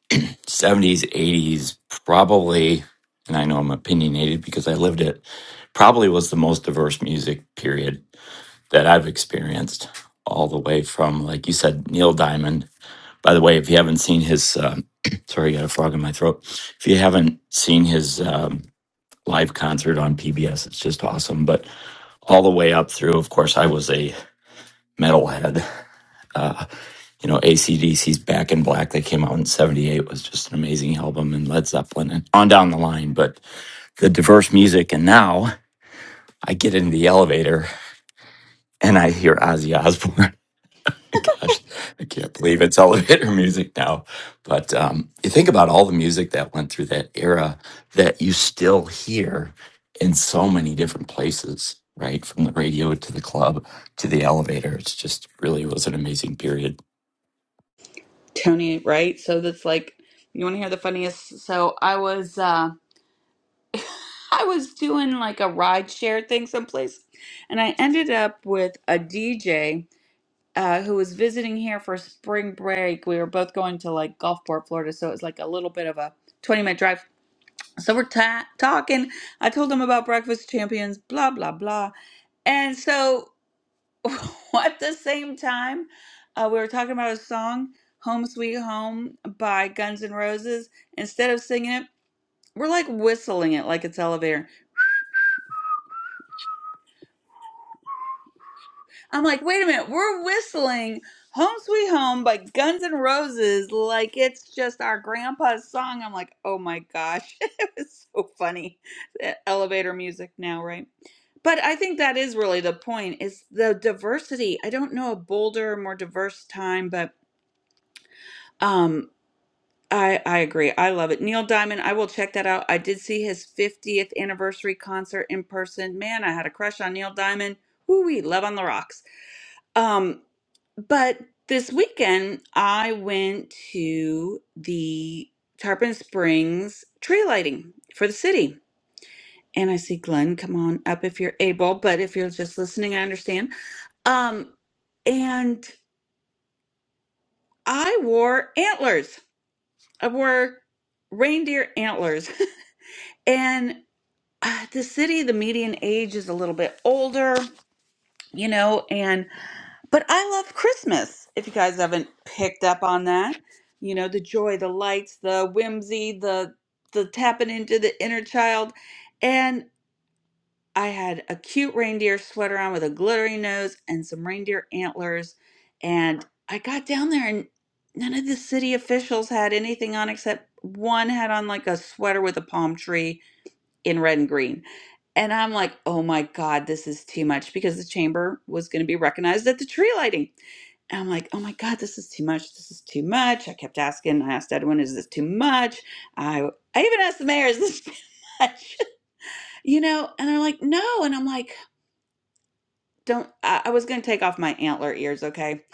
[SPEAKER 12] 70s, 80s probably, and I know I'm opinionated because I lived it, probably was the most diverse music period that I've experienced, all the way from, like you said, Neil Diamond. By the way, if you haven't seen his, um, sorry, I got a frog in my throat. If you haven't seen his um, live concert on PBS, it's just awesome. But all the way up through, of course, I was a metalhead. Uh, you know, ACDC's Back in Black that came out in 78 was just an amazing album and Led Zeppelin and on down the line. But the diverse music. And now I get into the elevator and I hear Ozzy Osbourne. Gosh, I can't believe it's elevator music now. But um, you think about all the music that went through that era that you still hear in so many different places, right? From the radio to the club to the elevator. It's just really was an amazing period.
[SPEAKER 1] Tony, right? So that's like you want to hear the funniest. So I was uh I was doing like a ride share thing someplace and I ended up with a DJ uh who was visiting here for spring break. We were both going to like Gulfport, Florida, so it was like a little bit of a 20 minute drive. So we're ta talking. I told him about Breakfast Champions, blah blah blah. And so at the same time, uh, we were talking about a song, Home Sweet Home by Guns N' Roses. Instead of singing it, we're like whistling it like it's elevator. I'm like, wait a minute, we're whistling Home Sweet Home by Guns N' Roses like it's just our grandpa's song. I'm like, oh my gosh, it was so funny. E, Elevator music now, right? But I think that is really the point is the diversity. I don't know a bolder, more diverse time, but um I I agree. I love it. Neil Diamond, I will check that out. I did see his 50th anniversary concert in person. Man, I had a crush on Neil Diamond. Woo wee, love on the rocks. Um, but this weekend I went to the Tarpon Springs tree lighting for the city. And I see Glenn, come on up if you're able, but if you're just listening, I understand. Um, and I wore antlers. I wore reindeer antlers. And uh, the city, the median age is a little bit older, you know, and but I love Christmas. If you guys haven't picked up on that, you know, the joy, the lights, the whimsy, the the tapping into the inner child. And I had a cute reindeer sweater on with a glittery nose and some reindeer antlers. And I got down there and none of the city officials had anything on except one had on like a sweater with a palm tree in red and green. And I'm like, oh my God, this is too much because the chamber was going to be recognized at the tree lighting. And I'm like, oh my God, this is too much. This is too much. I kept asking. I asked Edwin, is this too much? I I even asked the mayor, is this too much? You know, and they're like, no. And I'm like, don't I, I was gonna take off my antler ears, okay?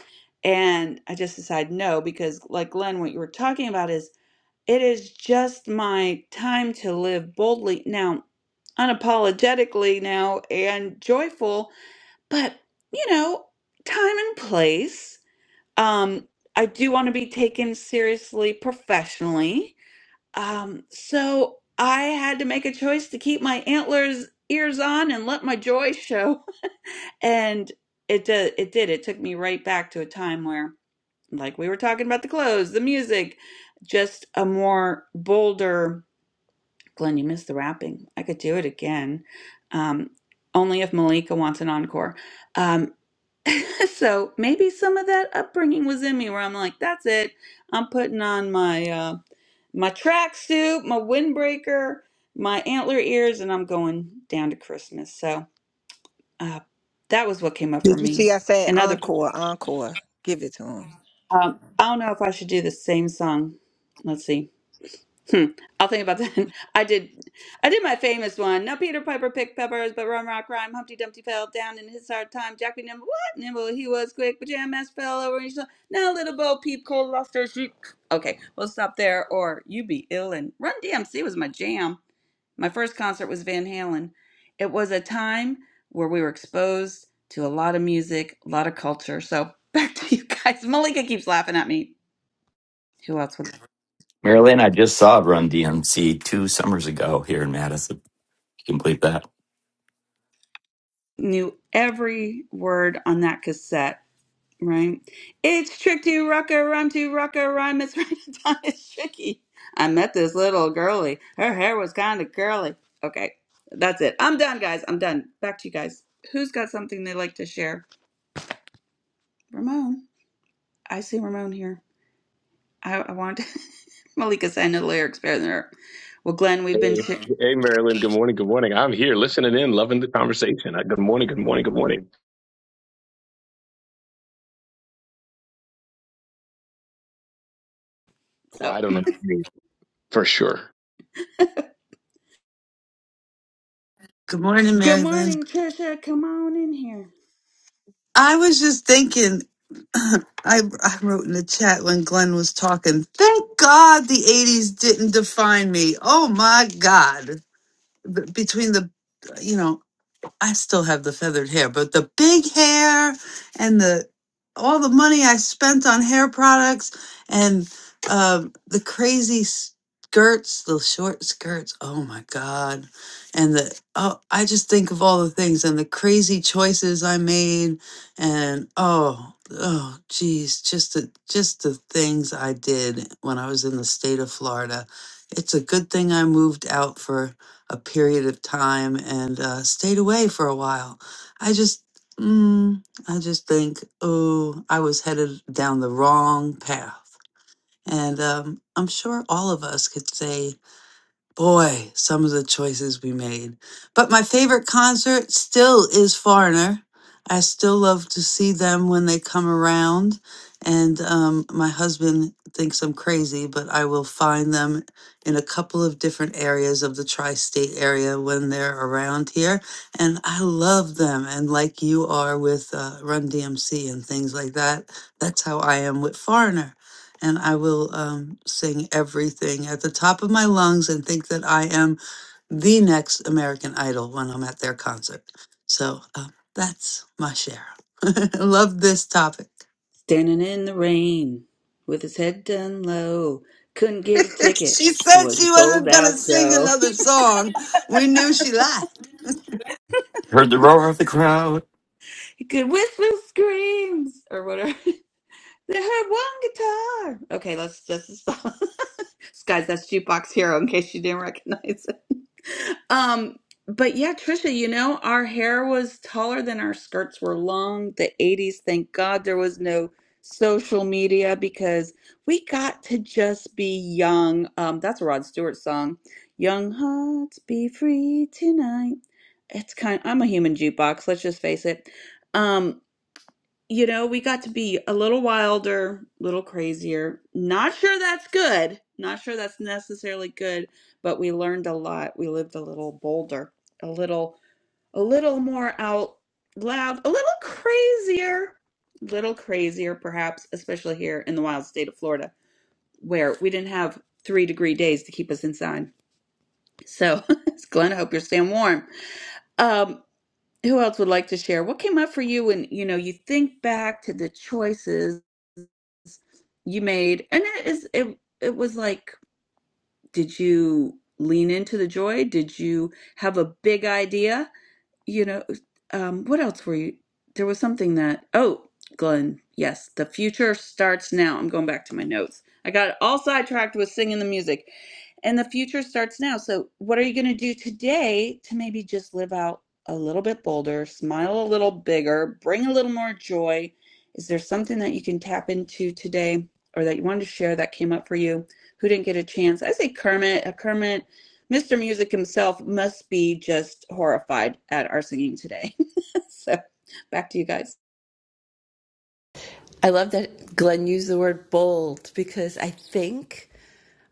[SPEAKER 1] And I just decided no, because like Glenn, what you were talking about is it is just my time to live boldly now, unapologetically now and joyful, but you know, time and place. Um, I do want to be taken seriously professionally. Um, so I had to make a choice to keep my antlers ears on and let my joy show and it did, it did. It took me right back to a time where, like we were talking about the clothes, the music, just a more bolder. Glenn, you missed the rapping. I could do it again. Um, only if Malika wants an encore. Um, so maybe some of that upbringing was in me where I'm like, that's it. I'm putting on my uh, my tracksuit, my windbreaker, my antler ears, and I'm going down to Christmas. So uh, that was what came up for
[SPEAKER 5] Did you see
[SPEAKER 1] me.
[SPEAKER 5] I said
[SPEAKER 1] And other
[SPEAKER 5] encore, encore. Give it to him.
[SPEAKER 1] Um, I don't know if I should do the same song. Let's see. Hmm. I'll think about that. I did, I did my famous one. Now Peter Piper picked peppers, but Rum Rock rhyme. Humpty Dumpty fell down in his hard time. Jack be nimble, what nimble he was quick, but Jam Master fell over and saw. Now little Bo Peep Cole lost her sheep. Okay, we'll stop there, or you be ill. And Run DMC was my jam. My first concert was Van Halen. It was a time where we were exposed to a lot of music, a lot of culture. So back to you guys. Malika keeps laughing at me. Who else? was
[SPEAKER 12] Marilyn, I just saw Run DMC two summers ago here in Madison. Complete that.
[SPEAKER 1] knew every word on that cassette, right? It's trick to rucker, rhyme to rucker, rhyme is right on is tricky. I met this little girly. Her hair was kind of curly. Okay, that's it. I'm done, guys. I'm done. Back to you guys. Who's got something they'd like to share? Ramon. I see Ramon here. I, I want Malika said I know the lyrics better than her. Well, Glenn, we've been
[SPEAKER 13] Hey,
[SPEAKER 1] sh-
[SPEAKER 13] hey, Marilyn. Good morning. Good morning. I'm here listening in, loving the conversation. Uh, Good morning. Good morning. Good morning. Well,
[SPEAKER 1] so.
[SPEAKER 13] I don't know you for sure.
[SPEAKER 3] Good morning,
[SPEAKER 1] Good
[SPEAKER 3] Mary Lynn.
[SPEAKER 1] morning, Trisha. Come on in here.
[SPEAKER 3] I was just thinking, I, I wrote in the chat when Glenn was talking, thank God the 80s didn't define me. Oh my God. B- Between the, you know, I still have the feathered hair, but the big hair and the all the money I spent on hair products and um, the crazy skirts, the short skirts. Oh my God! And the oh, I just think of all the things and the crazy choices I made, and oh, oh, geez, just the just the things I did when I was in the state of Florida. It's a good thing I moved out for a period of time and uh, stayed away for a while. I just, mm, I just think, oh, I was headed down the wrong path. And um, I'm sure all of us could say boy, some of the choices we made. But my favorite concert still is Foreigner. I still love to see them when they come around. And um, my husband thinks I'm crazy, but I will find them in a couple of different areas of the tri state area when they're around here. And I love them. And like you are with uh, Run DMC and things like that, that's how I am with Foreigner and I will um, sing everything at the top of my lungs and think that I am the next American Idol when I'm at their concert. So um, that's my share. I Love this topic.
[SPEAKER 1] Standing in the rain with his head done low. Couldn't get a ticket.
[SPEAKER 3] she
[SPEAKER 1] It
[SPEAKER 3] said
[SPEAKER 1] was a
[SPEAKER 3] she
[SPEAKER 1] sold
[SPEAKER 3] wasn't going
[SPEAKER 1] out
[SPEAKER 3] to sing
[SPEAKER 1] show.
[SPEAKER 3] another song. We knew she lied.
[SPEAKER 12] Heard the roar of the crowd.
[SPEAKER 1] He could whistle screams or whatever. They had one guitar. Okay, let's let's just stop. Guys, that's Jukebox Hero in case you didn't recognize it. Um, but yeah, Trisha, you know, our hair was taller than our skirts were long. The 80s, thank God there was no social media because we got to just be young. Um, that's a Rod Stewart song. Young hearts be free tonight. It's kind I'm a human jukebox, let's just face it. Um, you know, we got to be a little wilder, a little crazier. Not sure that's good. Not sure that's necessarily good, but we learned a lot. We lived a little bolder, a little a little more out loud, a little crazier, little crazier perhaps, especially here in the wild state of Florida, where we didn't have 3 degree days to keep us inside. So, Glenn, I hope you're staying warm. Um who else would like to share? What came up for you when you know you think back to the choices you made, and it is it it was like did you lean into the joy? Did you have a big idea? You know, um, what else were you? There was something that, oh, Glenn, yes, the future starts now. I'm going back to my notes. I got all sidetracked with singing the music. And the future starts now. So, what are you going to do today to maybe just live out a little bit bolder, smile a little bigger, bring a little more joy? Is there something that you can tap into today or that you wanted to share that came up for you? who didn't get a chance. I say Kermit, a Kermit, Mr. Music himself must be just horrified at our singing today. so back to you guys.
[SPEAKER 11] I love that Glenn used the word bold because I think.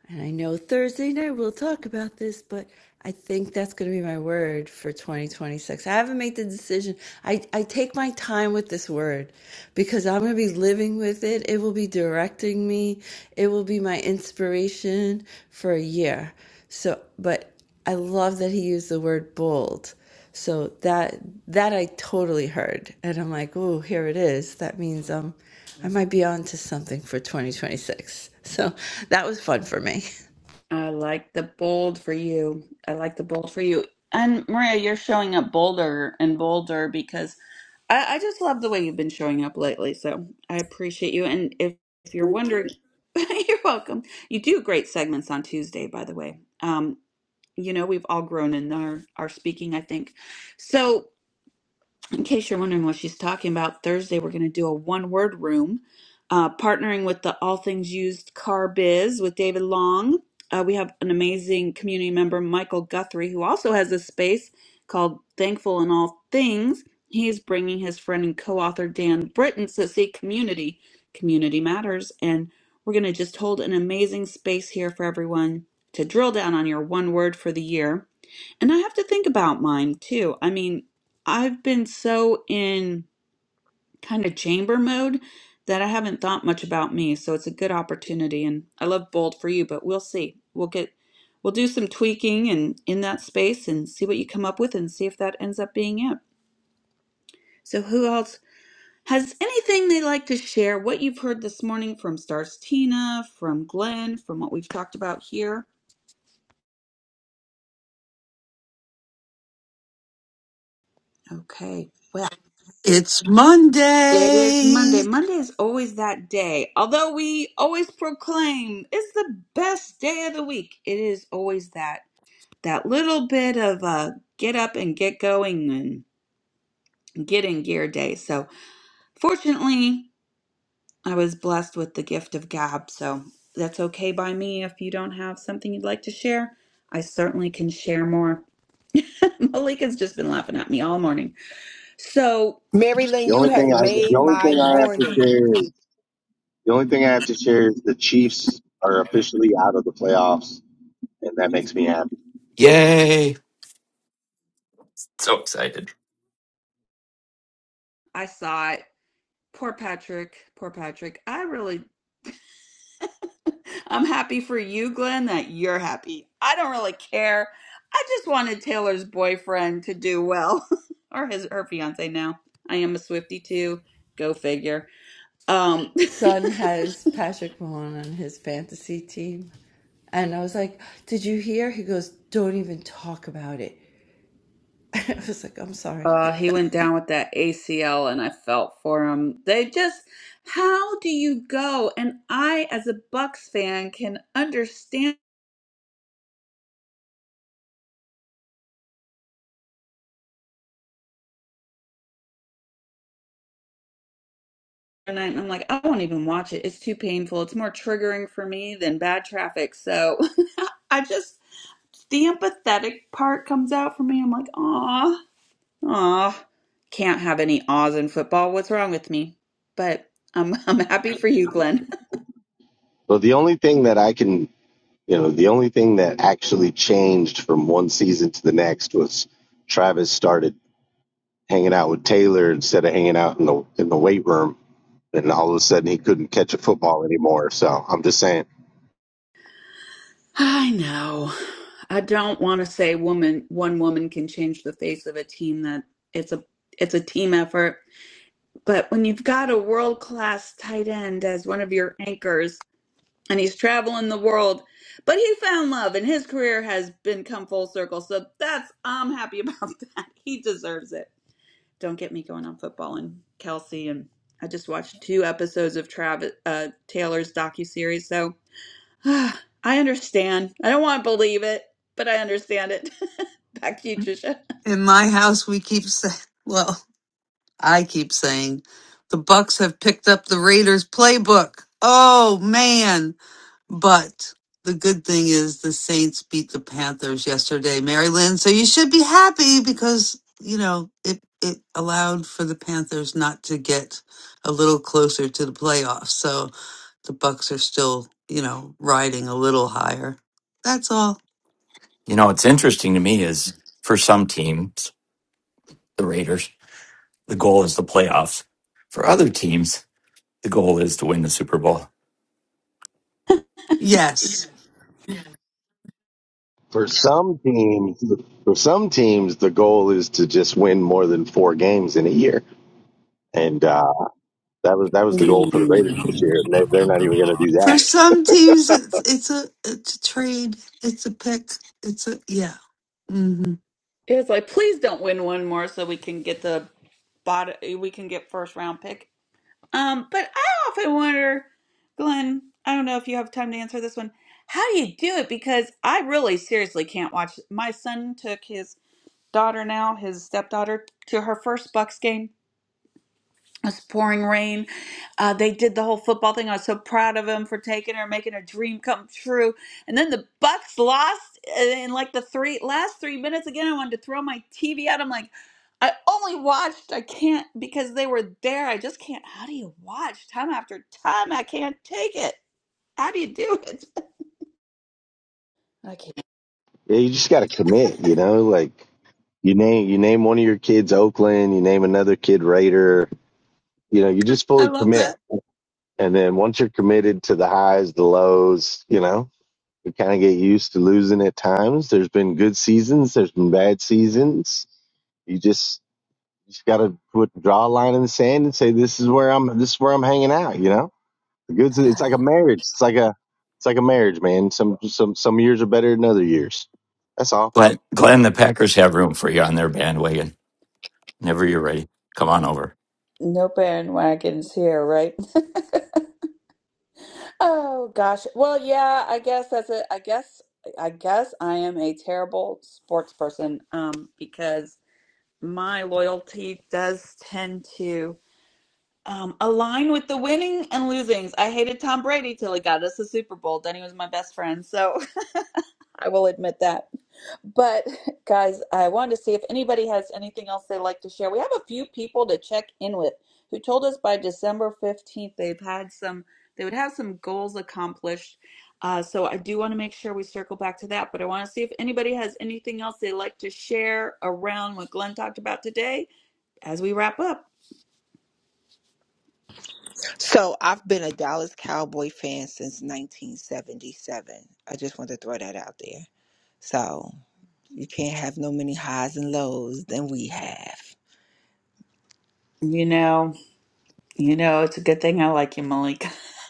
[SPEAKER 11] And I know Thursday night we'll talk about this, but I think that's going to be my word for 2026. I haven't made the decision. I, I take my time with this word because I'm going to be living with it. It will be directing me, it will be my inspiration for a year. So, but I love that he used the word bold. So that that I totally heard, and I'm like, oh, here it is. That means um. I might be on to something for 2026. So that was fun for me.
[SPEAKER 1] I like the bold for you. I like the bold for you. And Maria, you're showing up bolder and bolder because I, I just love the way you've been showing up lately. So I appreciate you. And if, if you're wondering, you're welcome. You do great segments on Tuesday, by the way. Um, you know, we've all grown in our, our speaking, I think. So in case you're wondering what she's talking about, Thursday we're going to do a one word room, uh, partnering with the All Things Used Car Biz with David Long. Uh, we have an amazing community member, Michael Guthrie, who also has a space called Thankful in All Things. He's bringing his friend and co author Dan Britton. So, see, community, community matters. And we're going to just hold an amazing space here for everyone to drill down on your one word for the year. And I have to think about mine too. I mean, I've been so in kind of chamber mode that I haven't thought much about me. So it's a good opportunity. And I love bold for you, but we'll see. We'll get, we'll do some tweaking and in that space and see what you come up with and see if that ends up being it. So who else has anything they like to share? What you've heard this morning from Stars Tina, from Glenn, from what we've talked about here? Okay. well,
[SPEAKER 3] It's
[SPEAKER 1] It is
[SPEAKER 3] Monday.
[SPEAKER 1] Monday. Monday is always that day. Although we always proclaim it's the best day of the week, it is always that that little bit of uh get up and get going and get in gear day. So fortunately, I was blessed with the gift of gab, so that's okay by me. If you don't have something you'd like to share, I certainly can share more. Malika's just been laughing at me all morning. So
[SPEAKER 5] Marilyn,
[SPEAKER 14] The
[SPEAKER 5] you
[SPEAKER 14] only
[SPEAKER 5] have
[SPEAKER 14] thing I the
[SPEAKER 5] made
[SPEAKER 14] only
[SPEAKER 5] my
[SPEAKER 14] thing I have to
[SPEAKER 5] morning.
[SPEAKER 14] share is the only thing I have to share is the Chiefs are officially out of the playoffs, and that makes me happy.
[SPEAKER 12] Yay! So excited.
[SPEAKER 1] I saw it poor Patrick, poor Patrick. I really I'm happy for you, Glenn, that you're happy. I don't really care. I just wanted Taylor's boyfriend to do well, or his her fiance now. I am a Swiftie too. Go figure. Um,
[SPEAKER 11] Son has Patrick Mahone on his fantasy team. And I was like, Did you hear? He goes, Don't even talk about it. And I was like, I'm sorry.
[SPEAKER 1] uh, he went down with that ACL, and I felt for him. They just, how do you go? And I, as a Bucks fan, can understand. And i I'm like, I won't even watch it. It's too painful. It's more triggering for me than bad traffic. So I just the empathetic part comes out for me. I'm like, ah, ah, can't have any ahs in football. What's wrong with me? But I'm I'm happy for you, Glenn.
[SPEAKER 14] So the only thing that I can you know the only thing that actually changed from one season to the next was Travis started hanging out with Taylor instead of hanging out in the in the weight room, and all of a sudden he couldn't catch a football anymore. So I'm just saying,
[SPEAKER 1] I know. I don't want to say woman one woman can change the face of a team. That it's a it's a team effort. But when you've got a world class tight end as one of your anchors, and he's traveling the world, but he found love, and his career has been come full circle. So that's I'm happy about that. He deserves it. don't get me going on football and Kelsey and I just watched two episodes of Travis uh, Taylor's docu series, so uh, I understand. I don't want to believe it, but I understand it. Back to you, Trisha.
[SPEAKER 3] In my house, we keep saying, well, I keep saying, the Bucks have picked up the Raiders playbook. Oh, man. But the good thing is the Saints beat the Panthers yesterday, Mary Lynn. So you should be happy because, you know, it, it allowed for the Panthers not to get a little closer to the playoffs. So the Bucks are still, you know, riding a little higher. That's all.
[SPEAKER 12] You know, what's interesting to me is for some teams, the Raiders, the goal is the playoffs. For other teams, the goal is to win the Super Bowl.
[SPEAKER 3] Yes.
[SPEAKER 14] for some teams, for some teams, the goal is to just win more than four games in a year. And uh, that was that was the goal for the Raiders this
[SPEAKER 5] Mm.
[SPEAKER 14] year. And they, they're not even going to do
[SPEAKER 3] For
[SPEAKER 14] that.
[SPEAKER 3] some teams it's it's a it's a trade. It's a pick. It's a yeah. hmm
[SPEAKER 1] It's like please don't win one more so we can get the bot we can get first round pick. Um, but I often wonder, Glenn. I don't know if you have time to answer this one. How do you do it? Because I really seriously can't watch. My son took his daughter now, his stepdaughter, to her first Bucks game. It was pouring rain. Uh, they did the whole football thing. I was so proud of him for taking her, making her dream come true. And then the Bucks lost in like the three last three minutes again. I wanted to throw my TV out. I'm like, I only watched. I can't because they were there. I just can't. How do you watch time after time? I can't take it. How do you do it? I can't.
[SPEAKER 14] Yeah, you just got to commit. You know, like you name you name one of your kids Oakland, you name another kid Raider. You know, you just
[SPEAKER 3] I
[SPEAKER 14] fully
[SPEAKER 3] love that.
[SPEAKER 14] commit, and then once you're committed to the highs, the lows, you know, you kind of get used to losing at times. There's been good seasons, there's been bad seasons. You just you just got to put draw a line in the sand and say this is where I'm this is where I'm hanging out. You know The goods. It's like a marriage. It's like a. It's like a marriage, man. Some some some years are better than other years. That's all.
[SPEAKER 12] But Glenn, the Packers have room for you on their bandwagon. Whenever you're ready, come on over.
[SPEAKER 1] No bandwagons here, right? Oh gosh. Well, yeah, I guess that's it. I guess I guess I am a terrible sports person um because my loyalty does tend to um align with the winning and losings. I hated Tom Brady till he got us the Super Bowl. Then he was my best friend, so I will admit that. But guys, I wanted to see if anybody has anything else they'd like to share. We have a few people to check in with who told us by December 15th they've had some they would have some goals accomplished. Uh, so I do want to make sure we circle back to that, but I want to see if anybody has anything else they'd like to share around what Glenn talked about today as we wrap up.
[SPEAKER 5] So I've been a Dallas Cowboy fan since 1977. I just want to throw that out there. So you can't have no many highs and lows than we have.
[SPEAKER 1] You know. You know, it's a good thing I like you, Malika.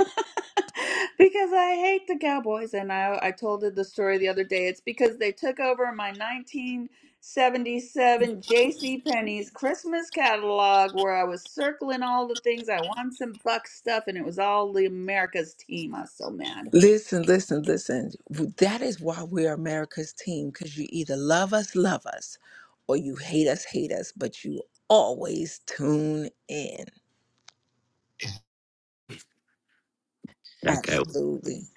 [SPEAKER 1] because I hate the Cowboys. And I, I told it the story the other day. It's because they took over my 1977 J.C. Penney's Christmas catalog where I was circling all the things. I want some Buck stuff, and it was all the America's team. I was so mad.
[SPEAKER 5] Listen, listen, listen. That is why we're America's team because you either love us, love us, or you hate us, hate us, but you always tune in.
[SPEAKER 12] That guy
[SPEAKER 5] Absolutely.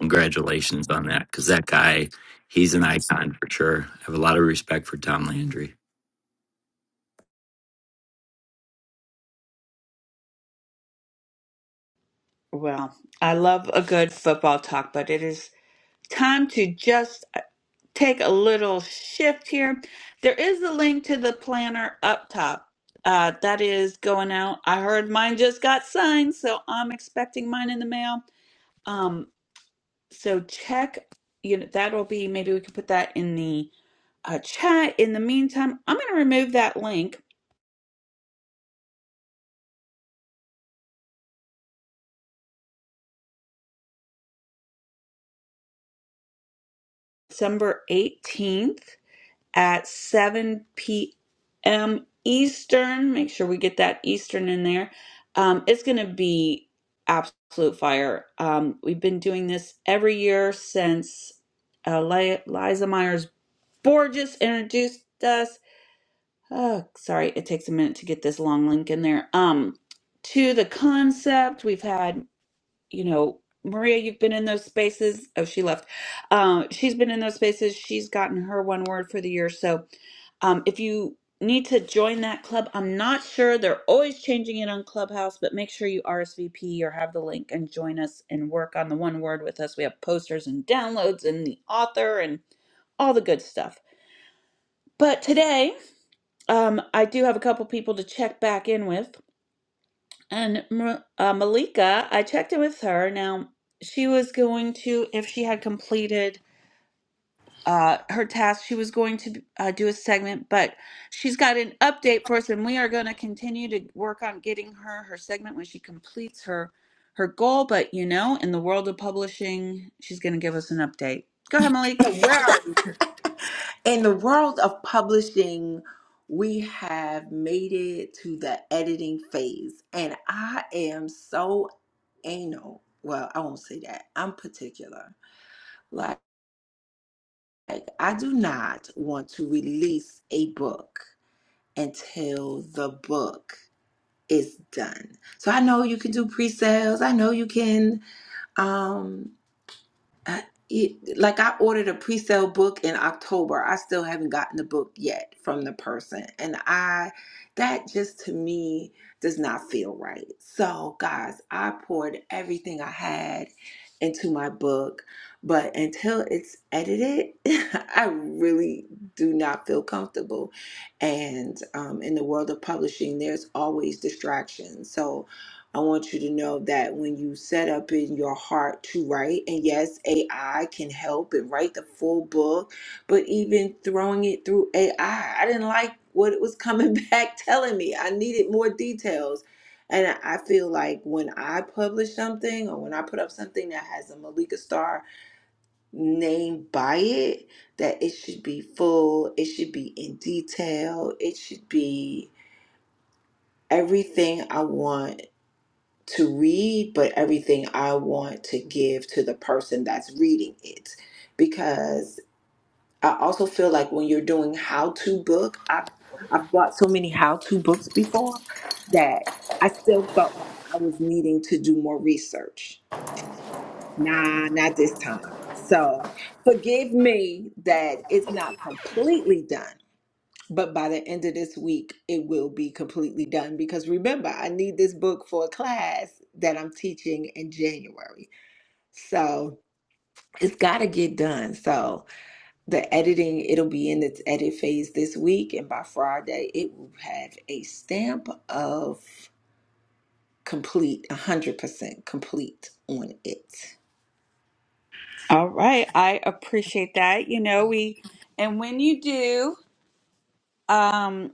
[SPEAKER 12] Congratulations on that, because that guy, he's an icon for sure. I have a lot of respect for Tom Landry.
[SPEAKER 1] Well, I love a good football talk, but it is time to just. take a little shift here. There is a link to the planner up top. Uh, that is going out. I heard mine just got signed, so I'm expecting mine in the mail. Um, so check, you know, that'll be maybe we can put that in the uh, chat. In the meantime, I'm going to remove that link December 18th. at 7 p.m. Eastern. Make sure we get that Eastern in there. Um, it's going to be absolute fire. Um, we've been doing this every year since uh, Li- Liza Myers Borges introduced us. Oh, sorry, it takes a minute to get this long link in there. Um, to the concept, we've had you know, Maria, you've been in those spaces. Oh, she left. Um, she's been in those spaces. She's gotten her one word for the year. So um, if you need to join that club, I'm not sure. They're always changing it on Clubhouse, but make sure you RSVP or have the link and join us and work on the one word with us. We have posters and downloads and the author and all the good stuff. But today, um, I do have a couple people to check back in with. And Ma- uh, Malika, I checked in with her. Now, she was going to, if she had completed uh, her task, she was going to uh, do a segment, but she's got an update for us, and we are going to continue to work on getting her her segment when she completes her her goal. But you know, in the world of publishing, she's going to give us an update. Go ahead, Malika. So where are you?
[SPEAKER 5] In the world of publishing, we have made it to the editing phase, and I am so anal. Well, I won't say that. I'm particular. Like, I do not want to release a book until the book it's done. So I know you can do pre-sales. I know you can um, I, it, like I ordered a pre-sale book in October. I still haven't gotten the book yet from the person. And I that just to me does not feel right. So, guys, I poured everything I had into my book, but until it's edited, I really do not feel comfortable. And um, in the world of publishing, there's always distractions. So, I want you to know that when you set up in your heart to write, and yes, AI can help and write the full book, but even throwing it through AI, I I didn't like what it was coming back telling me. I needed more details. And I I feel like when I publish something or when I put up something that has a Malika Star name by it, that it should be full, it should be in detail, it should be everything I want to read, but everything I want to give to the person that's reading it. Because I also feel like when you're doing how to book, I've, I've bought so many how to books before that I still felt like I was needing to do more research. Nah, not this time. So forgive me that it's not completely done, but by the end of this week it will be completely done because remember i need this book for a class that i'm teaching in january so it's got to get done so the editing it'll be in its edit phase this week and by friday it will have a stamp of complete 100% complete on it
[SPEAKER 1] All right, I appreciate that. You know, we and when you do. um,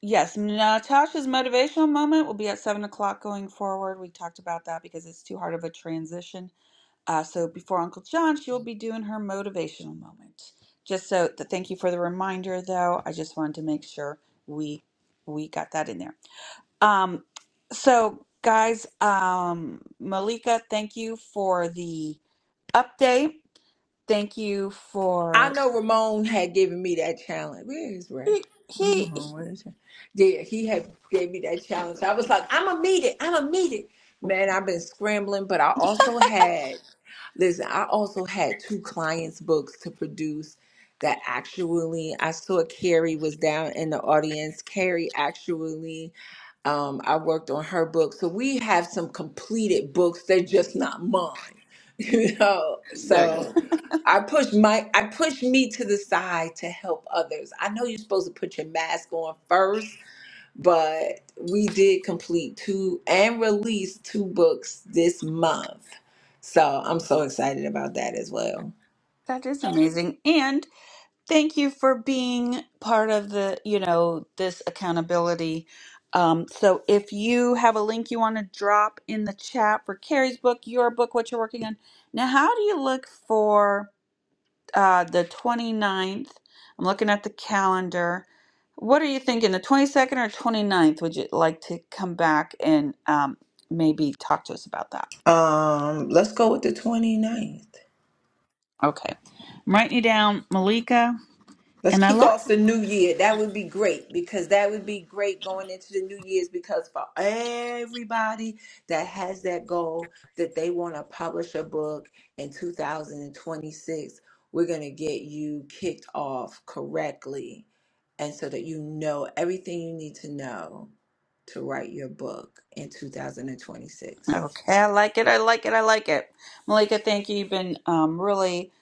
[SPEAKER 1] Yes, Natasha's motivational moment will be at seven o'clock going forward. We talked about that because it's too hard of a transition. Uh, so before Uncle John, she will be doing her motivational moment. Just so th- thank you for the reminder, though. I just wanted to make sure we we got that in there. Um, so guys, um, Malika, thank you for the update. Thank you
[SPEAKER 5] I
[SPEAKER 1] for
[SPEAKER 5] know Ramon had given me that challenge. Where is Ray?
[SPEAKER 1] he, he he
[SPEAKER 5] Ramon, where is he? Yeah, he had gave me that challenge. I was like, I'm gonna meet it. I'm gonna meet it. Man, I've been scrambling, but I also had listen. I also had two clients' books to produce. That actually, I saw Carrie was down in the audience. Carrie actually um, I worked on her book. So we have some completed books. They're just not mine, you know.
[SPEAKER 1] there.
[SPEAKER 5] So I push my I push me to the side to help others. I know you're supposed to put your mask on first, but we did complete two and release two books this month. So I'm so excited about that as well.
[SPEAKER 1] That is amazing and. Thank you for being part of the, you know, this accountability. Um, so if you have a link you want to drop in the chat for Carrie's book, your book, what you're working on. Now, how do you look for uh, the 29th? I'm looking at the calendar. What are you thinking, the 22nd or 29th? Would you like to come back and um, maybe talk to us about that?
[SPEAKER 5] Um, let's go with the 29th.
[SPEAKER 1] Okay. I'm writing you down, Malika.
[SPEAKER 5] Let's
[SPEAKER 1] And I
[SPEAKER 5] kick off
[SPEAKER 1] lost
[SPEAKER 5] the new year. That would be great because that would be great going into the new year's because for everybody that has that goal that they want to publish a book in 2026, we're going to get you kicked off correctly and so that you know everything you need to know to write your book in 2026.
[SPEAKER 1] Okay, I like it. I like it. I like it. Malika, thank you. You've been um, really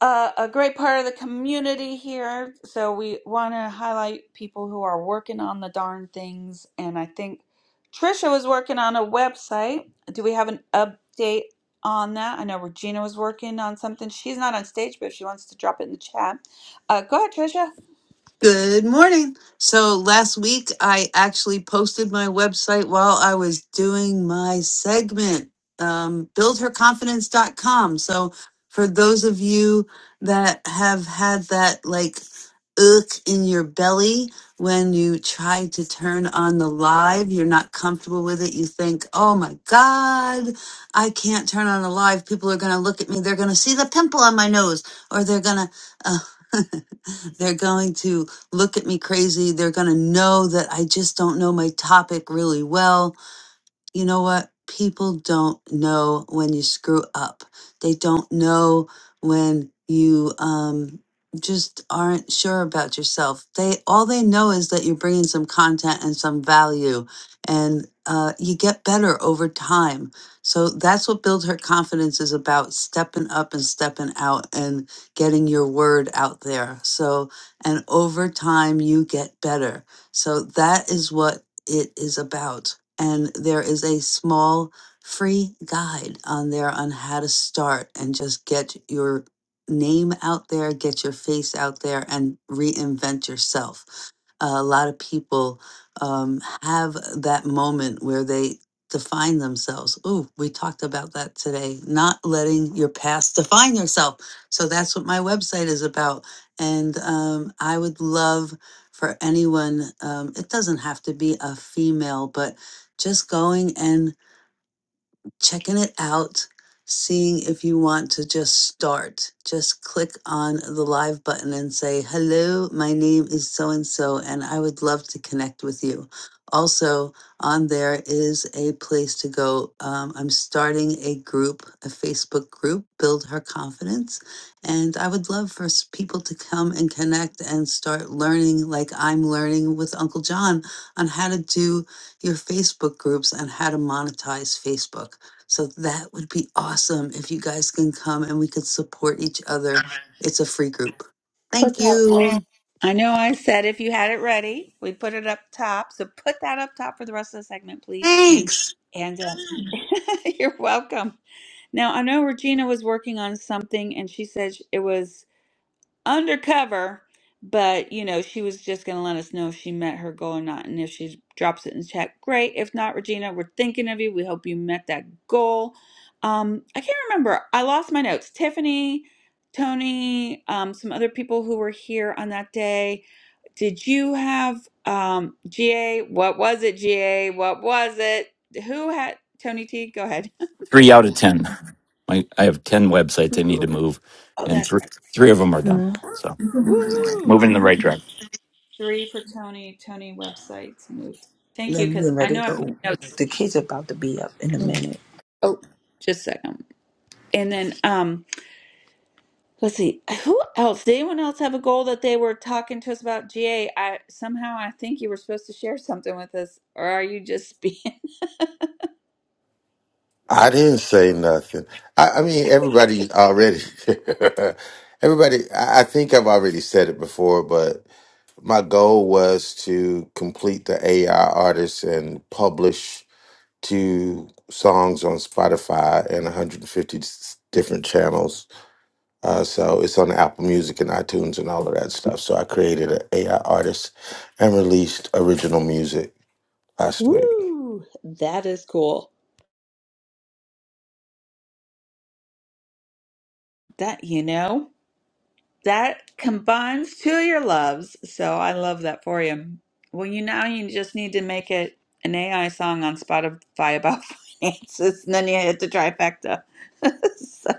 [SPEAKER 1] uh, a great part of the community here. So we want to highlight people who are working on the darn things. And I think Trisha was working on a website. Do we have an update on that? I know Regina was working on something. She's not on stage, but if she wants to drop it in the chat, uh, go ahead, Trisha.
[SPEAKER 3] Good morning. So last week I actually posted my website while I was doing my segment, um, buildherconfidence.com. So for those of you that have had that like ick in your belly when you try to turn on the live, you're not comfortable with it. You think, oh my God, I can't turn on the live. People are going to look at me. They're going to see the pimple on my nose or they're going to. Uh, They're going to look at me crazy. They're going to know that I just don't know my topic really well you know what? People don't know when you screw up. They don't know when you um, just aren't sure about yourself. They all they know is that you're bringing some content and some value, and uh, you get better over time. So that's what build her confidence is about: stepping up and stepping out and getting your word out there. So and over time you get better. So that is what it is about and there is a small free guide on there on how to start and just get your name out there, get your face out there, and reinvent yourself. a lot of people um, have that moment where they define themselves. Ooh, we talked about that today, not letting your past define yourself. So that's what my website is about. And um, I would love for anyone, um, it doesn't have to be a female, but just going and checking it out, seeing if you want to just start. Just click on the live button and say, Hello, my name is so and so, and I would love to connect with you. Also, on there is a place to go. Um, I'm starting a group, a Facebook group, Build Her Confidence. And I would love for s- people to come and connect and start learning, like I'm learning with Uncle John, on how to do your Facebook groups and how to monetize Facebook. So that would be awesome if you guys can come and we could support each other. It's a free group.
[SPEAKER 1] Put
[SPEAKER 3] Thank
[SPEAKER 1] that link.
[SPEAKER 3] you.
[SPEAKER 1] I know I said if you had it ready, we put it up top. So put that up top for the rest of the segment, please.
[SPEAKER 3] Thanks.
[SPEAKER 1] And uh, you're welcome. Now, I know Regina was working on something and she said sh- it was undercover, but you know, she was just going to let us know if she met her goal or not. And if she drops it in chat, great. If not, Regina, we're thinking of you. We hope you met that goal. Um, I can't remember. I lost my notes. Tiffany, Tony, um, some other people who were here on that day. Did you have um GA? What was it, GA? What was it? Who had Tony T? Go ahead.
[SPEAKER 12] Three out of ten. I, I have ten websites I need to move,
[SPEAKER 1] Oh,
[SPEAKER 12] and
[SPEAKER 1] that's
[SPEAKER 12] thr-
[SPEAKER 1] right.
[SPEAKER 12] three of them are done.
[SPEAKER 5] Mhm.
[SPEAKER 12] So
[SPEAKER 1] Woohoo!
[SPEAKER 12] moving in the right direction.
[SPEAKER 1] Three for Tony. Tony websites moved. Thank
[SPEAKER 5] Let
[SPEAKER 1] you,
[SPEAKER 5] me
[SPEAKER 1] because
[SPEAKER 5] get
[SPEAKER 1] I
[SPEAKER 5] ready to
[SPEAKER 1] know I put
[SPEAKER 5] go.
[SPEAKER 1] notes.
[SPEAKER 5] The kids are about to be up in a minute.
[SPEAKER 1] Oh, just a second. And then um, let's see. Who else? Did anyone else have a goal that they were talking to us about? GA. I somehow I think you were supposed to share something with us, or are you just being
[SPEAKER 15] I didn't say nothing. I, I mean, everybody already, everybody, I, I think I've already said it before, but my goal was to complete the AI artist and publish two songs on Spotify and 150 s- different channels. Uh, so it's on Apple Music and iTunes and all of that stuff. So I created an AI artist and released original music last week.
[SPEAKER 1] Woo! That is cool. that? You know. that combines two of your loves. So I love that for you. Well, you now you just need to make it an AI song on Spotify about finances, and then you hit the trifecta. So,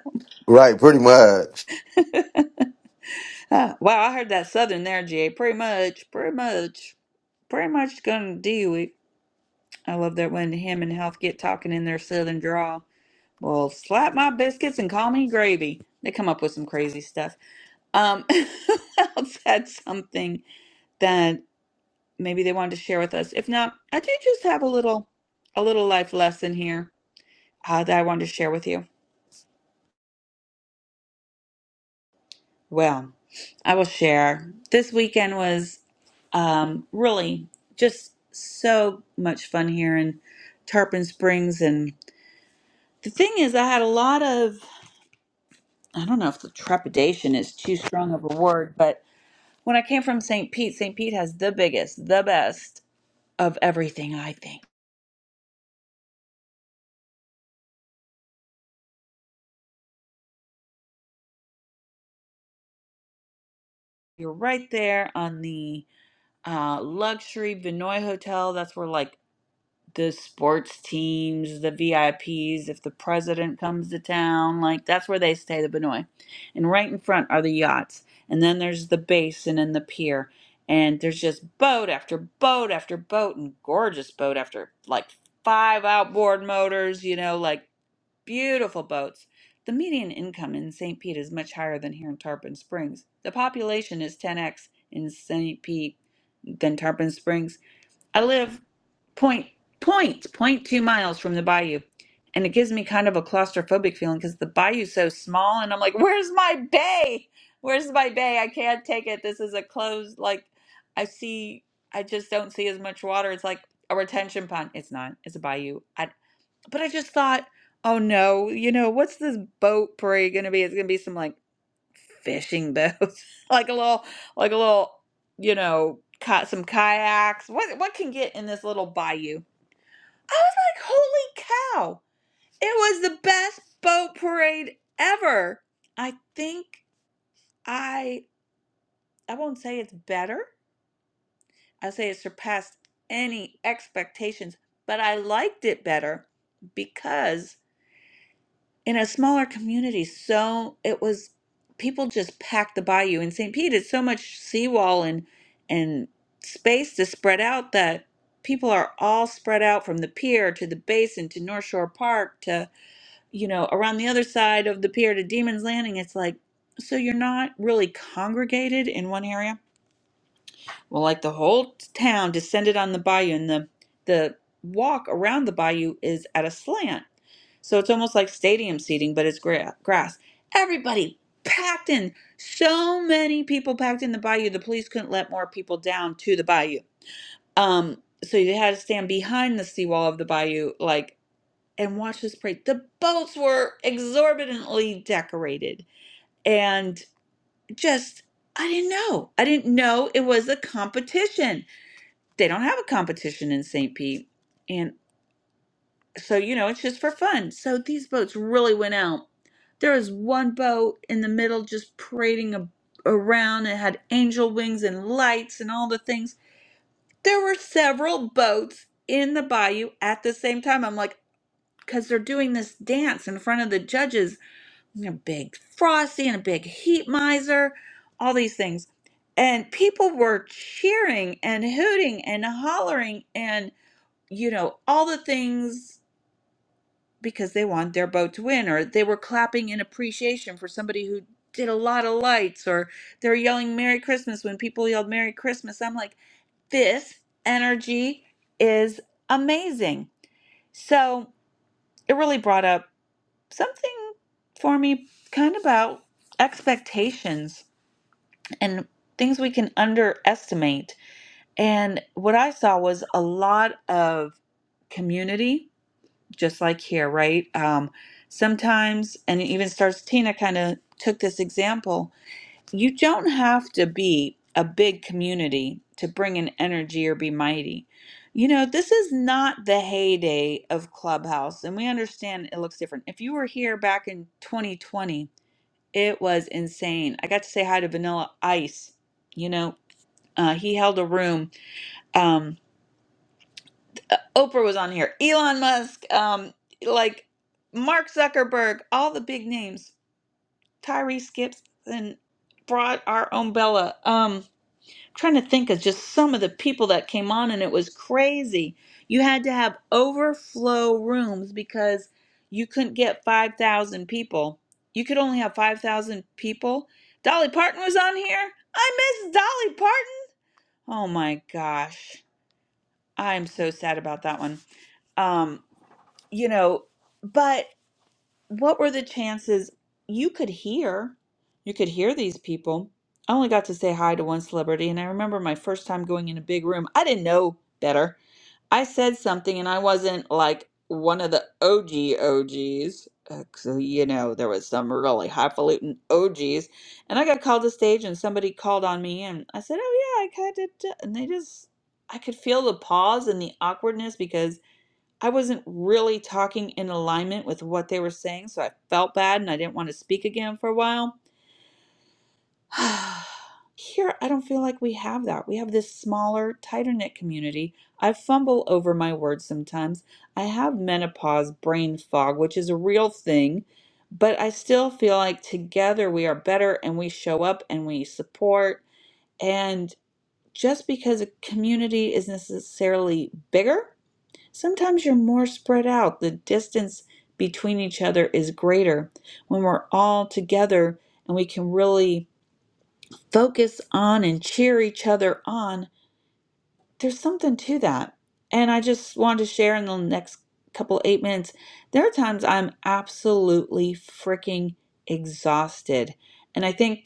[SPEAKER 15] Right, pretty much.
[SPEAKER 1] uh, wow, I heard that Southern there, GA. Pretty much, pretty much, pretty much gonna do it. I love that when him and Health get talking in their Southern drawl. Well, slap my biscuits and call me gravy. They come up with some crazy stuff. Um, health else had something? maybe they wanted to share with us. If not, I do just have a little a little life lesson here uh, that I wanted to share with you. Well, I will share. This weekend was um, really just so much fun here in Tarpon Springs, and the thing is, I had a lot of I don't know if the trepidation is too strong of a word, but when I came from St. Pete, St. Pete has the biggest, the best of everything. I think you're right there on the uh, luxury Vinoy Hotel. That's where like the sports teams, the VIPs, if the president comes to town, like that's where they stay, the Benoi. And right in front are the yachts. And then there's the basin and the pier. And there's just boat after boat after boat and gorgeous boat after like five outboard motors, you know, like beautiful boats. The median income in St. Pete is much higher than here in Tarpon Springs. The population is 10x in St. Pete than Tarpon Springs. I live point point point two miles from the bayou and it gives me kind of a claustrophobic feeling because the bayou's so small and i'm like where's my bay where's my bay i can't take it this is a closed like i see i just don't see as much water it's like a retention pond it's not it's a bayou I, but i just thought oh no you know what's this boat parade gonna be it's gonna be some like fishing boats like a little like a little you know caught some kayaks what what can get in this little bayou I was like, holy cow. It was the best boat parade ever. I think I I won't say it's better. I'll say it surpassed any expectations, but I liked it better because in a smaller community, so it was people just packed the bayou in St. Pete. It's so much seawall and and space to spread out that people are all spread out from the pier to the basin to North Shore Park to you know, around the other side of the pier to Demon's Landing, it's like, so you're not really congregated in one area? Well, like the whole town descended on the bayou, and the the walk around the bayou is at a slant, so it's almost like stadium seating, but it's gra- grass. Everybody packed in, so many people packed in the bayou. The police couldn't let more people down to the bayou. Um, so you had to stand behind the seawall of the bayou, like and watch this parade. The boats were exorbitantly decorated and just I didn't know. I didn't know it was a competition. They don't have a competition in St. Pete. And so, you know, it's just for fun. So these boats really went out. There was one boat in the middle just parading a, around. It had angel wings and lights and all the things. There were several boats in the bayou at the same time. I'm like, because they're doing this dance in front of the judges and a big frosty and a big heat miser, all these things. And people were cheering and hooting and hollering and, you know, all the things because they want their boat to win, or they were clapping in appreciation for somebody who did a lot of lights, or they were yelling Merry Christmas when people yelled Merry Christmas. I'm like, this energy is amazing. So it really brought up something for me kind of about expectations and things we can underestimate. And what I saw was a lot of community, just like here, right? Um, sometimes, and even Stars Tina kind of took this example you don't have to be a big community to bring an energy or be mighty. You know, this is not the heyday of Clubhouse, and we understand it looks different. If you were here back in 2020, it was insane. I got to say hi to Vanilla Ice. You know, uh, he held a room. Um, Oprah was on here, Elon Musk, um, like Mark Zuckerberg, all the big names, Tyree Skips, and brought our own Bella. Um, trying to think of just some of the people that came on and it was crazy. You had to have overflow rooms because you couldn't get 5,000 people. You could only have 5,000 people. Dolly Parton was on here. I miss Dolly Parton. Oh my gosh. I'm so sad about that one. Um, you know, but what were the chances you could hear you could hear these people i only got to say hi to one celebrity and i remember my first time going in a big room i didn't know better i said something and i wasn't like one of the og og's uh, so you know there was some really highfalutin og's and i got called to stage and somebody called on me and i said oh yeah i kind of and they just i could feel the pause and the awkwardness because I wasn't really talking in alignment with what they were saying, so I felt bad and I didn't want to speak again for a while. Here, I don't feel like we have that. We have this smaller, tighter knit community. I fumble over my words sometimes. I have menopause brain fog, which is a real thing, but I still feel like together we are better and we show up and we support. And just because a community is necessarily bigger, Sometimes you're more spread out. The distance between each other is greater when we're all together and we can really focus on and cheer each other on. There's something to that. And I just wanted to share in the next couple eight minutes. There are times I'm absolutely freaking exhausted. And I think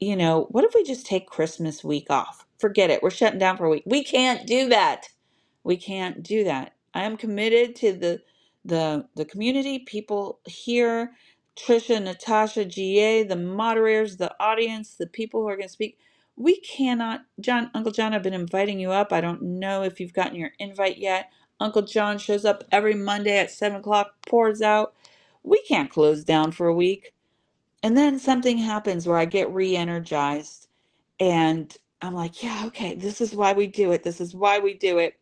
[SPEAKER 1] you know, what if we just take Christmas week off? Forget it. We're shutting down for a week. We can't do that. We can't do that. I am committed to the the the community, people here, Trisha, Natasha, GA, the moderators, the audience, the people who are going to speak. We cannot, John, Uncle John, I've been inviting you up. I don't know if you've gotten your invite yet. Uncle John shows up every Monday at seven o'clock, pours out. We can't close down for a week and then something happens where I get re energized and I'm like, yeah, okay, this is why we do it. This is why we do it.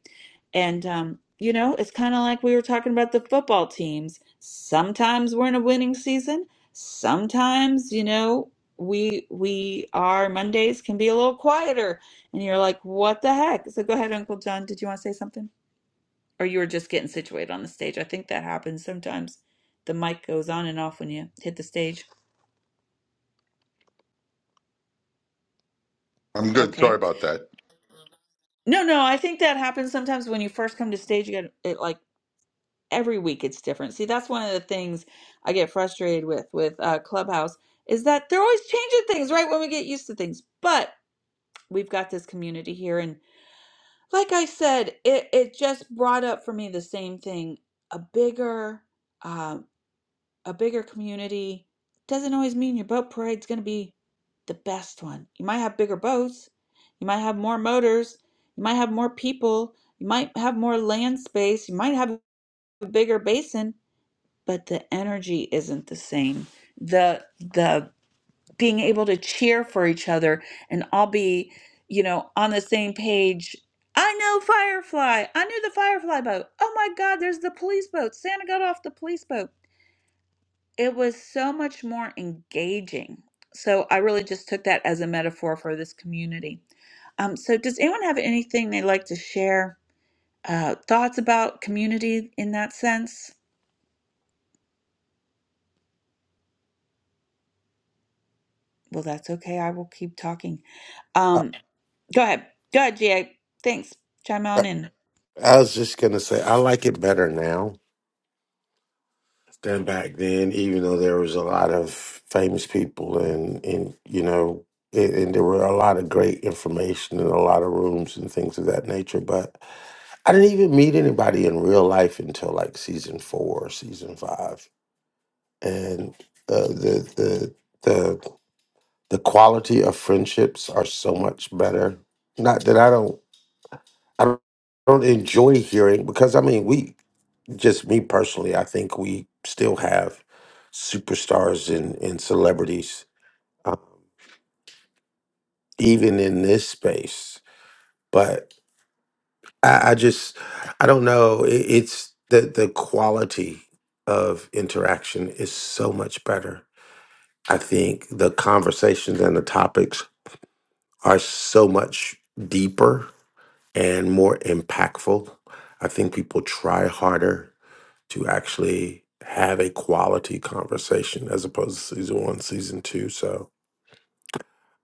[SPEAKER 1] And, um, you know, it's kind of like we were talking about the football teams. Sometimes we're in a winning season. Sometimes, you know, we we our Mondays can be a little quieter, and you're like, "What the heck?" So go ahead, Uncle John. Did you want to say something, or you were just getting situated on the stage? I think that happens sometimes. The mic goes on and off when you hit the stage.
[SPEAKER 16] I'm good.
[SPEAKER 1] Okay,
[SPEAKER 16] Sorry about that.
[SPEAKER 1] No, no, I think that happens sometimes when you first come to stage. You get it like every week it's different. See, that's one of the things I get frustrated with with uh, Clubhouse is that they're always changing things right when we get used to things. But we've got this community here, and like I said, it it just brought up for me the same thing: a bigger. uh, a bigger community doesn't always mean your boat parade's going to be the best one. You might have bigger boats, you might have more motors, you might have more people, you might have more land space, you might have a bigger basin, but the energy isn't the same. The the being able to cheer for each other and all be, you know, on the same page. I know Firefly. I knew the Firefly boat. Oh my God, there's the police boat. Santa got off the police boat it was so much more engaging. So I really just took that as a metaphor for this community. Um, so does anyone have anything they'd like to share? Uh, thoughts about community in that sense? Well, that's okay. I will keep talking. Um, go ahead. Go ahead, GA. Thanks. Chime on in.
[SPEAKER 15] I was just gonna say I like it better now than back then, even though there was a lot of famous people and and you know and, and there were a lot of great information and a lot of rooms and things of that nature. But I didn't even meet anybody in real life until like season four, or season five, and uh, the the the the quality of friendships are so much better. Not that I don't I don't don't enjoy hearing because I mean we just me personally, I think we still have superstars and, and celebrities, uh, even in this space. But I, I just, I don't know. It, it's the, the quality of interaction is so much better. I think the conversations and the topics are so much deeper and more impactful. I think people try harder to actually have a quality conversation as opposed to season one, season two. So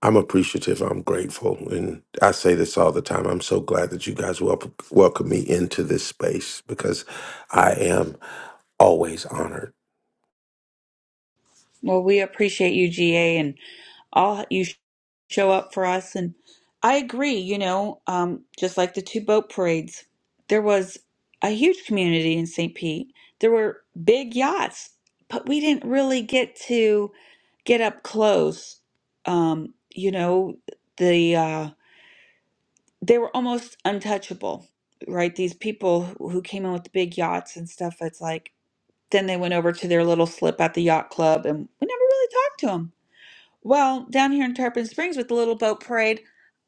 [SPEAKER 15] I'm appreciative. I'm grateful. And I say this all the time. I'm so glad that you guys wel- welcome me into this space because I am always honored.
[SPEAKER 1] Well, we appreciate you, GA, and all you sh- show up for us. And I agree, you know, um, just like the two boat parades, there was a huge community in St. Pete. There were big yachts, but we didn't really get to get up close. Um, you know, the uh, they were almost untouchable, right? These people who who came in with the big yachts and stuff. It's like then they went over to their little slip at the yacht club, and we never really talked to them well, down here in Tarpon Springs with the little boat parade,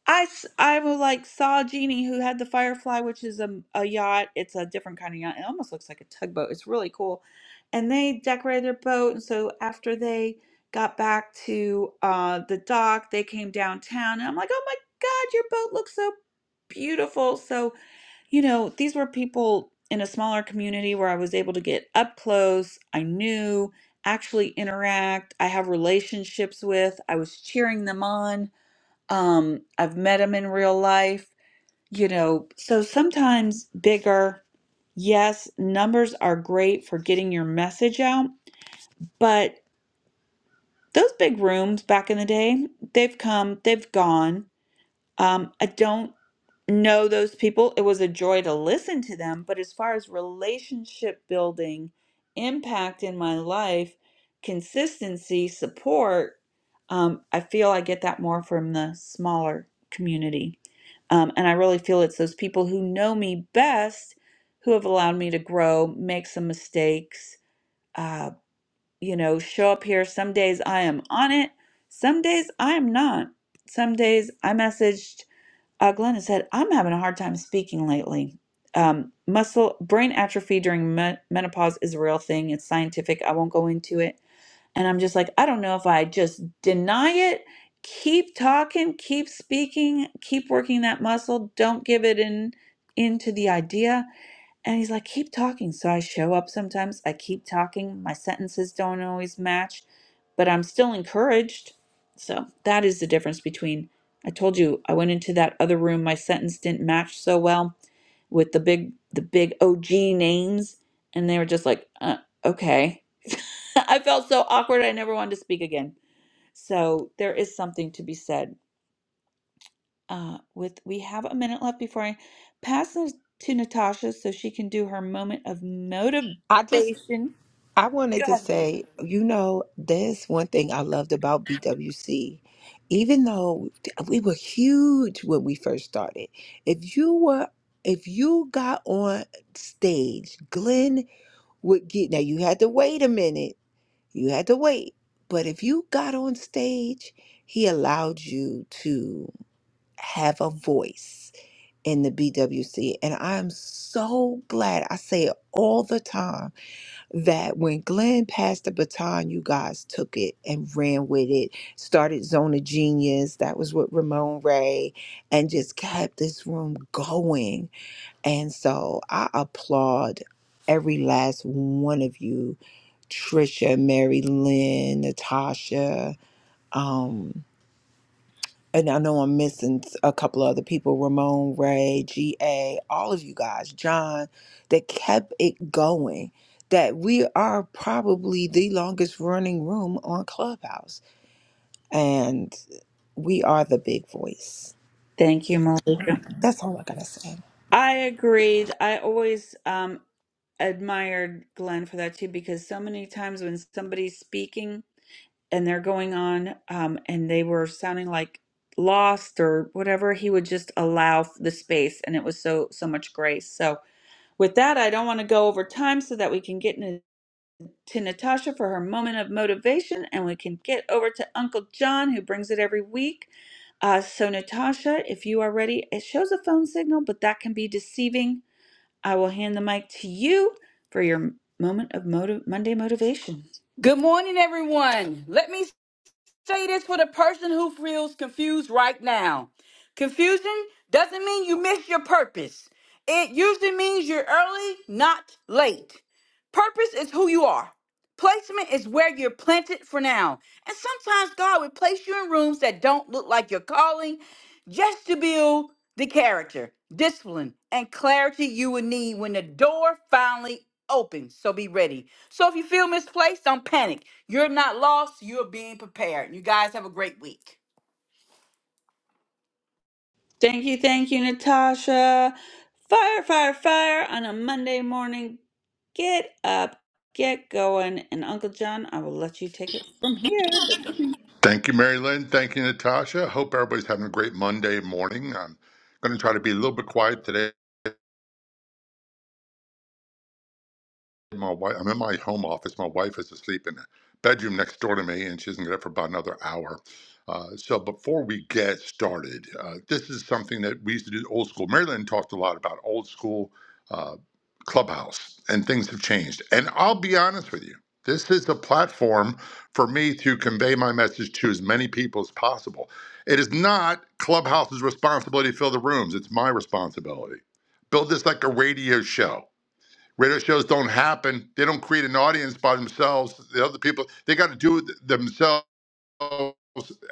[SPEAKER 1] I s- I was like saw a genie who had the Firefly, which is a, a yacht. It's a different kind of yacht. It almost looks like a tugboat. It's really cool, and they decorated their boat. And so after they got back to uh, the dock, they came downtown, and I'm like, oh my God, your boat looks so beautiful. So you know, these were people in a smaller community where I was able to get up close. I knew, actually interact. I have relationships with. I was cheering them on. Um, I've met them in real life, you know. So sometimes bigger, yes, numbers are great for getting your message out, but those big rooms back in the day, they've come, they've gone. Um, I don't know those people. It was a joy to listen to them, but as far as relationship building, impact in my life, consistency, support, um, I feel I get that more from the smaller community. Um, and I really feel it's those people who know me best who have allowed me to grow, make some mistakes, uh, you know, show up here. Some days I am on it, some days I am not. Some days I messaged uh, Glenna said, I'm having a hard time speaking lately. Um, muscle brain atrophy during me- menopause is a real thing. It's scientific. I won't go into it. And I'm just like, I don't know if I just deny it, keep talking, keep speaking, keep working that muscle. Don't give it in into the idea. And he's like, keep talking. So I show up sometimes. I keep talking. My sentences don't always match, but I'm still encouraged. So that is the difference between I told you I went into that other room, my sentence didn't match so well with the big the big OG names, and they were just like, uh, okay. I felt so awkward. I never wanted to speak again. So there is something to be said uh, with we have a minute left before I pass this to Natasha so she can do her moment of motivation.
[SPEAKER 5] I just I
[SPEAKER 1] Go
[SPEAKER 5] wanted to
[SPEAKER 1] ahead, Malika.
[SPEAKER 5] say, you know, there's one thing I loved about BWC. Even though we were huge when we first started, if you were, if you got on stage, Glenn would get, now you had to wait a minute, you had to wait. But if you got on stage, he allowed you to have a voice in the BWC. And I'm so glad I say it all the time that when Glenn passed the baton, you guys took it and ran with it, started Zone of Genius, that was with Ramon Ray, and just kept this room going. And so I applaud every last one of you, Trisha, Mary Lynn, Natasha. Um, and I know I'm missing a couple other people, Ramon, Ray, GA, all of you guys, John, that kept it going. That we are probably the longest running room on Clubhouse. And we are the big voice.
[SPEAKER 1] Thank you, Malika.
[SPEAKER 5] That's all I gotta say.
[SPEAKER 1] I agreed. I always um, admired Glenn for that too, because so many times when somebody's speaking and they're going on um, and they were sounding like lost or whatever, he would just allow the space, and it was so so much grace. So with that, I don't want to go over time so that we can get into to Natasha for her moment of motivation, and we can get over to Uncle John, who brings it every week. Uh, so, Natasha, if you are ready, it shows a phone signal, but that can be deceiving. I will hand the mic to you for your moment of motiv- Monday motivation.
[SPEAKER 17] Good morning, everyone. Let me say this for the person who feels confused right now. Confusion doesn't mean you miss your purpose, it usually means you're early, not late. Purpose is who you are, placement is where you're planted for now. And sometimes God will place you in rooms that don't look like your calling just to build the character, discipline, and clarity you will need when the door finally opens. So be ready. So if you feel misplaced, don't panic. You're not lost, you're being prepared. You guys have a great week.
[SPEAKER 1] Thank you, thank you, Natasha. Fire, fire, fire on a Monday morning. Get up, get going. And Uncle John, I will let you take it from here. Good morning.
[SPEAKER 16] Thank you, Mary Lynn. Thank you, Natasha. Hope everybody's having a great Monday morning. I'm going to try to be a little bit quiet today. My wife, I'm in my home office. My wife is asleep in the bedroom next door to me, and she doesn't get up for about another hour. Uh, so before we get started, uh, this is something that we used to do old school. Maryland talked a lot about old school uh, clubhouse, and things have changed. And I'll be honest with you, this is a platform for me to convey my message to as many people as possible. It is not Clubhouse's responsibility to fill the rooms; it's my responsibility. Build this like a radio show Radio shows don't happen. They don't create an audience by themselves. The other people, they got to do it themselves,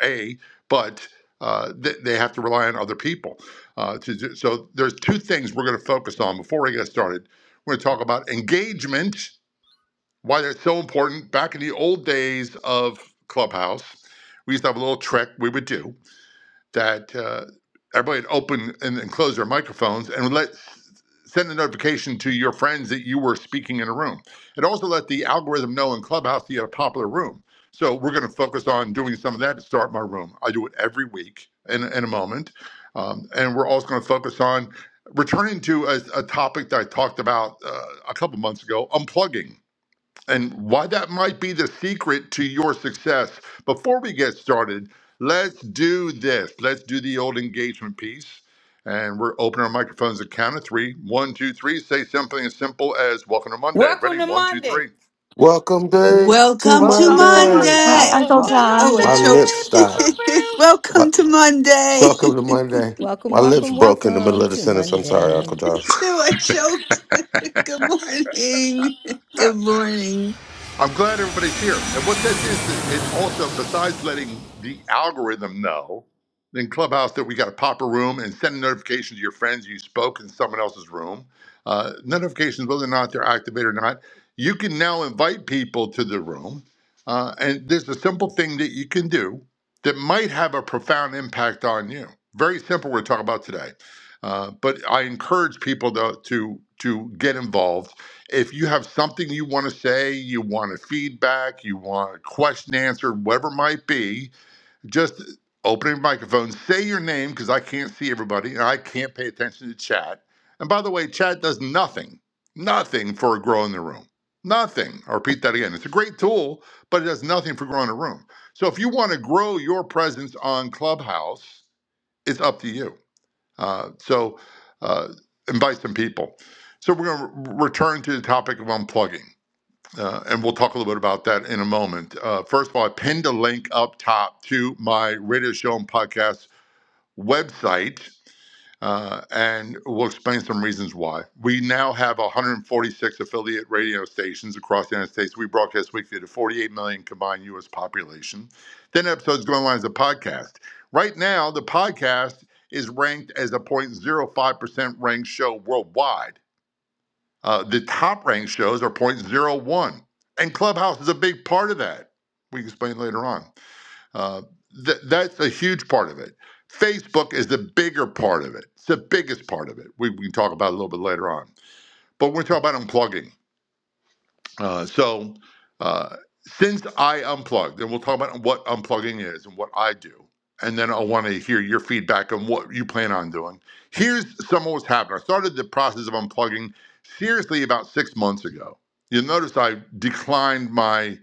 [SPEAKER 16] A, but uh, they, they have to rely on other people. Uh, to do, so there's two things we're going to focus on before we get started. We're going to talk about engagement, why that's so important. Back in the old days of Clubhouse, we used to have a little trick we would do that uh, everybody would open and, and close their microphones and would let send a notification to your friends that you were speaking in a room. It also let the algorithm know in Clubhouse that you had a popular room. So we're going to focus on doing some of that to start my room. I do it every week in, in a moment. Um, and we're also going to focus on returning to a, a topic that I talked about uh, a couple months ago, unplugging and why that might be the secret to your success. Before we get started, let's do this. Let's do the old engagement piece. And we're opening our microphones at count of three. One, two, three. Say something as simple as welcome to Monday.
[SPEAKER 17] Welcome
[SPEAKER 16] Ready?
[SPEAKER 17] to
[SPEAKER 16] One, two,
[SPEAKER 17] Monday.
[SPEAKER 16] three.
[SPEAKER 15] Welcome day to
[SPEAKER 3] Welcome to
[SPEAKER 1] Welcome to
[SPEAKER 15] Monday.
[SPEAKER 1] Monday.
[SPEAKER 3] Monday.
[SPEAKER 18] Hi, Uncle
[SPEAKER 19] Welcome to
[SPEAKER 3] Oh, I
[SPEAKER 18] John.
[SPEAKER 15] My
[SPEAKER 19] Monday.
[SPEAKER 15] lips
[SPEAKER 3] choked.
[SPEAKER 15] stopped.
[SPEAKER 3] Welcome
[SPEAKER 15] But
[SPEAKER 3] to Monday.
[SPEAKER 15] welcome to Monday.
[SPEAKER 4] Welcome,
[SPEAKER 15] My lips
[SPEAKER 4] welcome,
[SPEAKER 15] broke in the middle
[SPEAKER 4] welcome
[SPEAKER 15] of the
[SPEAKER 4] to
[SPEAKER 15] sentence. I'm sorry, Uncle
[SPEAKER 4] Monday.
[SPEAKER 3] Me
[SPEAKER 15] John.
[SPEAKER 3] too. I choked. Good morning. Good morning.
[SPEAKER 16] I'm glad everybody's here. And what that is, it also, besides letting the algorithm know in Clubhouse that we got to pop a room and send a notification to your friends you spoke in someone else's room, uh, notifications, whether or not they're activated or not, you can now invite people to the room. Uh, and there's a simple thing that you can do that might have a profound impact on you. Very simple, we're talking about today. Uh, but I encourage people to, to, to get involved if you have something you want to say, you want a feedback, you want a question answered, whatever it might be, just open your microphone, say your name because I can't see everybody and I can't pay attention to chat. And by the way, chat does nothing, nothing for growing the room. Nothing. I'll repeat that again. It's a great tool, but it does nothing for growing a room. So if you want to grow your presence on Clubhouse, it's up to you. Uh, so uh, invite some people. So we're going to return to the topic of unplugging, uh, and we'll talk a little bit about that in a moment. Uh, first of all, I pinned a link up top to my radio show and podcast website uh, and we'll explain some reasons why. We now have 146 affiliate radio stations across the United States. We broadcast weekly to 48 million combined U.S. population. Then episodes go online as a podcast. Right now, the podcast is ranked as a 0.05% ranked show worldwide. Uh, the top ranked shows are zero point zero 0.01, and Clubhouse is a big part of that. We can explain later on. Uh, th- that's a huge part of it. Facebook is the bigger part of it. It's the biggest part of it. We, we can talk about it a little bit later on. But we're talking about unplugging. Uh, so uh, since I unplugged, and we'll talk about what unplugging is and what I do, and then I want to hear your feedback on what you plan on doing. Here's some of what's happened. I started the process of unplugging seriously about six months ago. You'll notice I declined my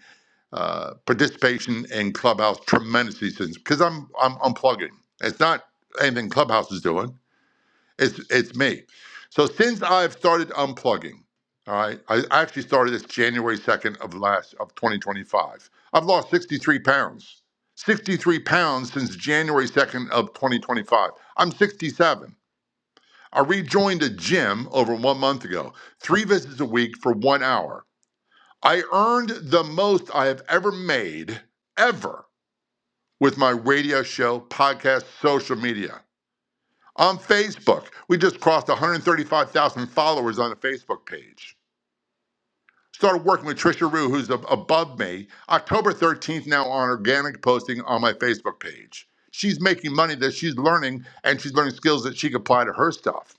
[SPEAKER 16] uh, participation in Clubhouse tremendously since because I'm I'm unplugging. It's not anything Clubhouse is doing. It's it's me. So since I've started unplugging, all right, I I actually started this January second of last of 2025. I've lost 63 pounds. 63 pounds since January 2nd of 2025. I'm 67. I rejoined a gym over one month ago. Three visits a week for one hour. I earned the most I have ever made, ever, with my radio show, podcast, social media. On Facebook, we just crossed 135,000 followers on the Facebook page. Started working with Trisha Rue, who's ab- above me, October 13th now on organic posting on my Facebook page. She's making money that she's learning, and she's learning skills that she can apply to her stuff.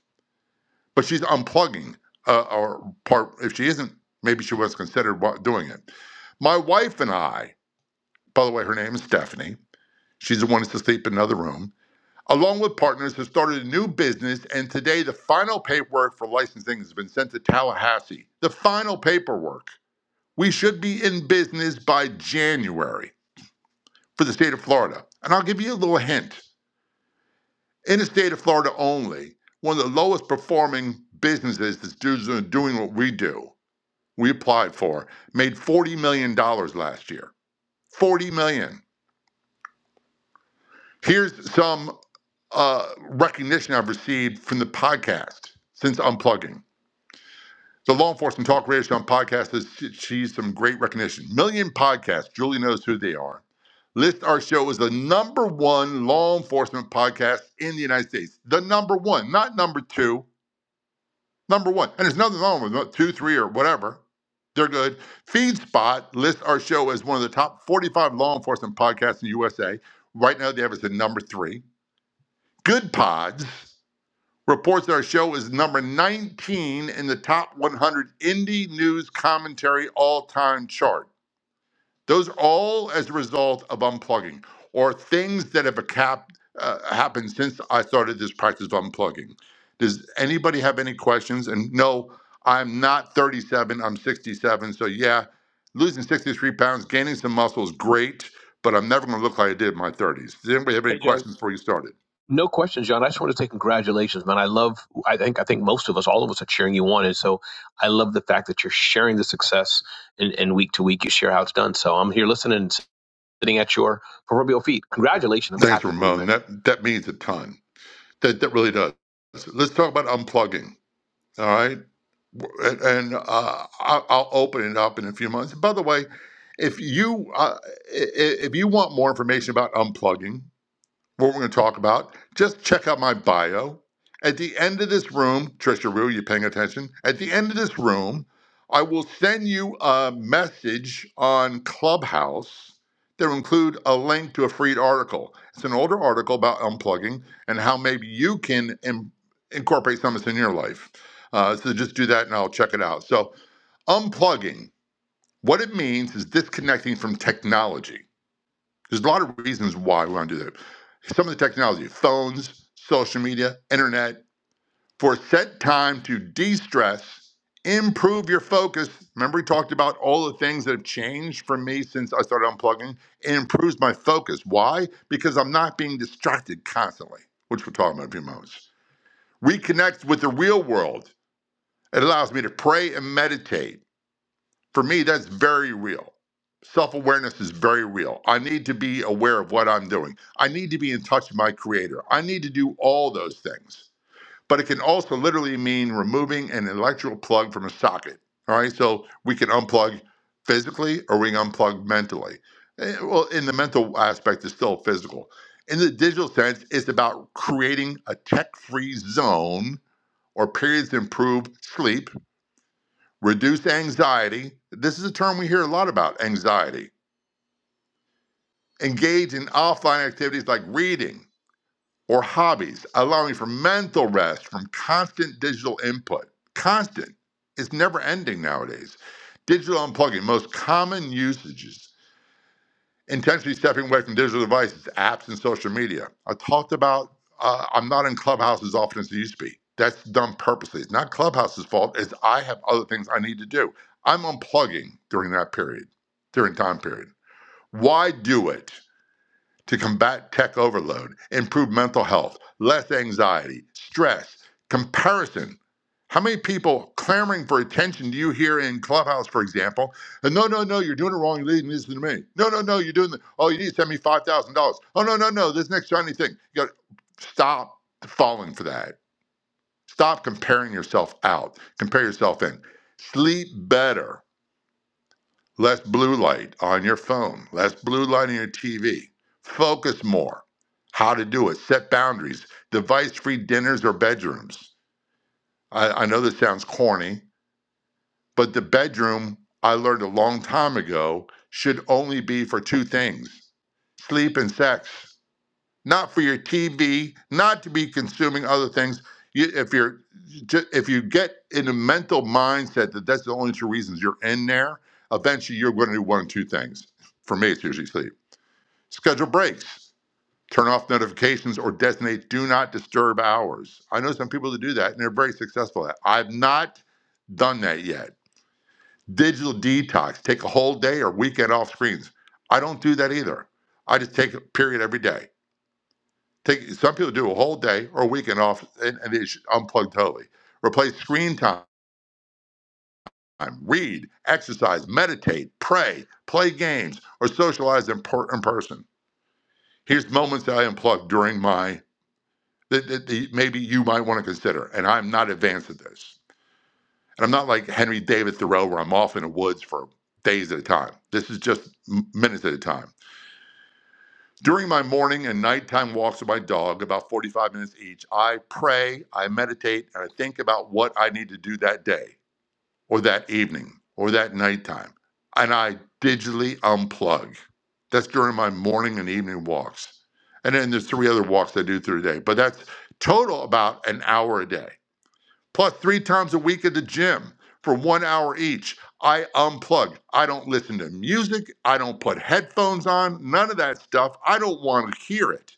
[SPEAKER 16] But she's unplugging, uh, or part, if she isn't, maybe she was considered wa- doing it. My wife and I By the way, her name is Stephanie. She's the one that's asleep in another room. Along with partners, has started a new business, and today the final paperwork for licensing has been sent to Tallahassee. The final paperwork. We should be in business by January for the state of Florida. And I'll give you a little hint. In the state of Florida only, one of the lowest performing businesses that's doing what we do, we applied for, made $40 million dollars last year. $40 million. dollars. Here's some uh, recognition I've received from the podcast since unplugging. The Law Enforcement Talk Radio Show podcast has achieved some great recognition. Million podcasts, Julie knows who they are, list our show as the number one law enforcement podcast in the United States. The number one, not number two, number one. And there's nothing wrong with two, three, or whatever. They're good. FeedSpot lists our show as one of the top 45 law enforcement podcasts in the USA. Right now, they have us at number three. Good Pods reports that our show is number 19 in the top 100 indie news commentary all time chart. Those are all as a result of unplugging or things that have a cap, uh, happened since I started this practice of unplugging. Does anybody have any questions? And no, I'm not 37, I'm 67. So, yeah, losing 63 pounds, gaining some muscle is great, but I'm never going to look like I did in my 30s. Does anybody have any
[SPEAKER 13] Hey, John.
[SPEAKER 16] questions before you started?
[SPEAKER 13] No questions, John. I just want to say congratulations, man. I love. I think. I think most of us, all of us, are cheering you on, and so I love the fact that you're sharing the success, and, and week to week you share how it's done. So I'm here listening, and sitting at your proverbial feet. Congratulations. I'm just
[SPEAKER 16] Thanks,
[SPEAKER 13] happy for you,
[SPEAKER 16] Ramon.
[SPEAKER 13] man.
[SPEAKER 16] That, that means a ton. That that really does. Let's talk about unplugging. All right, and, and uh, I'll, I'll open it up in a few months. By the way, if you uh, i- i- if you want more information about unplugging, what we're going to talk about, just check out my bio. At the end of this room, Trisha Rue, you paying attention? At the end of this room, I will send you a message on Clubhouse that will include a link to a free article. It's an older article about unplugging and how maybe you can in- incorporate some of this in your life. Uh, so just do that and I'll check it out. So, unplugging, what it means is disconnecting from technology there's a lot of reasons why we want to do that. Some of the technology, phones, social media, internet, for a set time to de stress, improve your focus. Remember, we talked about all the things that have changed for me since I started unplugging. It improves my focus. Why? Because I'm not being distracted constantly, which we're talking about in a few moments. Reconnect with the real world. It allows me to pray and meditate. For me, that's very real. Self awareness is very real. I need to be aware of what I'm doing. I need to be in touch with my creator. I need to do all those things. But it can also literally mean removing an electrical plug from a socket. All right. So we can unplug physically or we can unplug mentally. Eh, Well, in the mental aspect, it's still physical. In the digital sense, it's about creating a tech free zone or periods to improve sleep Reduce anxiety. This is a term we hear a lot about anxiety. Engage in offline activities like reading or hobbies, allowing for mental rest from constant digital input. Constant. It's never ending nowadays. Digital unplugging, most common usages. intentionally stepping away from digital devices, apps, and social media. I talked about uh, I'm not in Clubhouse as often as it used to be. That's done purposely. It's not Clubhouse's fault. It's I have other things I need to do. I'm unplugging during that period, during time period. Why do it? to combat tech overload, improve mental health, less anxiety, stress, comparison. How many people clamoring for attention do you hear in Clubhouse, for example? And no, no, no, you're doing it wrong. You're leading this to me. No, no, no, you're doing the. Oh, you need to send me five thousand dollars. Oh, no, no, no, this next shiny thing. You got to stop falling for that. Stop comparing yourself out. Compare yourself in. Sleep better Less blue light on your phone, less blue light on your TV. Focus more. How to do it. Set boundaries. Device free dinners or bedrooms. I, I know this sounds corny, but the bedroom, I learned a long time ago, should only be for two things sleep and sex not for your TV, not to be consuming other things. You, if you're, if you get in a mental mindset that that's the only two reasons you're in there, eventually you're going to do one of two things. For me, it's usually sleep. Schedule breaks, turn off notifications, or designate do not disturb hours. I know some people that do that, and they're very successful at. it. I've not done that yet. Digital detox, take a whole day or weekend off screens. I don't do that either. I just take a period every day Take some people do a whole day or a weekend off and, and they should unplug totally. Replace screen time, read, exercise, meditate, pray, play games, or socialize in, per, in person. Here's moments that I unplug during my that, that, that maybe you might want to consider. And I'm not advanced at this. And I'm not like Henry David Thoreau where I'm off in the woods for days at a time. This is just minutes at a time. During my morning and nighttime walks with my dog, about 45 minutes each, I pray, I meditate, and I think about what I need to do that day or that evening or that nighttime. And I digitally unplug. That's during my morning and evening walks. And then there's three other walks I do through the day, but that's total about an hour a day plus three times a week at the gym for one hour each. I unplug. I don't listen to music. I don't put headphones on. None of that stuff. I don't want to hear it.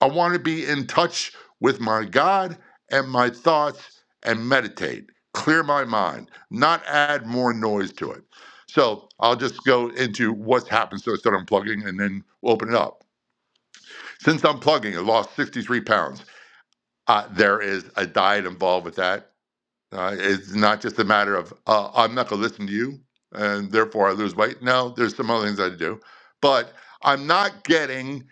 [SPEAKER 16] I want to be in touch with my God and my thoughts and meditate, clear my mind, not add more noise to it. So I'll just go into what's happened. So I start unplugging and then open it up. Since unplugging, I lost 63 pounds. Uh, there is a diet involved with that uh, it's not just a matter of uh, I'm not going to listen to you, and therefore I lose weight. No, there's some other things I do, but I'm not getting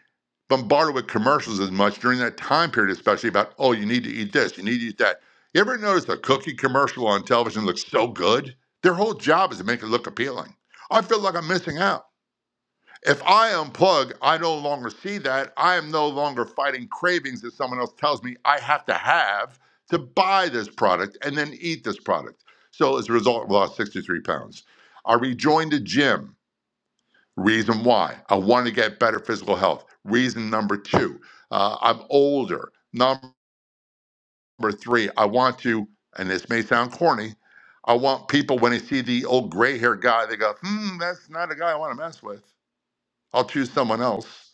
[SPEAKER 16] bombarded with commercials as much during that time period, especially about oh you need to eat this, you need to eat that. You ever notice a cookie commercial on television looks so good? Their whole job is to make it look appealing. I feel like I'm missing out. If I unplug, I no longer see that. I am no longer fighting cravings that someone else tells me I have to have to buy this product and then eat this product. So as a result, I lost 63 pounds. I rejoined the gym. Reason why? I wanted to get better physical health. Reason number two, uh, I'm older. Number three, I want to, and this may sound corny, I want people when they see the old gray haired guy, they go, hmm, that's not a guy I want to mess with. I'll choose someone else.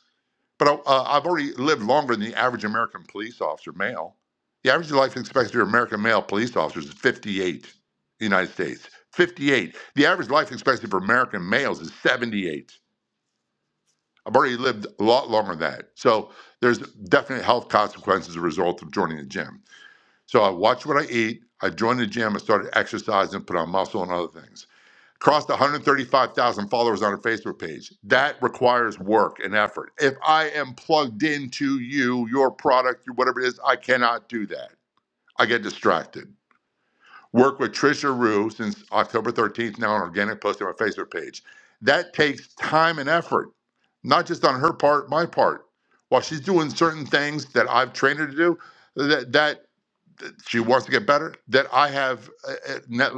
[SPEAKER 16] But uh, I've already lived longer than the average American police officer, male. The average life expectancy of American male police officers is 58 in the United States. 58. The average life expectancy for American males is 78. I've already lived a lot longer than that. So there's definite health consequences as a result of joining the gym. So I watch what I eat. I joined the gym. I started exercising, put on muscle and other things crossed 135,000 followers on her Facebook page. That requires work and effort. If I am plugged into you, your product, whatever it is, I cannot do that. I get distracted. Work with Trisha Rue since October 13th now on organic posting on my Facebook page. That takes time and effort, not just on her part, my part. While she's doing certain things that I've trained her to do, that that she wants to get better, that I have uh, uh, now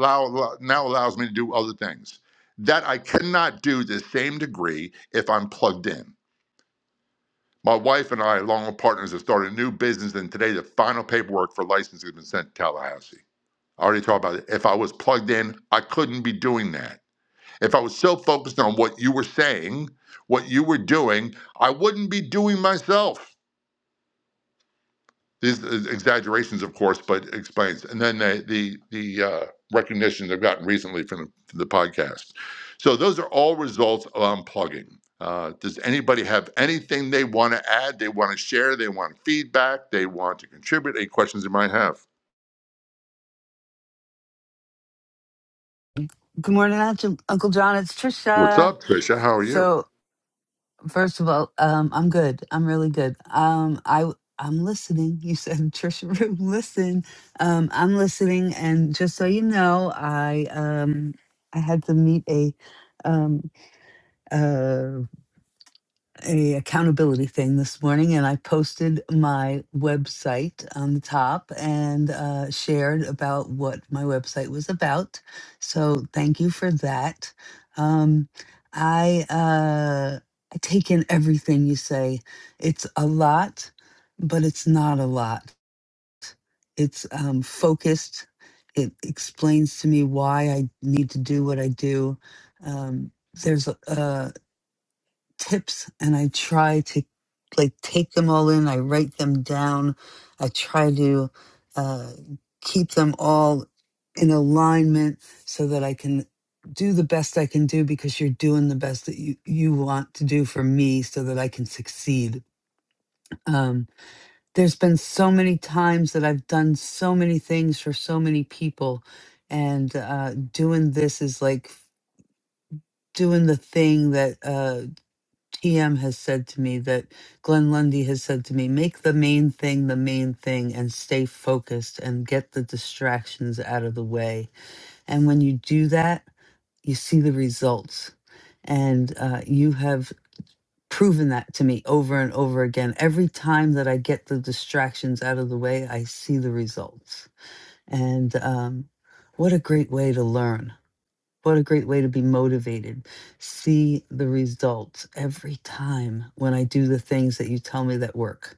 [SPEAKER 16] now allows me to do other things that I cannot do to the same degree if I'm plugged in. My wife and I, along with partners, have started a new business, and today the final paperwork for licensing has been sent to Tallahassee. I already talked about it. If I was plugged in, I couldn't be doing that. If I was so focused on what you were saying, what you were doing, I wouldn't be doing myself. These uh, exaggerations, of course, but explains. And then the the, the uh, recognition they've gotten recently from the, the podcast. So those are all results of unplugging. Uh, does anybody have anything they want to add? They want to share? They want feedback? They want to contribute? Any questions you might have?
[SPEAKER 3] Good morning, Aunt- Uncle John. It's
[SPEAKER 16] What's
[SPEAKER 3] Trisha.
[SPEAKER 16] up, Trisha? How are you?
[SPEAKER 3] So First of all, um, I'm good. I'm really good. Um, I I'm listening. You said Trisha Room, listen. Um, I'm listening, and just so you know, I um I had to meet a um uh, a accountability thing this morning and i posted my website on the top and uh, shared about what my website was about so thank you for that um, i uh, i take in everything you say it's a lot but it's not a lot it's um, focused it explains to me why i need to do what i do um, there's a, uh, tips and I try to like take them all in. I write them down. I try to uh, keep them all in alignment so that I can do the best I can do because you're doing the best that you, you want to do for me so that I can succeed. Um, there's been so many times that I've done so many things for so many people. And uh, doing this is like doing the thing that uh, TM has said to me that Glenn Lundy has said to me, make the main thing the main thing and stay focused and get the distractions out of the way. And when you do that, you see the results. And uh, you have proven that to me over and over again. Every time that I get the distractions out of the way, I see the results. And um, what a great way to learn. What a great way to be motivated. See the results every time when I do the things that you tell me that work.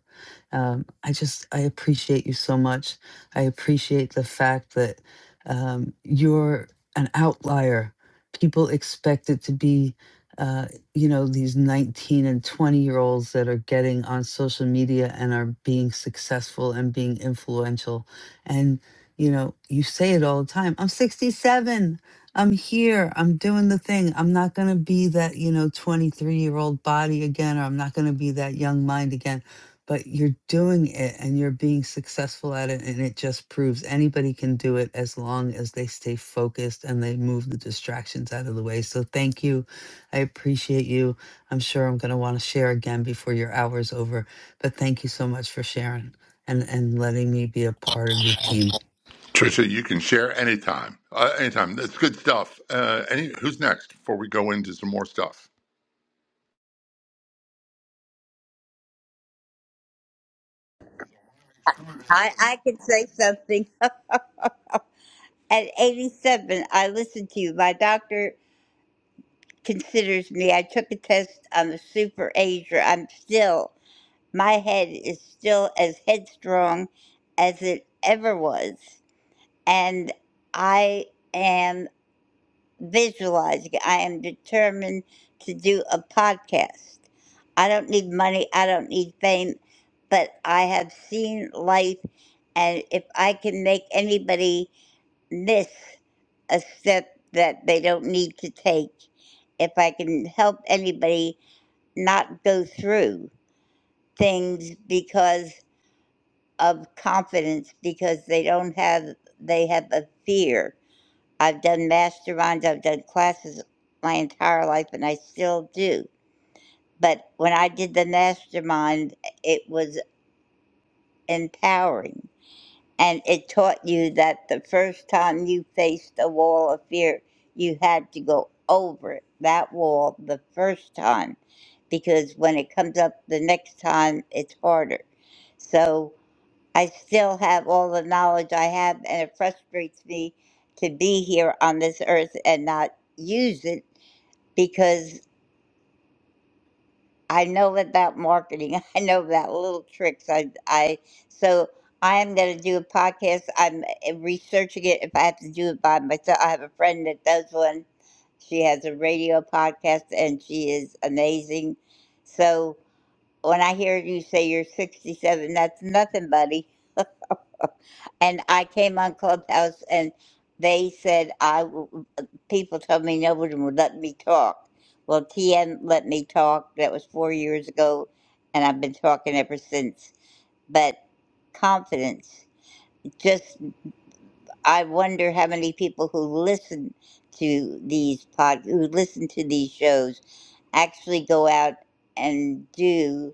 [SPEAKER 3] Um, I just, I appreciate you so much. I appreciate the fact that um, you're an outlier. People expect it to be, uh, you know, these 19 and 20 year olds that are getting on social media and are being successful and being influential. And, you know, you say it all the time I'm 67. I'm here. I'm doing the thing. I'm not going to be that, you know, 23 year old body again, or I'm not going to be that young mind again. But you're doing it and you're being successful at it. And it just proves anybody can do it as long as they stay focused and they move the distractions out of the way. So thank you. I appreciate you. I'm sure I'm going to want to share again before your hour's over. But thank you so much for sharing and, and letting me be a part of your team.
[SPEAKER 16] Trisha, you can share anytime. Uh, anytime. That's good stuff. Uh, any, who's next before we go into some more stuff?
[SPEAKER 20] I, I can say something. At 87, I listened to you. My doctor considers me. I took a test. I'm a super ager. I'm still, my head is still as headstrong as it ever was. And I am visualizing. I am determined to do a podcast. I don't need money, I don't need fame, but I have seen life, and if I can make anybody miss a step that they don't need to take, if I can help anybody not go through things because of confidence, because they don't have, they have a fear I've done masterminds, I've done classes my entire life, and I still do. But when I did the mastermind, it was empowering. And it taught you that the first time you faced a wall of fear, you had to go over it, that wall the first time, because when it comes up the next time, it's harder. So, I still have all the knowledge I have, and it frustrates me to be here on this earth and not use it because I know about marketing. I know about little tricks. I, I so I am going to do a podcast. I'm uh, researching it. If I have to do it by myself, I have a friend that does one. She has a radio podcast, and she is amazing. So when I hear you say you're 67, that's nothing, buddy And I came on Clubhouse and they said I w- people told me nobody would let me talk. Well, TN let me talk. That was four years ago, and I've been talking ever since. But confidence, just I wonder how many people who listen to these pod, who listen to these shows, actually go out and do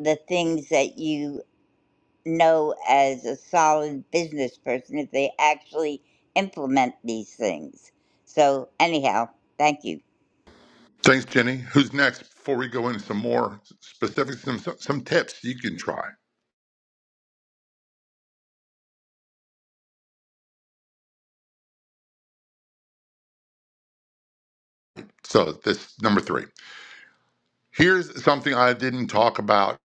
[SPEAKER 20] the things that you know as a solid business person if they actually implement these things. So, anyhow, thank you.
[SPEAKER 16] Thanks, Jenny. Who's next? Before we go into some more specifics, some some tips you can try. So this number three. Here's something I didn't talk about.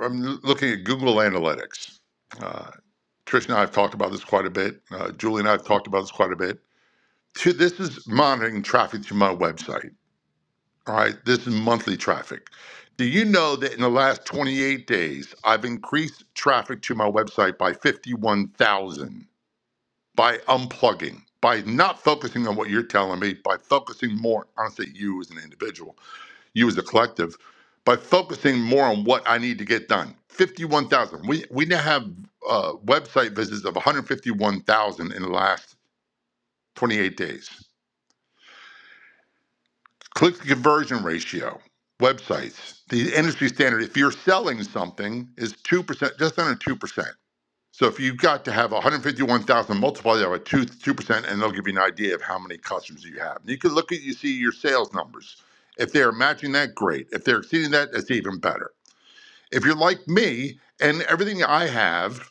[SPEAKER 16] I'm looking at Google Analytics. Uh, Trish and I have talked about this quite a bit. Uh, Julie and I have talked about this quite a bit. Two, this is monitoring traffic to my website. All right, this is monthly traffic. Do you know that in the last 28 days, I've increased traffic to my website by 51,000? by unplugging, by not focusing on what you're telling me, by focusing more, I say you as an individual, you as a collective, by focusing more on what I need to get done. 51,000. We, we now have uh, website visits of 151,000 in the last 28 days. Click to conversion ratio, websites, the industry standard, if you're selling something, is 2%, just under 2%. So if you've got to have 151,000, multiply that by two two percent, and they'll give you an idea of how many customers you have. And you can look at you see your sales numbers. If they are matching that, great. If they're exceeding that, it's even better. If you're like me and everything I have,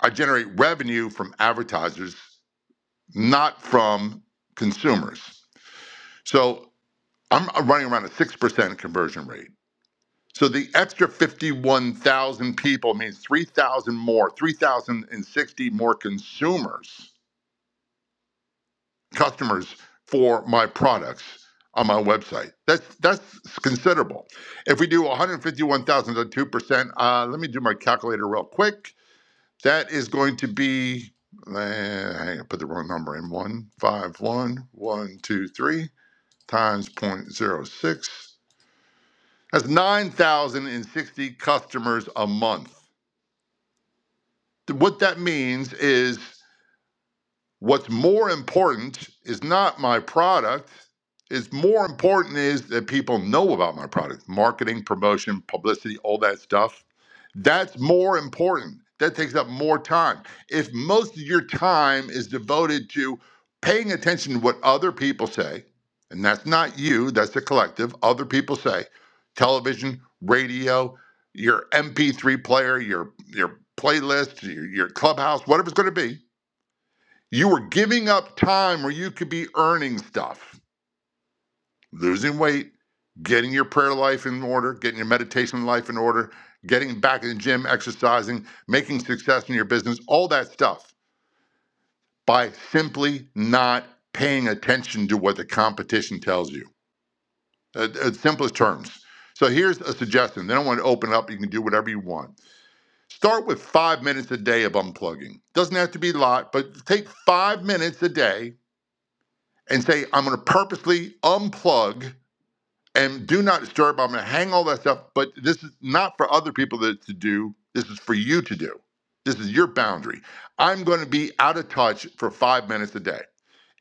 [SPEAKER 16] I generate revenue from advertisers, not from consumers. So I'm running around a six percent conversion rate. So the extra 51,000 people means 3,000 more, 3,060 more consumers customers for my products on my website. That's that's considerable. If we do 151,000 to 2%, uh, let me do my calculator real quick. That is going to be, uh, hang on, I put the wrong number in, One five one one two three times zero point zero 0.06. That's 9,060 customers a month. What that means is What's more important is not my product. It's more important is that people know about my product, marketing, promotion, publicity, all that stuff. That's more important. That takes up more time. If most of your time is devoted to paying attention to what other people say, and that's not you, that's the collective, other people say, television, radio, your MP3 player, your your playlist, your, your clubhouse, whatever it's going to be, you were giving up time where you could be earning stuff, losing weight, getting your prayer life in order, getting your meditation life in order, getting back in the gym, exercising, making success in your business, all that stuff by simply not paying attention to what the competition tells you. At, at simplest terms. So here's a suggestion. Then I want to open it up. You can do whatever you want. Start with five minutes a day of unplugging. Doesn't have to be a lot, but take five minutes a day and say, I'm going to purposely unplug and do not disturb. I'm going to hang all that stuff, but this is not for other people to, to do. This is for you to do. This is your boundary. I'm going to be out of touch for five minutes a day.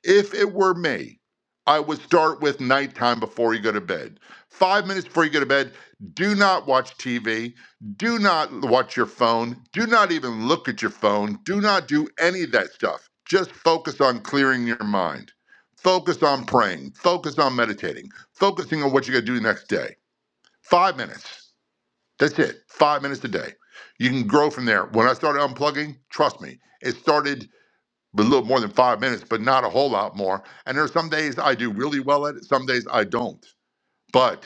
[SPEAKER 16] If it were me, I would start with nighttime before you go to bed. Five minutes before you go to bed, do not watch TV. Do not watch your phone. Do not even look at your phone. Do not do any of that stuff. Just focus on clearing your mind. Focus on praying. Focus on meditating. Focusing on what you're going to do next day. Five minutes. That's it. Five minutes a day. You can grow from there. When I started unplugging, trust me, it started a little more than five minutes, but not a whole lot more. And there are some days I do really well at it, some days I don't. But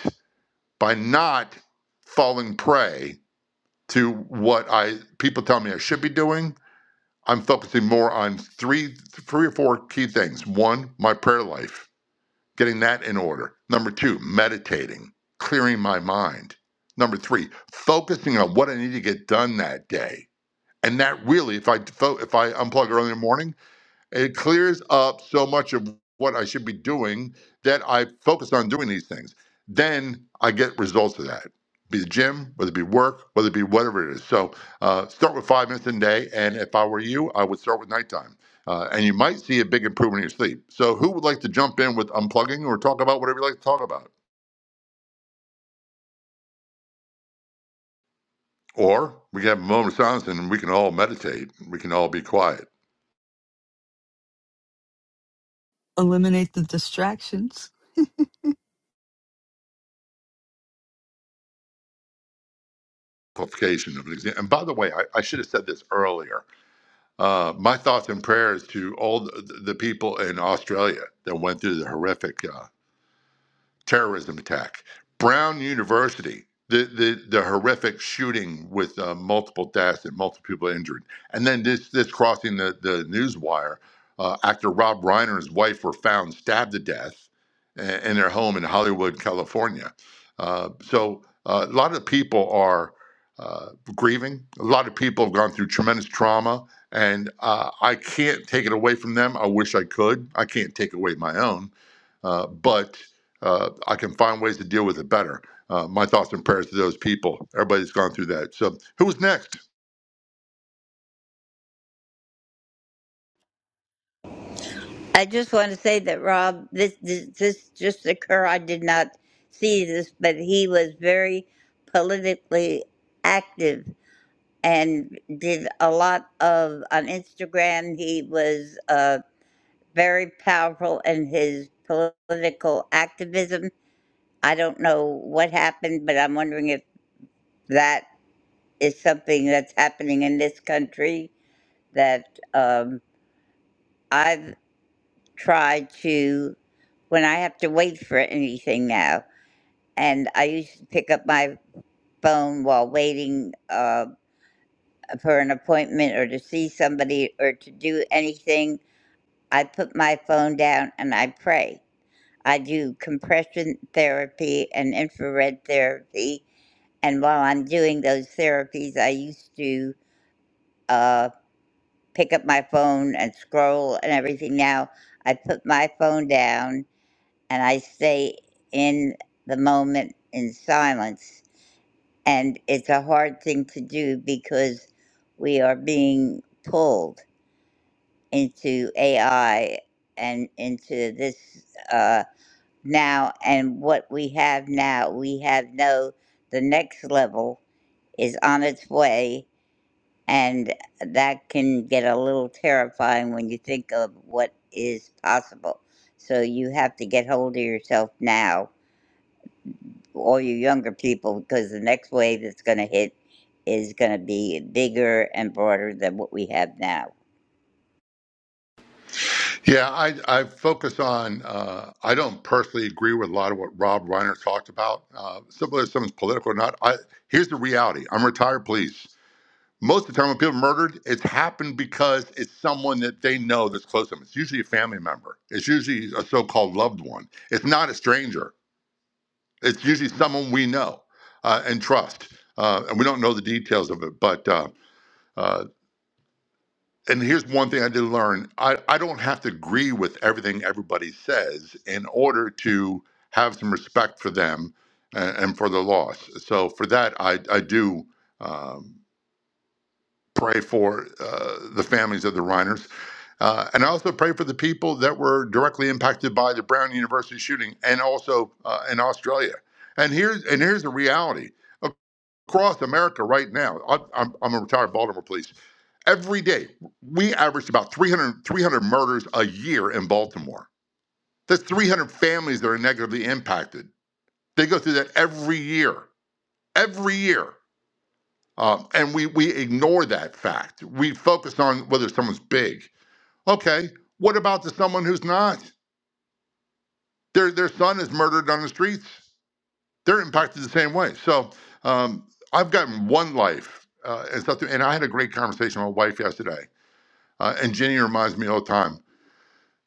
[SPEAKER 16] by not falling prey to what I people tell me I should be doing, I'm focusing more on three three or four key things. One, my prayer life, getting that in order. Number two, meditating, clearing my mind. Number three, focusing on what I need to get done that day. And that really, if I fo- if I unplug early in the morning, it clears up so much of what I should be doing that I focus on doing these things. Then I get results of that. Be the gym, whether it be work, whether it be whatever it is. So uh, start with five minutes a day. And if I were you, I would start with nighttime. Uh, and you might see a big improvement in your sleep. So who would like to jump in with unplugging or talk about whatever you like to talk about? Or we can have a moment of silence and we can all meditate. We can all be quiet.
[SPEAKER 3] Eliminate the distractions.
[SPEAKER 16] Qualification of an exam. And by the way, I, I should have said this earlier Uh, my thoughts and prayers to all the, the people in Australia that went through the horrific uh, terrorism attack. Brown University, the the, the horrific shooting with uh, multiple deaths and multiple people injured, and then this this crossing the the news wire. Uh, actor Rob Reiner and his wife were found stabbed to death i- in their home in Hollywood, California. Uh, so uh, a lot of people are uh, grieving. A lot of people have gone through tremendous trauma, and uh, I can't take it away from them. I wish I could. I can't take away my own. Uh, but uh, I can find ways to deal with it better. Uh, my thoughts and prayers to those people. Everybody's gone through that. So, who's next?
[SPEAKER 20] I just want to say that Rob, this this, this just occurred. I did not see this, but he was very politically active and did a lot of on Instagram. He was uh, very powerful in his political activism. I don't know what happened, but I'm wondering if that is something that's happening in this country that um, I've tried to, when I have to wait for anything now, and I used to pick up my phone while waiting uh, for an appointment or to see somebody or to do anything, I put my phone down and I pray. I do compression therapy and infrared therapy. And while I'm doing those therapies, I used to. uh, pick up my phone and scroll and everything now. I put my phone down and I stay in the moment in silence. And it's a hard thing to do because we are being pulled into AI and into this uh, now. And what we have now, we have no, the next level is on its way And that can get a little terrifying when you think of what is possible. So you have to get hold of yourself now, all you younger people, because the next wave that's going to hit is going to be bigger and broader than what we have now.
[SPEAKER 16] Yeah, I, I focus on. Uh, I don't personally agree with a lot of what Rob Reiner talked about. Uh, simply whether someone's political or not. I, here's the reality. I'm retired police. Most of the time, when people are murdered, it's happened because it's someone that they know that's close to them. It's usually a family member. It's usually a so-called loved one. It's not a stranger It's usually someone we know uh, and trust, uh, and we don't know the details of it. But uh, uh, and here's one thing I did learn: I, I don't have to agree with everything everybody says in order to have some respect for them and, and for their loss. So for that, I I do um, pray for uh, the families of the Reiners. Uh, and I also pray for the people that were directly impacted by the Brown University shooting, and also uh, in Australia. And here's and here's the reality. across America right now. I, I'm, I'm a retired Baltimore police. Every day, we averaged about 300, 300 murders a year in Baltimore. That's 300 families that are negatively impacted. They go through that every year, every year. Um, and we, we ignore that fact. We focus on whether someone's big. Okay, what about the someone who's not? Their, their son is murdered on the streets. they're impacted the same way. So um, I've gotten one life uh, and stuff. And I had a great conversation with my wife yesterday. Uh, and Jenny reminds me all the time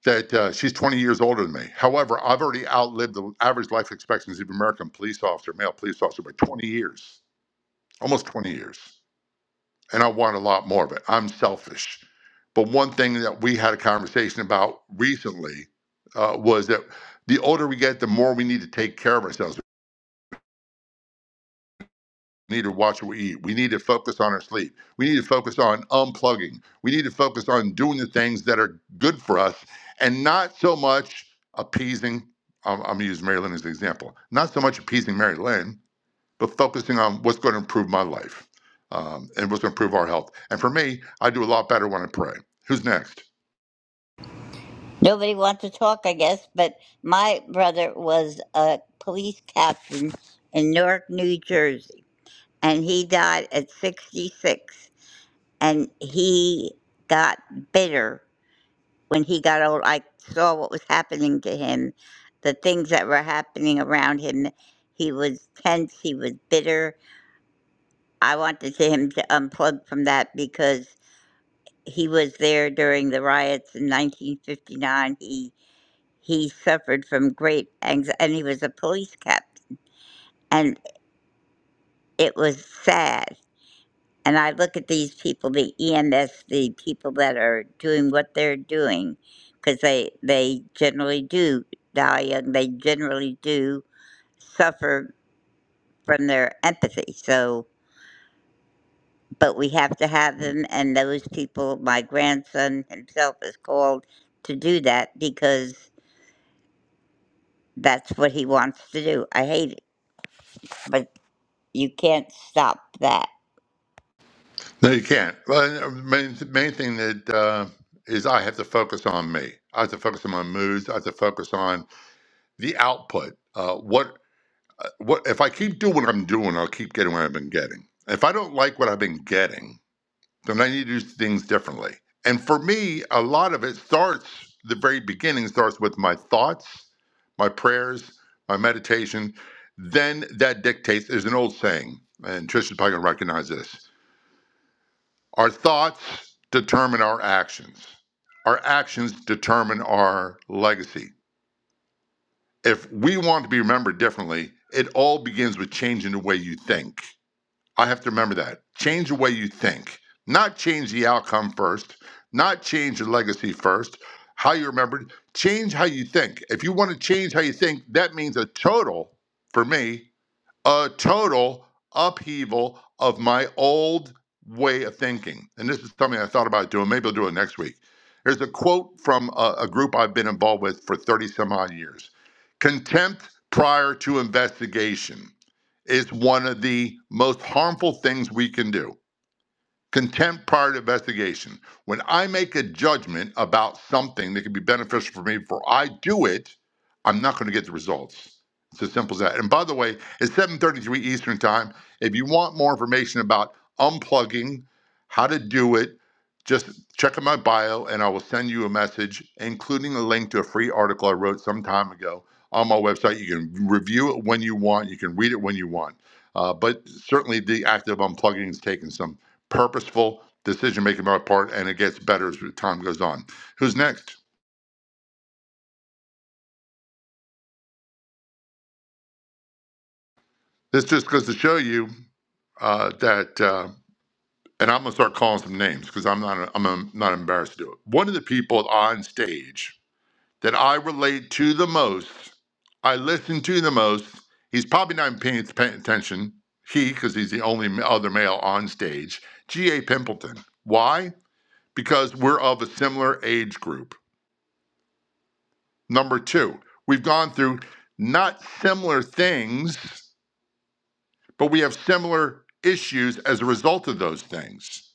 [SPEAKER 16] that uh, she's 20 years older than me. However, I've already outlived the average life expectancy of an American police officer, male police officer, by 20 years, almost 20 years. And I want a lot more of it. I'm selfish. But one thing that we had a conversation about recently uh, was that the older we get, the more we need to take care of ourselves. need to watch what we eat. We need to focus on our sleep. We need to focus on unplugging. We need to focus on doing the things that are good for us and not so much appeasing. I'm, I'm going to use Mary Lynn as an example. Not so much appeasing Mary Lynn, but focusing on what's going to improve my life um, and what's going to improve our health. And for me, I do a lot better when I pray. Who's next?
[SPEAKER 20] Nobody wants to talk, I guess, but my brother was a police captain in Newark, New Jersey, and he died at 66. And he got bitter when he got old, I saw what was happening to him, the things that were happening around him. He was tense, he was bitter. I wanted to him to unplug from that because he was there during the riots in 1959. He he suffered from great anxiety, and he was a police captain, and it was sad. And I look at these people, the EMS, the people that are doing what they're doing, because they they generally do die young. They generally do suffer from their empathy. So, but we have to have them, and those people. My grandson himself is called to do that because that's what he wants to do. I hate it, but you can't stop that.
[SPEAKER 16] No, you can't. Well, main, main thing that uh, is I have to focus on me. I have to focus on my moods. I have to focus on the output. Uh, what Uh, What if I keep doing what I'm doing? I'll keep getting what I've been getting. If I don't like what I've been getting, then I need to do things differently. And for me, a lot of it starts the very beginning starts with my thoughts, my prayers, my meditation. Then that dictates. There's an old saying, and Trish is probably gonna recognize this: our thoughts determine our actions. Our actions determine our legacy if we want to be remembered differently, it all begins with changing the way you think. I have to remember that. Change the way you think, not change the outcome first, not change the legacy first, how you remember it. Change how you think. If you want to change how you think, that means a total, for me, a total upheaval of my old way of thinking. And this is something I thought about doing. Maybe I'll do it next week. There's a quote from a, a group I've been involved with for 30 some odd years Contempt prior to investigation is one of the most harmful things we can do. Contempt prior to investigation. When I make a judgment about something that could be beneficial for me before I do it, I'm not going to get the results. It's as simple as that. And by the way, it's 7:33 Eastern Time. If you want more information about unplugging, how to do it, just check out my bio and I will send you a message, including a link to a free article I wrote some time ago on my website. You can review it when you want, you can read it when you want. Uh, but certainly the act of unplugging is taking some purposeful decision making on my part, and it gets better as time goes on. Who's next? This just goes to show you uh, that, uh, and I'm gonna start calling some names because I'm not I'm um, not embarrassed to do it. One of the people on stage that I relate to the most, I listen to the most. He's probably not even paying, paying attention. He, because he's the only other male on stage. G. A. Pimpleton. Why? Because we're of a similar age group Number two, we've gone through not similar things, but we have similar issues as a result of those things.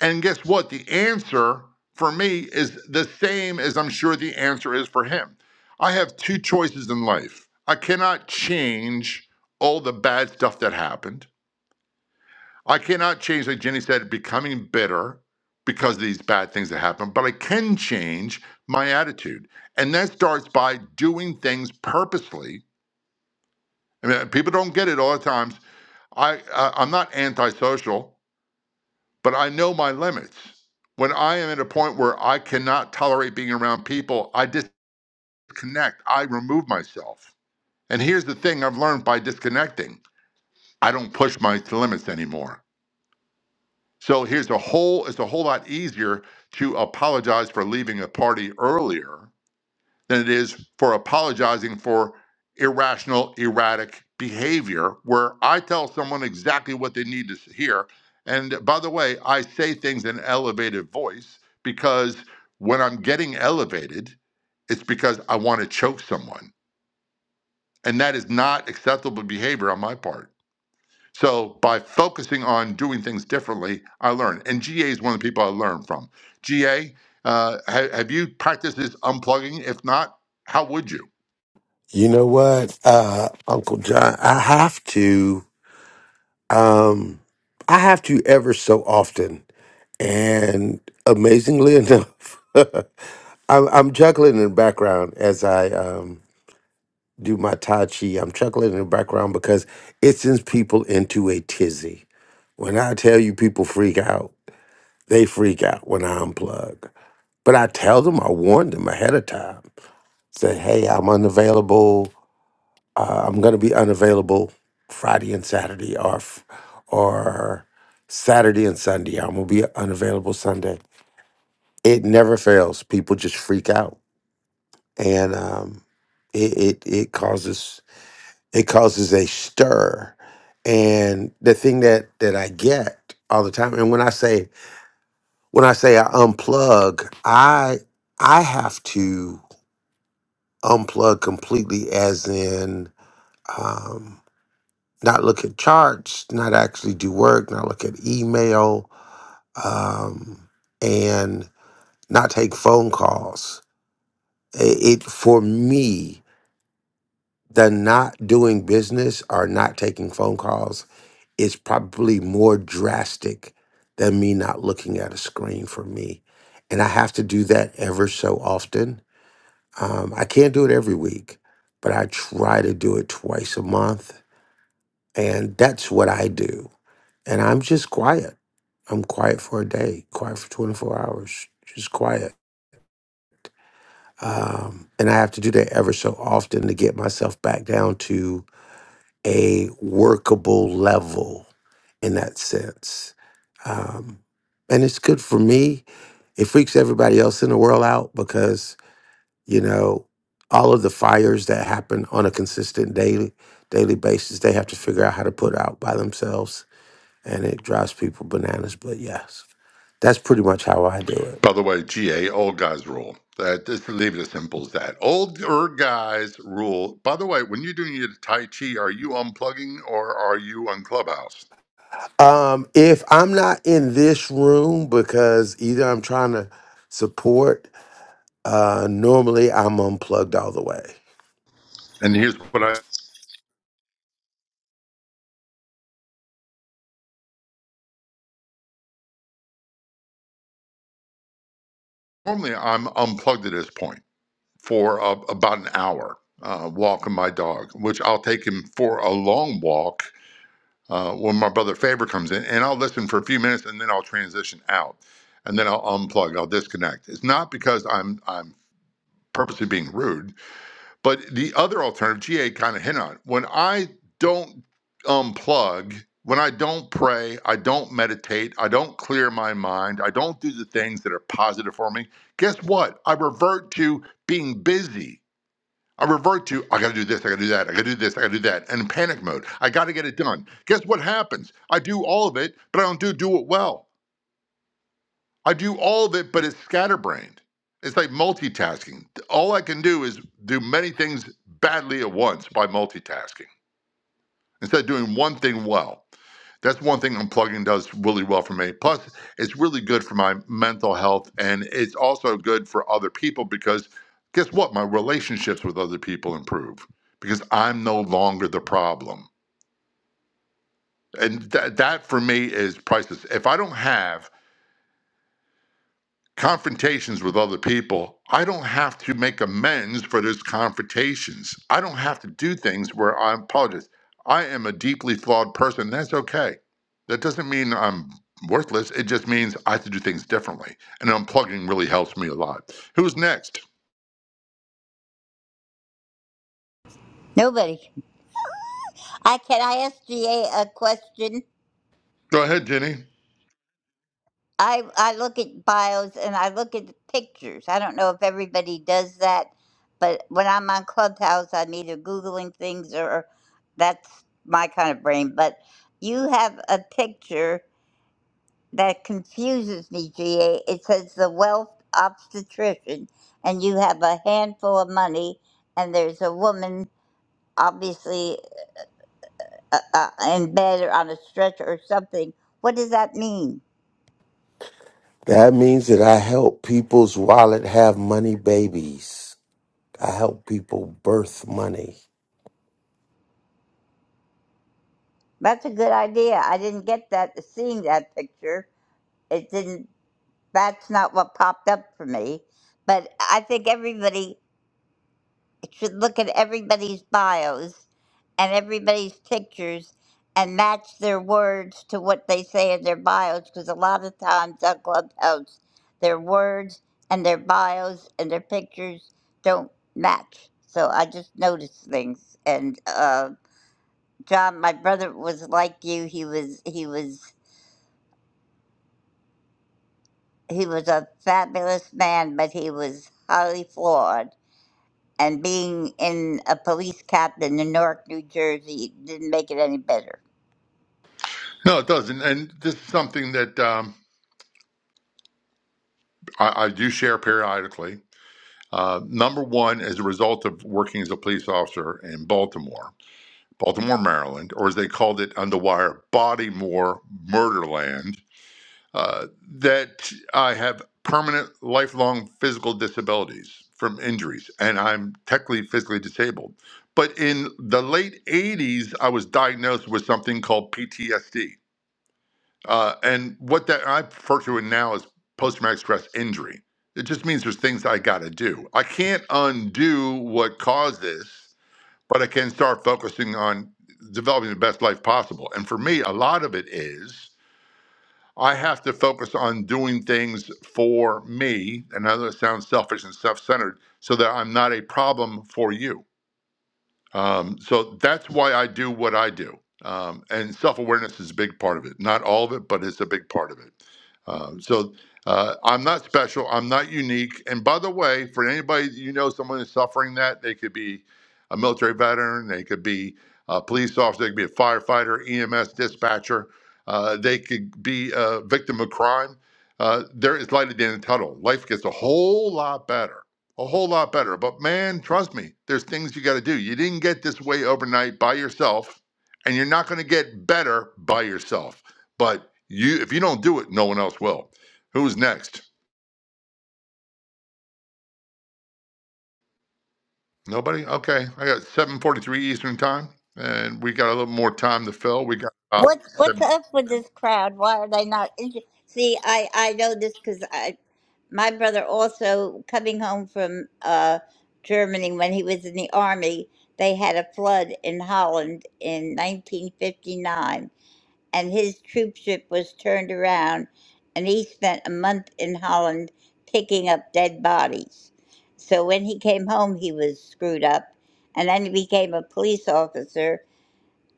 [SPEAKER 16] And guess what? The answer for me is the same as I'm sure the answer is for him. I have two choices in life. I cannot change all the bad stuff that happened. I cannot change, like Jenny said, becoming bitter because of these bad things that happened, but I can change my attitude. And that starts by doing things purposely I mean, people don't get it all the times. I, I I'm not antisocial, but I know my limits. When I am at a point where I cannot tolerate being around people, I disconnect. I remove myself. And here's the thing I've learned by disconnecting: I don't push my limits anymore. So here's a whole. It's a whole lot easier to apologize for leaving a party earlier than it is for apologizing for irrational, erratic behavior, where I tell someone exactly what they need to hear. And by the way, I say things in elevated voice because when I'm getting elevated, it's because I want to choke someone. And that is not acceptable behavior on my part. So by focusing on doing things differently, I learn. And GA is one of the people I learn from. GA, uh, ha- have you practiced this unplugging? If not, how would you?
[SPEAKER 15] You know what, uh, Uncle John, I have to, um, I have to ever so often, and amazingly enough, I'm, I'm chuckling in the background as I um, do my tai chi. I'm chuckling in the background because it sends people into a tizzy. When I tell you people freak out, they freak out when I unplug. But I tell them, I warn them ahead of time. Say, hey, I'm unavailable. Uh, I'm going to be unavailable Friday and Saturday, or f- or Saturday and Sunday. I'm going to be unavailable Sunday. It never fails. People just freak out, and um, it, it it causes it causes a stir. And the thing that that I get all the time, and when I say when I say I unplug, I I have to unplug completely, as in. Um, not look at charts, not actually do work, not look at email, um, and not take phone calls. It, it for me, the not doing business or not taking phone calls is probably more drastic than me not looking at a screen for me, and I have to do that ever so often. Um, I can't do it every week, but I try to do it twice a month, and that's what I do. and I'm just quiet. I'm quiet for a day, quiet for 24 hours, just quiet. Um, and I have to do that ever so often to get myself back down to a workable level in that sense. Um, and it's good for me. It freaks everybody else in the world out because, you know, all of the fires that happen on a consistent daily daily basis, they have to figure out how to put out by themselves. And it drives people bananas. But yes. That's pretty much how I do it.
[SPEAKER 16] By the way, GA, old guys rule. That just leave it as simple as that. Older guys rule. By the way, when you're doing your Tai Chi, are you unplugging or are you on Clubhouse?
[SPEAKER 15] Um, if I'm not in this room because either I'm trying to support, uh, normally I'm unplugged all the way.
[SPEAKER 16] And here's what I normally I'm unplugged at this point for uh, about an hour uh, walking my dog, which I'll take him for a long walk uh, when my brother Faber comes in, and I'll listen for a few minutes and then I'll transition out, and then I'll unplug, I'll disconnect. It's not because I'm I'm purposely being rude But the other alternative, GA kind of hit on. it. When I don't unplug, when I don't pray, I don't meditate, I don't clear my mind, I don't do the things that are positive for me, guess what? I revert to being busy. I revert to, I gotta do this, I gotta do that, I gotta do this, I gotta do that, and in panic mode. I gotta get it done. Guess what happens? I do all of it, but I don't do do it well. I do all of it, but it's scatterbrained. It's like multitasking. All I can do is do many things badly at once by multitasking instead of doing one thing well. That's one thing unplugging does really well for me. Plus, it's really good for my mental health and it's also good for other people because guess what? My relationships with other people improve because I'm no longer the problem. And that that for me is priceless. If I don't have confrontations with other people, I don't have to make amends for those confrontations. I don't have to do things where I apologize. I am a deeply flawed person. That's okay. That doesn't mean I'm worthless. It just means I have to do things differently. And unplugging really helps me a lot. Who's next?
[SPEAKER 20] Nobody. I can I ask G A a question?
[SPEAKER 16] Go ahead, Jenny.
[SPEAKER 20] I I look at bios and I look at the pictures. I don't know if everybody does that, but when I'm on Clubhouse, I'm either googling things or that's my kind of brain. But you have a picture that confuses me, GA. It says the wealth obstetrician, and you have a handful of money, and there's a woman obviously uh, uh, in bed or on a stretcher or something. What does that mean?
[SPEAKER 15] That means that I help people's wallet have money babies. I help people birth money.
[SPEAKER 20] That's a good idea. I didn't get that seeing that picture. It didn't that's not what popped up for me. But I think everybody should look at everybody's bios and everybody's pictures and match their words to what they say in their bios because a lot of times on Clubhouse their words and their bios and their pictures don't match. So I just noticed things and uh John, my brother was like you. He was he was he was a fabulous man, but he was highly flawed. And being in a police captain in Newark, New Jersey, didn't make it any better.
[SPEAKER 16] No, it doesn't. And this is something that um, I, I do share periodically. Uh, number one, as a result of working as a police officer in Baltimore, Baltimore, Maryland, or as they called it on the wire, Bodymore, Murderland, uh, that I have permanent, lifelong physical disabilities from injuries, and I'm technically physically disabled. But in the late 80s, I was diagnosed with something called PTSD. Uh, and what that I refer to it now as post traumatic stress injury. It just means there's things I got to do. I can't undo what caused this, but I can start focusing on developing the best life possible. And for me, a lot of it is I have to focus on doing things for me. And I know that sounds selfish and self centered, so that I'm not a problem for you um, so that's why I do what I do. Um, and self awareness is a big part of it. Not all of it, but it's a big part of it. Um, so uh, I'm not special. I'm not unique. And by the way, for anybody that you know, someone is suffering that, they could be a military veteran, they could be a police officer, they could be a firefighter, EMS dispatcher, uh, they could be a victim of crime. Uh, there is light at the end of the tunnel. Life gets a whole lot better a whole lot better. But man, trust me, there's things you got to do. You didn't get this way overnight by yourself, and you're not going to get better by yourself. But you, if you don't do it, no one else will. Who's next? Nobody. Okay, I got 7:43 Eastern time, and we got a little more time to fill. We got about
[SPEAKER 20] What's what's
[SPEAKER 16] 17.
[SPEAKER 20] up with this crowd? Why are they not? interested? See, I I know this because I my brother also coming home from uh, Germany when he was in the army. They had a flood in Holland in 1959 and his troopship was turned around, and he spent a month in Holland picking up dead bodies. So when he came home, he was screwed up, and then he became a police officer,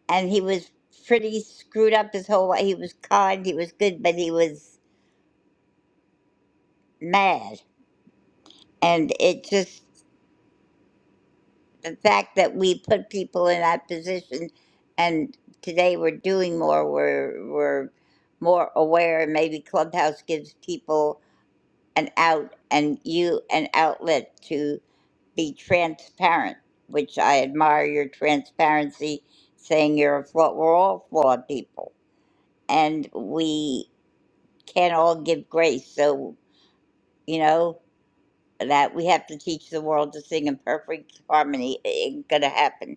[SPEAKER 20] and he was pretty screwed up his whole life. He was kind, he was good, but he was mad. And it just, the fact that we put people in that position, and today we're doing more, we're, we're more aware, maybe Clubhouse gives people an out and you an outlet to be transparent, which I admire your transparency, saying you're a flawed. We're all flawed people, and we can't all give grace. So you know that we have to teach the world to sing in perfect harmony. It ain't gonna happen.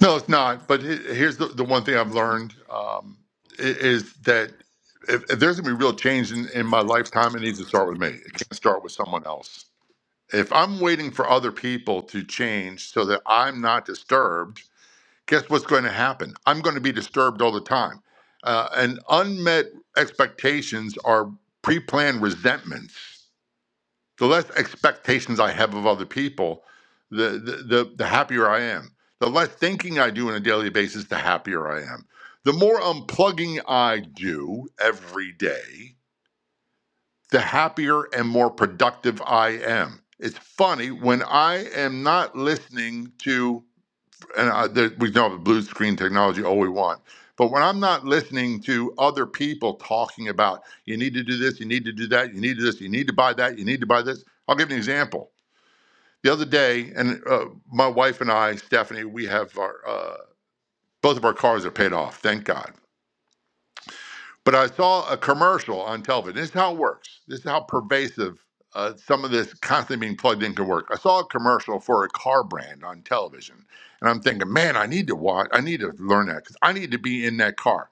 [SPEAKER 16] No, it's not. But he- here's the, the one thing I've learned um, i- is that if, if there's gonna be real change in, in my lifetime, it needs to start with me. It can't start with someone else If I'm waiting for other people to change so that I'm not disturbed, guess what's going to happen? I'm going to be disturbed all the time. Uh, and unmet expectations are pre planned resentments. The less expectations I have of other people, the, the, the, the happier I am. The less thinking I do on a daily basis, the happier I am. The more unplugging I do every day, the happier and more productive I am. It's funny when I am not listening to, and I, there, we know the blue screen technology all we want, but when I'm not listening to other people talking about, you need to do this, you need to do that, you need to do this, you need to buy that, you need to buy this. I'll give you an example. The other day, and uh, my wife and I, Stephanie, we have our, uh, both of our cars are paid off, thank God But I saw a commercial on television. This is how it works. This is how pervasive uh, some of this constantly being plugged in can work. I saw a commercial for a car brand on television, and I'm thinking, man, I need to watch. I need to learn that because I need to be in that car.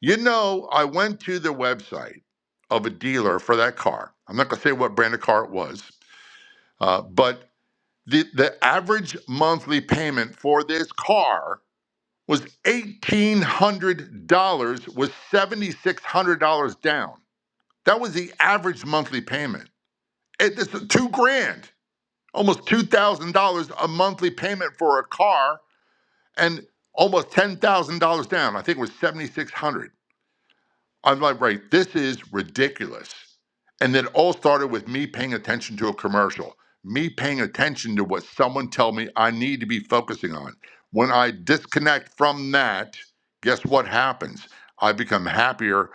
[SPEAKER 16] You know, I went to the website of a dealer for that car. I'm not going to say what brand of car it was, uh, but the the average monthly payment for this car was eighteen hundred dollars, was seventy six hundred dollars down. That was the average monthly payment. It, this two grand, almost two thousand dollars a monthly payment for a car, and almost ten thousand dollars down. I think it was seventy six hundred. dollars. I'm like, right, this is ridiculous. And it all started with me paying attention to a commercial, me paying attention to what someone tell me I need to be focusing on. When I disconnect from that, guess what happens? I become happier,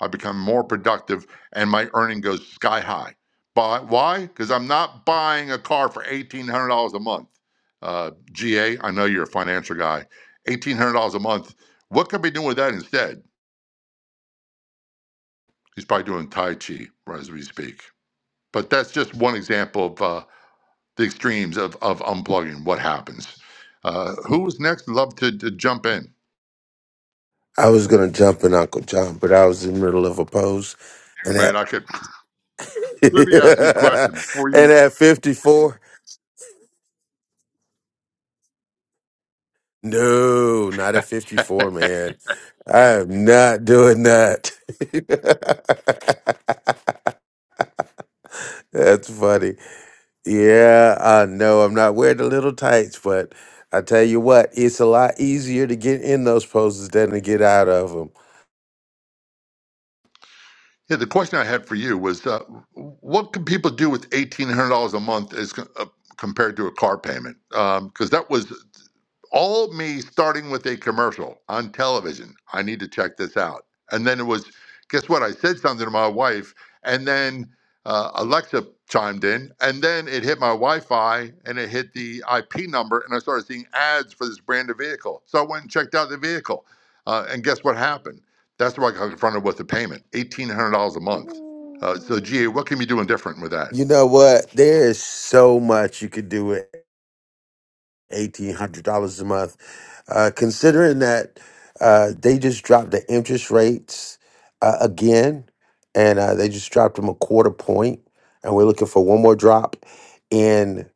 [SPEAKER 16] I become more productive, and my earning goes sky high. But why? Because I'm not buying a car for $1,800 a month. Uh, GA, I know you're a financial guy. $1,800 a month. What could I be doing with that instead? He's probably doing Tai Chi right as we speak. But that's just one example of uh, the extremes of, of unplugging, what happens. Uh, who was next? Love to, to jump in.
[SPEAKER 15] I was gonna jump in Uncle John, but I was in the middle of a pose, and
[SPEAKER 16] Man,
[SPEAKER 15] at
[SPEAKER 16] I could. Let me ask you a question before you.
[SPEAKER 15] and at 54. No, not at 54,
[SPEAKER 16] yeah,
[SPEAKER 15] man. I am not doing that. That's funny. Yeah, I know I'm not wearing the little tights, but I tell you what, it's a lot easier to get in those poses than to get out of them.
[SPEAKER 16] the question I had for you was uh, what can people do with $1,800 a month as co- uh, compared to a car payment? Because that was all me starting with a commercial on television. I need to check this out. And then it was, guess what? I said something to my wife, and then uh, Alexa chimed in, and then it hit my Wi Fi and it hit the IP number, and I started seeing ads for this brand of vehicle. So I went and checked out the vehicle. Uh, and guess what happened? That's where I got confronted with the payment $1,800 a month. Uh, so, GA, what can you be doing different with that?
[SPEAKER 15] You know what? There is so much you could do eighteen hundred dollars a month. Uh, considering that uh, they just dropped the interest rates uh, again, and uh, they just dropped them a quarter point, and we're looking for one more drop in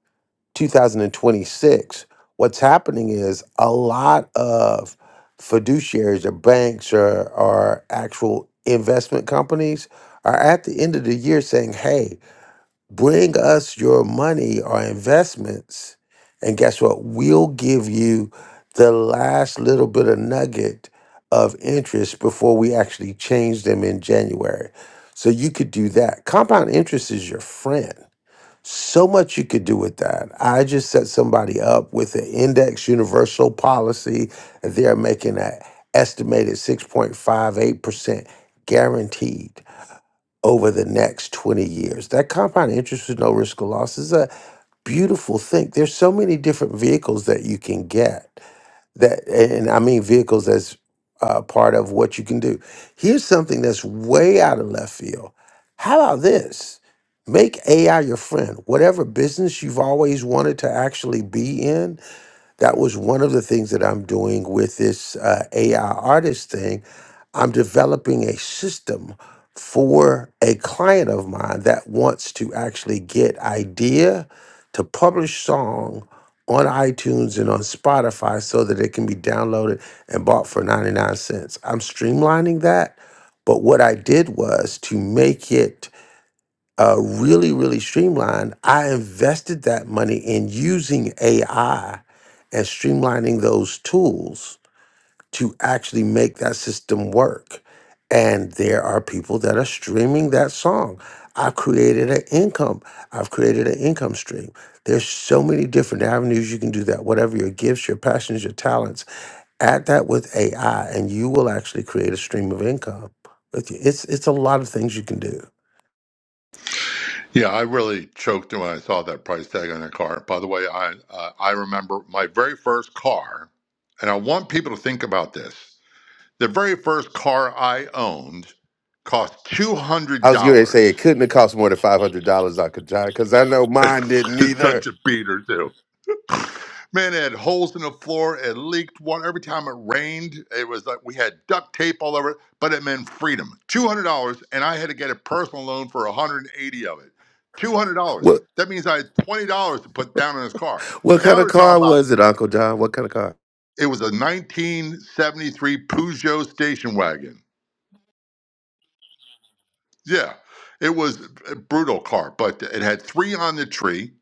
[SPEAKER 15] 2026. What's happening is a lot of fiduciaries or banks or, or actual investment companies are at the end of the year saying, "Hey." Bring us your money or investments. And guess what? We'll give you the last little bit of nugget of interest before we actually change them in January. So you could do that. Compound interest is your friend. So much you could do with that. I just set somebody up with an index universal policy. and They're making an estimated 6.58% guaranteed over the next 20 years. That compound interest with no risk of loss is a beautiful thing. There's so many different vehicles that you can get that, and I mean vehicles as uh, part of what you can do. Here's something that's way out of left field. How about this? Make AI your friend. Whatever business you've always wanted to actually be in, that was one of the things that I'm doing with this uh, AI artist thing I'm developing a system for a client of mine that wants to actually get idea to publish song on iTunes and on Spotify so that it can be downloaded and bought for 99 cents. I'm streamlining that, but what I did was to make it uh, really, really streamlined. I invested that money in using AI and streamlining those tools to actually make that system work. And there are people that are streaming that song. I've created an income. I've created an income stream. There's so many different avenues you can do that. Whatever your gifts, your passions, your talents, add that with AI, and you will actually create a stream of income. With you. It's it's a lot of things you can do.
[SPEAKER 16] Yeah, I really choked when I saw that price tag on a car. By the way, I uh, I remember my very first car, and I want people to think about this. The very first car I owned cost two hundred
[SPEAKER 15] I was going to
[SPEAKER 16] dollars.
[SPEAKER 15] say it couldn't have cost more than five hundred dollars, Uncle John, because I know mine didn't
[SPEAKER 16] It's such
[SPEAKER 15] either.
[SPEAKER 16] a beater too. Man, it had holes in the floor. It leaked water. Every time it rained, it was like we had duct tape all over it, but it meant freedom. $200, and I had to get a personal loan for 180 of it. $200.
[SPEAKER 15] What
[SPEAKER 16] That means I had $20 to put down on his car.
[SPEAKER 15] what kind
[SPEAKER 16] Now
[SPEAKER 15] of
[SPEAKER 16] we're talking
[SPEAKER 15] car
[SPEAKER 16] about
[SPEAKER 15] was it, Uncle John? What kind of car?
[SPEAKER 16] it was a 1973 Peugeot station wagon. Yeah, it was a brutal car, but it had three on the tree.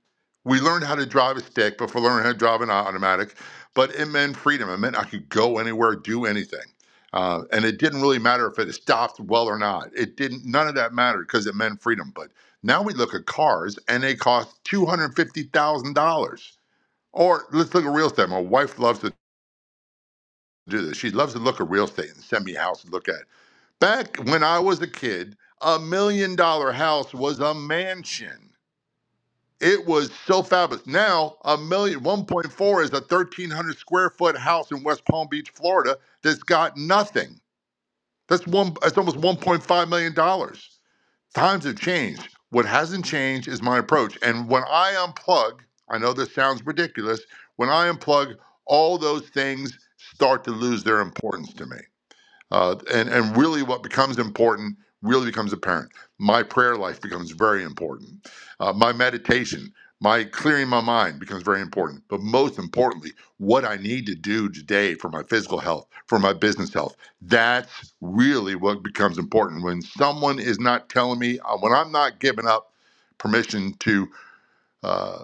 [SPEAKER 16] We learned how to drive a stick before learning how to drive an automatic, but it meant freedom. It meant I could go anywhere, do anything, uh, and it didn't really matter if it stopped well or not. It didn't. None of that mattered because it meant freedom. But now we look at cars, and they cost two hundred fifty thousand dollars. Or let's look at real estate. My wife loves to do this. She loves to look at real estate and send me a house to look at. Back when I was a kid, a million dollar house was a mansion. It was so fabulous. Now, a million, one point four is a 1,300 square foot house in West Palm Beach, Florida, that's got nothing. That's one. It's almost 1.5 million dollars. Times have changed. What hasn't changed is my approach. And when I unplug, I know this sounds ridiculous. When I unplug, all those things start to lose their importance to me. Uh, and, and really, what becomes important really becomes apparent. My prayer life becomes very important. Uh, my meditation, my clearing my mind becomes very important. But most importantly, what I need to do today for my physical health, for my business health, that's really what becomes important. When someone is not telling me, uh, when I'm not giving up permission to uh,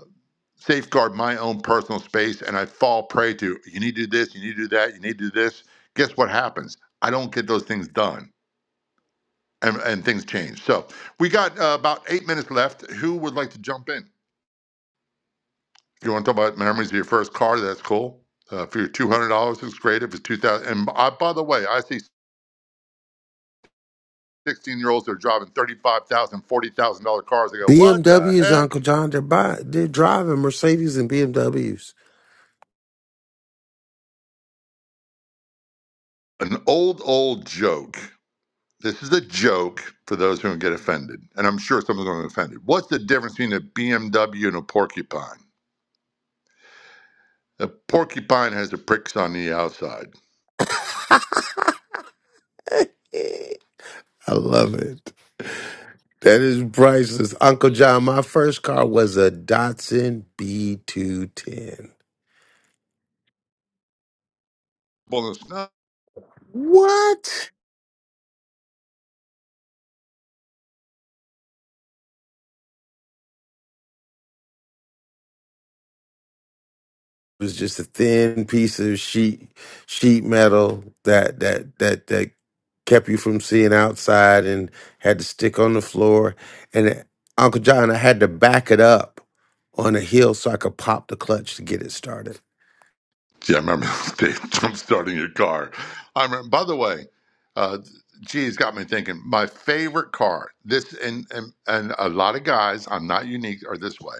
[SPEAKER 16] safeguard my own personal space and I fall prey to you need to do this, you need to do that, you need to do this. Guess what happens? I don't get those things done and, and things change. So we got uh, about eight minutes left. Who would like to jump in? If you want to talk about memories of your first car, that's cool. Uh, for your two hundred dollars, it's great. If it's two thousand, dollars, and I, by the way, I see sixteen year olds that are driving thirty five thousand, dollars, forty thousand dollar cars. I go, what the
[SPEAKER 15] BMWs,
[SPEAKER 16] heck?
[SPEAKER 15] Uncle John, they're, buy, they're driving Mercedes and BMWs.
[SPEAKER 16] An old old joke This is a joke for those who don't get offended, and I'm sure someone's going to get offended. What's the difference between a BMW and a porcupine? A porcupine has the pricks on the outside.
[SPEAKER 15] I love it. That is priceless. Uncle John, my first car was a Datsun B210.
[SPEAKER 16] Well, it's not.
[SPEAKER 15] What? It was just a thin piece of sheet sheet metal that that that that kept you from seeing outside and had to stick on the floor. And it- Uncle John, I had to back it up on a hill so I could pop the clutch to get it started.
[SPEAKER 16] Yeah, I remember Dave jump starting your car. I remember. By the way, uh, geez, got me thinking. My favorite car. This and and and a lot of guys. I'm not unique. Are this way.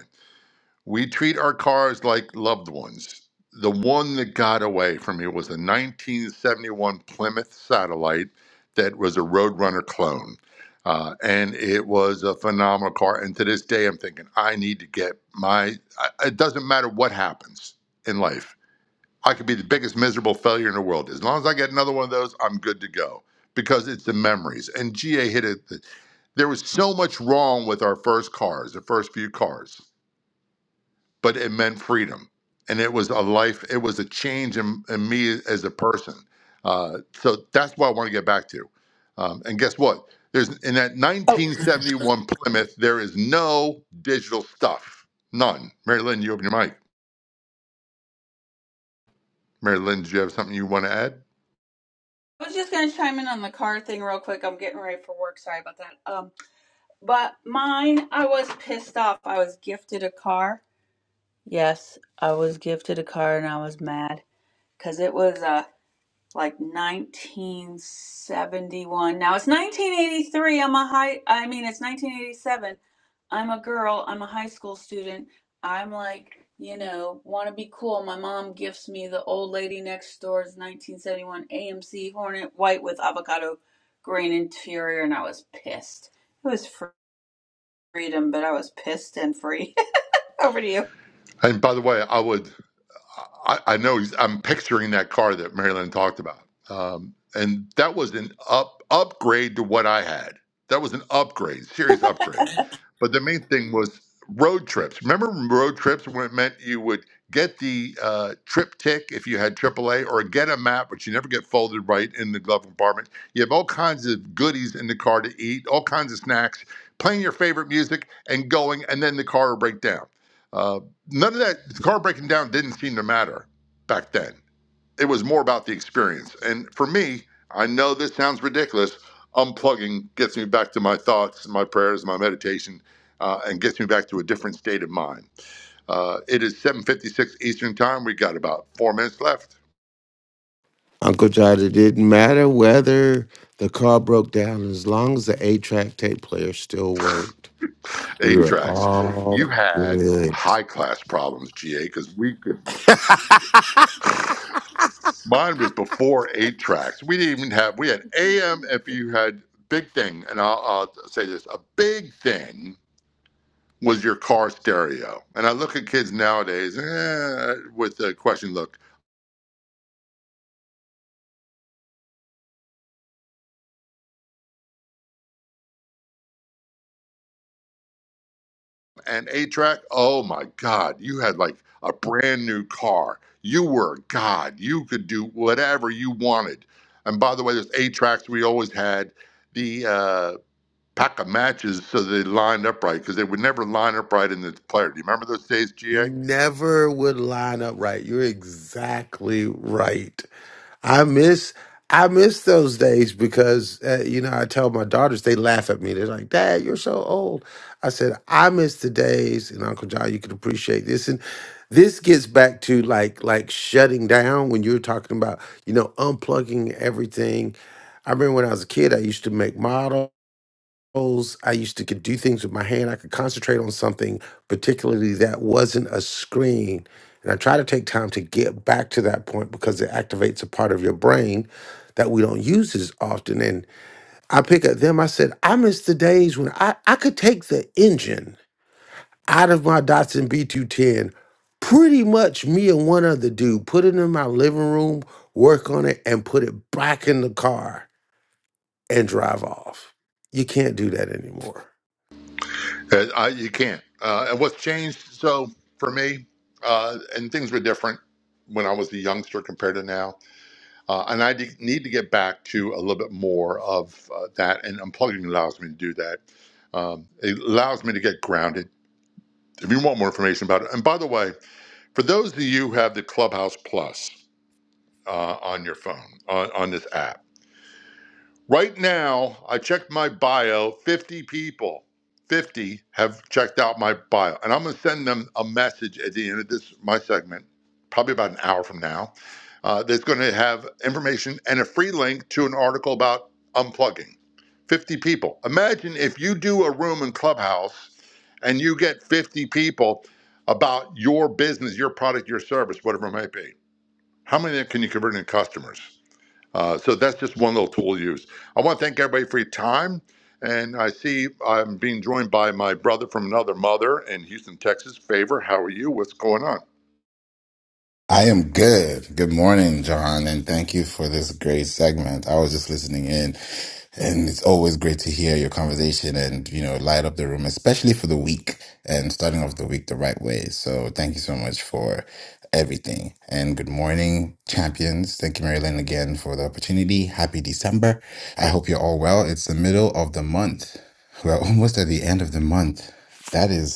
[SPEAKER 16] We treat our cars like loved ones. The one that got away from me was a 1971 Plymouth Satellite that was a Roadrunner clone. Uh, and it was a phenomenal car. And to this day, I'm thinking, I need to get my. I- It doesn't matter what happens in life. I could be the biggest miserable failure in the world. As long as I get another one of those, I'm good to go because it's the memories. And GA hit it. There was so much wrong with our first cars, the first few cars but it meant freedom. And it was a life, it was a change in, in me as a person. Uh, so that's what I want to get back to. Um, and guess what? There's in that
[SPEAKER 1] Oh.
[SPEAKER 16] 1971 Plymouth, there is no digital stuff. None. Mary Lynn, you open your mic. Mary Lynn, do you have something you want to add?
[SPEAKER 1] I was just gonna chime in on the car thing real quick. I'm getting ready for work. Sorry about that. Um, but mine, I was pissed off. I was gifted a car. Yes, I was gifted a car, and I was mad because it was. a like 1971. Now it's 1983. I'm a high, I mean, it's 1987. I'm a girl. I'm a high school student. I'm like, you know, want to be cool. My mom gifts me the old lady next door's 1971 AMC Hornet White with avocado green interior, and I was pissed. It was freedom, but I was pissed and free. Over to you.
[SPEAKER 16] And by the way, I would I, I know he's, I'm picturing that car that Marilyn talked about. Um, and that was an up upgrade to what I had. That was an upgrade, serious upgrade. But the main thing was road trips. Remember road trips when it meant you would get the uh, trip tick if you had AAA or get a map, but you never get folded right in the glove compartment. You have all kinds of goodies in the car to eat, all kinds of snacks, playing your favorite music and going, and then the car will break down. Um, none of that the car breaking down didn't seem to matter back then. It was more about the experience. And for me, I know this sounds ridiculous. Unplugging gets me back to my thoughts, my prayers, my meditation, uh, and gets me back to a different state of mind. Uh, it is 7:56 Eastern Time. We got about four minutes left.
[SPEAKER 15] Uncle John, it didn't matter whether the car broke down as long as the eight track tape player still worked. We
[SPEAKER 16] Eight
[SPEAKER 15] were
[SPEAKER 16] tracks.
[SPEAKER 15] all
[SPEAKER 16] You had
[SPEAKER 15] good.
[SPEAKER 16] high class problems, GA, because we could. Mine was before eight tracks. We didn't even have. We had AM. If you had big thing, and I'll, I'll say this: a big thing was your car stereo. And I look at kids nowadays eh, with a question look. And eight track. Oh my God! You had like a brand new car. You were a God. You could do whatever you wanted. And by the way, there's eight tracks. We always had the. Uh, Pack of matches so they lined up right because they would never line up right in the player. Do you remember those days,
[SPEAKER 15] you
[SPEAKER 16] GA?
[SPEAKER 15] never would line up right. You're exactly right. I miss I miss those days because uh, you know I tell my daughters they laugh at me. They're like, "Dad, you're so old." I said, "I miss the days," and Uncle John, you can appreciate this. And this gets back to like like shutting down when you're talking about you know unplugging everything. I remember when I was a kid, I used to make models controls. I used to could do things with my hand. I could concentrate on something, particularly that wasn't a screen. And I try to take time to get back to that point because it activates a part of your brain that we don't use as often. And I pick at them. I said, I miss the days when I, I could take the engine out of my Datsun B210, pretty much me and one other dude, put it in my living room, work on it, and put it back in the car and drive off. You can't do that anymore.
[SPEAKER 16] Uh, I, you can't. Uh, and what's changed so for me, uh, and things were different when I was a youngster compared to now. Uh, and I de- need to get back to a little bit more of uh, that. And unplugging allows me to do that. Um, it allows me to get grounded. If you want more information about it, and by the way, for those of you who have the Clubhouse Plus uh, on your phone, on, on this app, Right now, I checked my bio. 50 people, 50 have checked out my bio. And I'm going to send them a message at the end of this, my segment, probably about an hour from now, uh, that's going to have information and a free link to an article about unplugging. 50 people. Imagine if you do a room in Clubhouse and you get 50 people about your business, your product, your service, whatever it might be. How many can you convert into customers? Uh, so that's just one little tool to use. I want to thank everybody for your time. And I see I'm being joined by my brother from another mother in Houston, Texas. Favor, how are you? What's going on?
[SPEAKER 21] I am good. Good morning, John, and thank you for this great segment. I was just listening in, and it's always great to hear your conversation and, you know, light up the room, especially for the week and starting off the week the right way. So thank you so much for everything. And good morning, champions. Thank you, Marilyn, again for the opportunity. Happy December. I hope you're all well. It's the middle of the month. We're almost at the end of the month. That is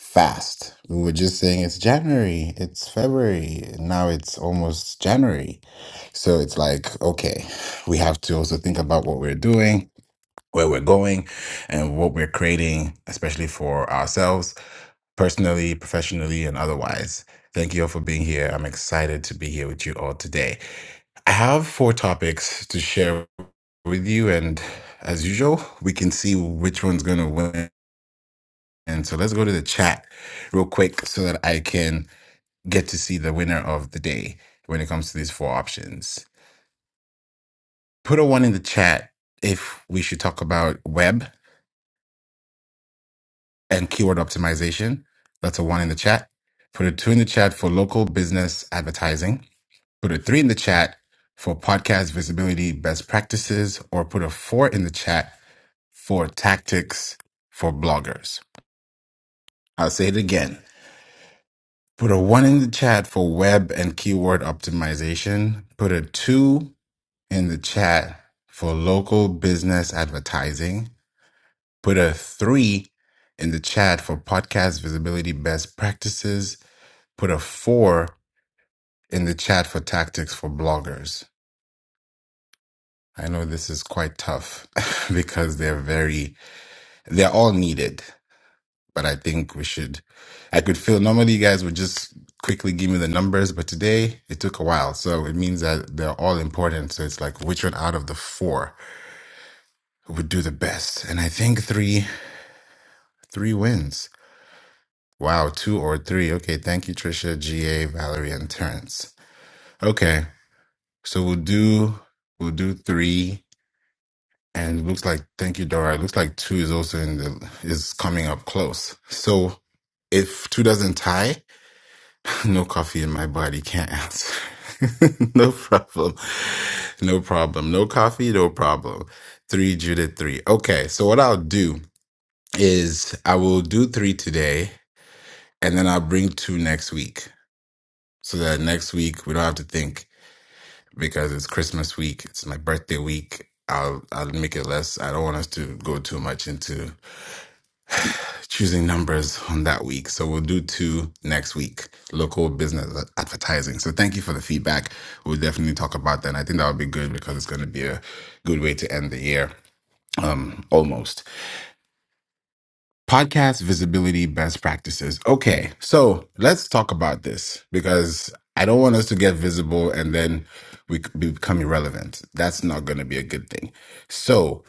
[SPEAKER 21] fast. We were just saying it's January, it's February, and now it's almost January. So it's like, okay, we have to also think about what we're doing, where we're going, and what we're creating, especially for ourselves, personally, professionally, and otherwise. Thank you all for being here. I'm excited to be here with you all today. I have four topics to share with you, and as usual, we can see which one's going to win and so let's go to the chat real quick so that I can get to see the winner of the day when it comes to these four options. Put a one in the chat if we should talk about web and keyword optimization. That's a one in the chat. Put a two in the chat for local business advertising. Put a three in the chat for podcast visibility best practices, or put a four in the chat for tactics for bloggers. I'll say it again Put a one in the chat for web and keyword optimization. Put a two in the chat for local business advertising. Put a three in the chat for podcast visibility best practices. Put a four in the chat for tactics for bloggers. I know this is quite tough because they're very, they're all needed. but I think we should. I could feel normally you guys would just quickly give me the numbers, but today it took a while. So it means that they're all important. So it's like which one out of the four would do the best? And I think three, three wins. Wow, two or three. Okay, thank you, Trisha, GA, Valerie, and Terrence. Okay, so we'll do we'll do three. And it looks like thank you, Dora. It looks like two is also in the is coming up close. So if two doesn't tie, No coffee in my body. Can't answer. no problem. No problem. No coffee. No problem. Three Judith three. Okay. So what I'll do is I will do three today, and then I'll bring two next week, so that next week we don't have to think because it's Christmas week. It's my birthday week. I'll I'll make it less. I don't want us to go too much into choosing numbers on that week. So we'll do two next week, local business advertising. So thank you for the feedback. We'll definitely talk about that. And I think that would be good because it's going to be a good way to end the year. Um, almost. Podcast visibility best practices. Okay. So let's talk about this because I don't want us to get visible and then we c- become irrelevant. That's not going to be a good thing. So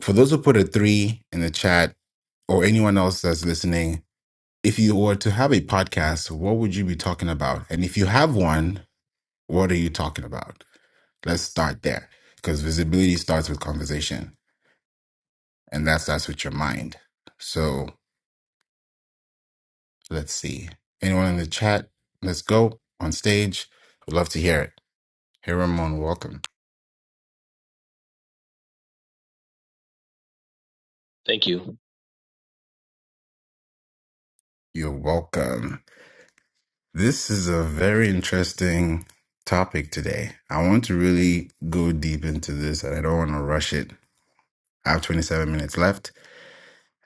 [SPEAKER 21] for those who put a three in the chat or anyone else that's listening, if you were to have a podcast, what would you be talking about? And if you have one, what are you talking about? Let's start there because visibility starts with conversation and that starts with your mind. So let's see. Anyone in the chat? Let's go on stage. Would love to hear it. Hey, Ramon, welcome.
[SPEAKER 13] Thank you.
[SPEAKER 21] You're welcome. This is a very interesting topic today. I want to really go deep into this and I don't want to rush it. I have 27 minutes left.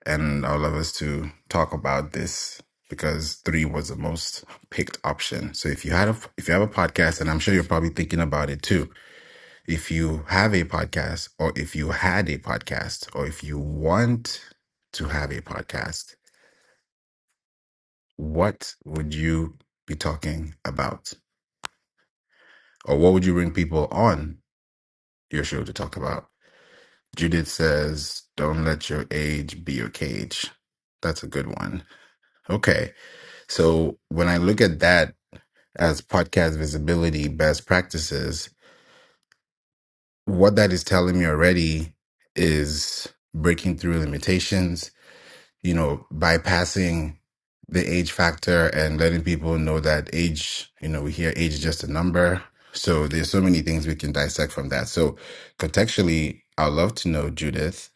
[SPEAKER 21] and all of us to talk about this because three was the most picked option. So if you had a if you have a podcast, and I'm sure you're probably thinking about it too, if you have a podcast, or if you had a podcast, or if you want to have a podcast, what would you be talking about, or what would you bring people on your show to talk about? Judith says, "Don't let your age be your cage." That's a good one. Okay. So when I look at that, as podcast visibility best practices, what that is telling me already is breaking through limitations, you know, bypassing the age factor and letting people know that age, you know, we hear age is just a number. So there's so many things we can dissect from that. So contextually, I'd love to know, Judith,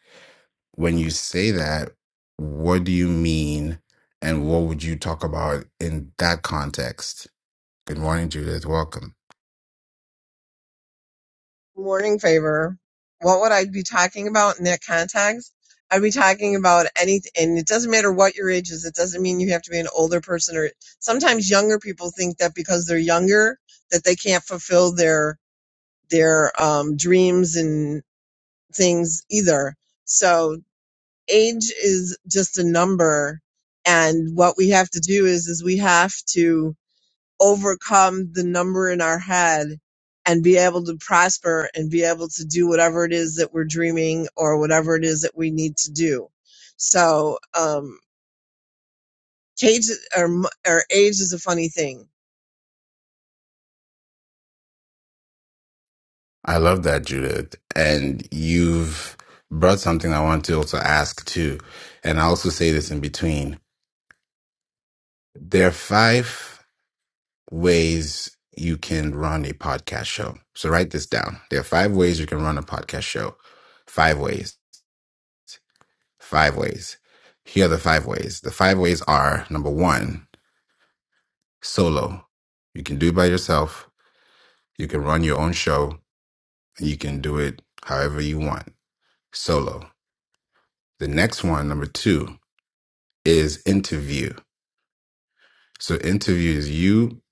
[SPEAKER 21] when you say that, what do you mean and what would you talk about in that context? Good morning, Judith. Welcome.
[SPEAKER 22] morning favor, what would I be talking about in that context? I'd be talking about anything, and it doesn't matter what your age is. It doesn't mean you have to be an older person, or sometimes younger people think that because they're younger that they can't fulfill their their um, dreams and things either. So age is just a number, and what we have to do is is we have to overcome the number in our head and be able to prosper and be able to do whatever it is that we're dreaming or whatever it is that we need to do. So, um, cage or, m- or age is a funny thing.
[SPEAKER 21] I love that, Judith. And you've brought something I want to also ask too. And I also say this in between. There are five ways you can run a podcast show. So write this down. There are five ways you can run a podcast show. Five ways. Five ways. Here are the five ways. The five ways are number one, solo. You can do it by yourself. You can run your own show and you can do it however you want. Solo. The next one, number two, is interview. So interview is you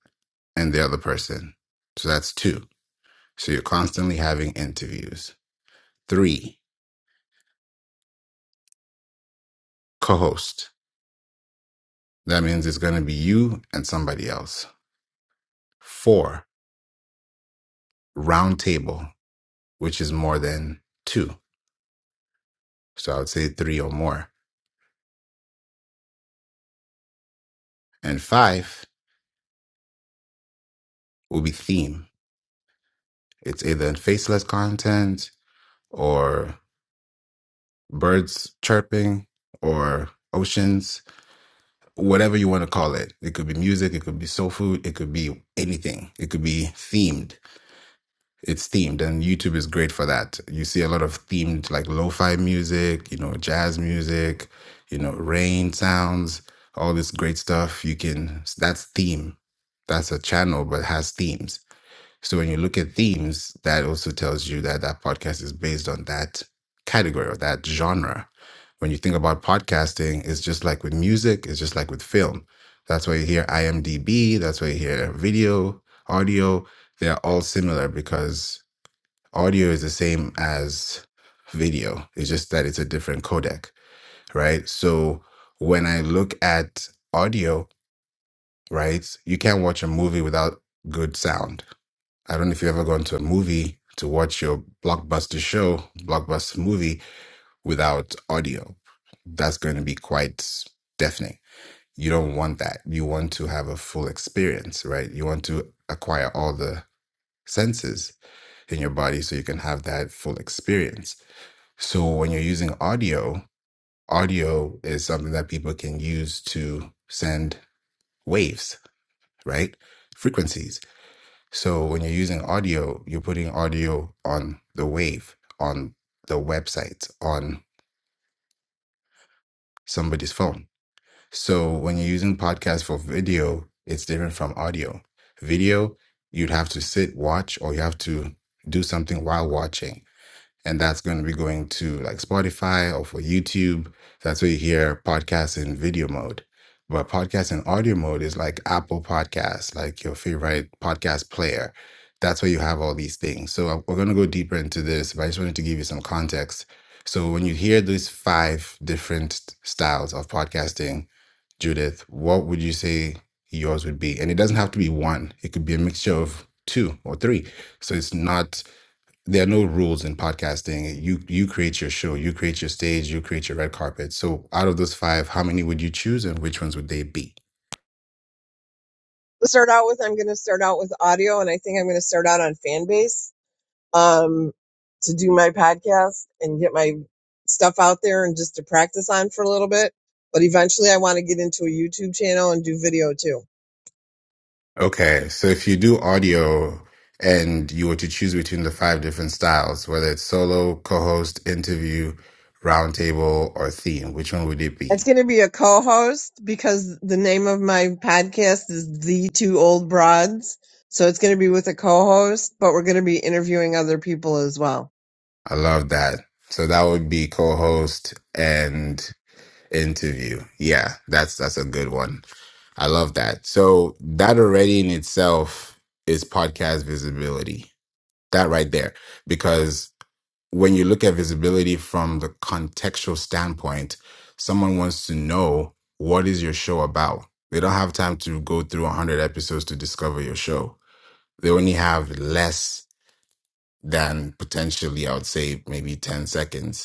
[SPEAKER 21] and the other person. So that's two. So you're constantly having interviews. Three, co-host. That means it's going to be you and somebody else. Four, round table, which is more than two. So I would say three or more. And five will be theme. It's either faceless content or birds chirping or oceans whatever you want to call it. It could be music, it could be soul food, it could be anything. It could be themed. It's themed, and YouTube is great for that. You see a lot of themed, like lo fi music, you know, jazz music, you know, rain sounds, all this great stuff. You can, that's theme. That's a channel, but it has themes so when you look at themes, that also tells you that that podcast is based on that category or that genre. When you think about podcasting, it's just like with music, it's just like with film. That's why you hear IMDb, that's why you hear video, audio. They are all similar because audio is the same as video. It's just that it's a different codec, right? So when I look at audio, right, you can't watch a movie without good sound I don't know if you've ever gone to a movie to watch your blockbuster show, blockbuster movie without audio. That's going to be quite deafening. You don't want that. You want to have a full experience, right? You want to acquire all the senses in your body so you can have that full experience. So when you're using audio, audio is something that people can use to send waves, right? Frequencies So when you're using audio, you're putting audio on the wave, on the website, on somebody's phone. So when you're using podcast for video, it's different from audio. Video, you'd have to sit, watch, or you have to do something while watching and that's going to be going to like Spotify or for YouTube. That's where you hear podcasts in video mode. But podcasts in audio mode is like Apple Podcasts, like your favorite podcast player. That's where you have all these things. So uh, we're going to go deeper into this, but I just wanted to give you some context. So when you hear these five different styles of podcasting, Judith, what would you say yours would be? And it doesn't have to be one. It could be a mixture of two or three. So it's not there are no rules in podcasting. You you create your show, you create your stage, you create your red carpet. So out of those five, how many would you choose and which ones would they be?
[SPEAKER 22] To start out with, I'm going to start out with audio and I think I'm going to start out on Fanbase um, to do my podcast and get my stuff out there and just to practice on for a little bit. But eventually I want to get into a YouTube channel and do video too.
[SPEAKER 21] Okay. So if you do audio and you were to choose between the five different styles, whether it's solo, co-host, interview, roundtable, or theme, which one would it
[SPEAKER 22] It's
[SPEAKER 21] be?
[SPEAKER 22] going to be a co-host because the name of my podcast is The Two Old Broads. So it's going to be with a co-host, but we're going to be interviewing other people as well.
[SPEAKER 21] I love that. So that would be co-host and interview. Yeah, that's that's a good one. I love that. So that already in itself is podcast visibility. That right there. Because when you look at visibility from the contextual standpoint, someone wants to know what is your show about. They don't have time to go through 100 episodes to discover your show. They only have less than potentially, I would say, maybe 10 seconds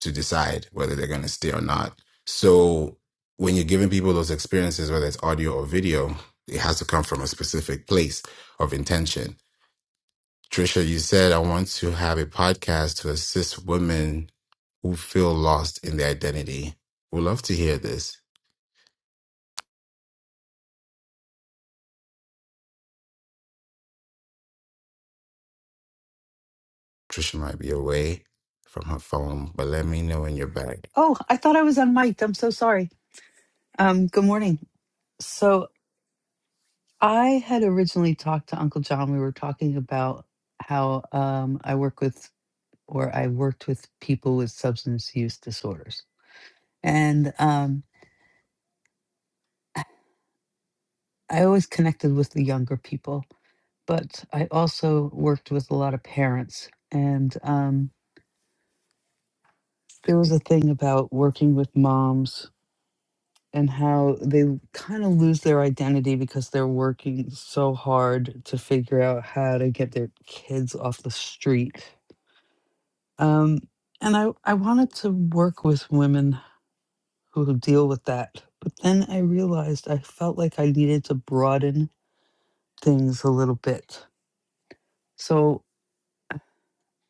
[SPEAKER 21] to decide whether they're going to stay or not. So when you're giving people those experiences, whether it's audio or video, it has to come from a specific place of intention. Trisha, you said I want to have a podcast to assist women who feel lost in their identity. We'd love to hear this. Trisha might be away from her phone, but let me know when you're back.
[SPEAKER 3] Oh, I thought I was unmiked. I'm so sorry. Um, good morning. So I had originally talked to Uncle John. We were talking about how um, I work with or I worked with people with substance use disorders. And um, I always connected with the younger people, but I also worked with a lot of parents. And um, there was a thing about working with moms and how they kind of lose their identity because they're working so hard to figure out how to get their kids off the street. Um, and I, I wanted to work with women who deal with that. But then I realized I felt like I needed to broaden things a little bit. So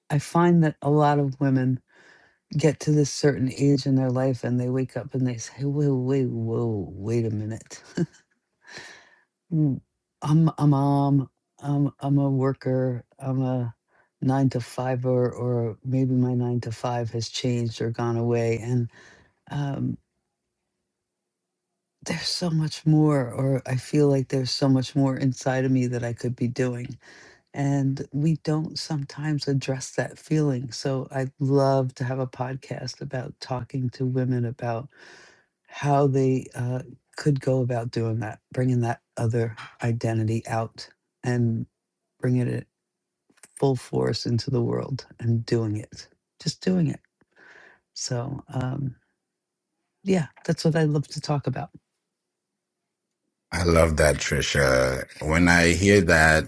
[SPEAKER 3] I find that a lot of women get to this certain age in their life and they wake up and they say, whoa, wait, whoa, wait a minute. Mm, I'm a mom. I'm I'm a worker. I'm a nine to fiver, or maybe my nine to five has changed or gone away. And um, there's so much more, or I feel like there's so much more inside of me that I could be doing. And we don't sometimes address that feeling. So I'd love to have a podcast about talking to women about how they uh, could go about doing that, bringing that other identity out. And bringing it full force into the world and doing it, just doing it. So, um, yeah, that's what I love to talk about.
[SPEAKER 21] I love that, Trisha. When I hear that,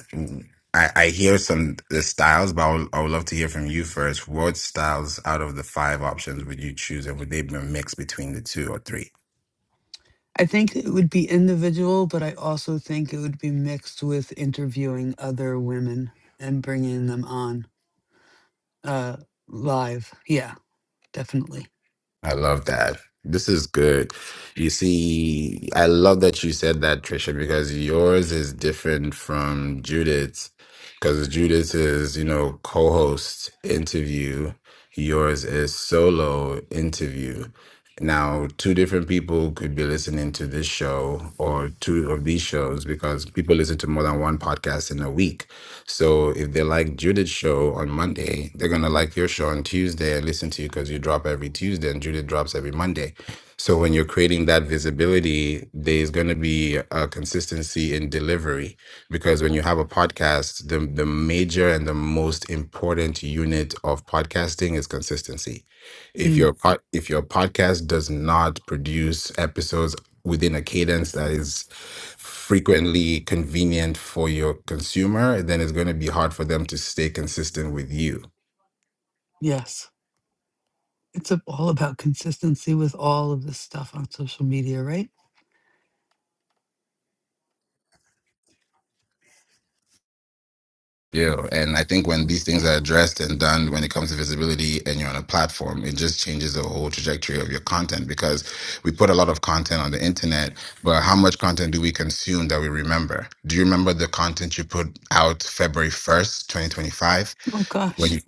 [SPEAKER 21] I, I hear some the styles, but I would, I would love to hear from you first. What styles out of the five options would you choose, and would they be a mix between the two or three?
[SPEAKER 3] I think it would be individual, but I also think it would be mixed with interviewing other women and bringing them on uh, live. Yeah, definitely.
[SPEAKER 21] I love that. This is good. You see, I love that you said that, Trisha, because yours is different from Judith's. Because Judith's is, you know, co host interview, yours is solo interview. Now, two different people could be listening to this show or two of these shows because people listen to more than one podcast in a week. So if they like Judith's show on Monday, Monday, they're gonna like your show on Tuesday and listen to you because you drop every Tuesday and Judith drops every Monday. So when you're creating that visibility, there's gonna be a consistency in delivery because when you have a podcast, the the major and the most important unit of podcasting is consistency. If
[SPEAKER 3] Mm,
[SPEAKER 21] your pod, if your podcast does not produce episodes within a cadence that is frequently convenient for your consumer, then it's going to be hard for them to stay consistent with you.
[SPEAKER 3] yes. It's a- all about consistency with all of this stuff on social media, right?
[SPEAKER 21] Yeah. And I think when these things are addressed and done when it comes to visibility and you're on a platform, it just changes the whole trajectory of your content because we put a lot of content on the internet, but how much content do we consume that we remember? Do you remember the content you put out February 1st, 2025?
[SPEAKER 3] Oh,
[SPEAKER 21] when
[SPEAKER 3] gosh.
[SPEAKER 21] you?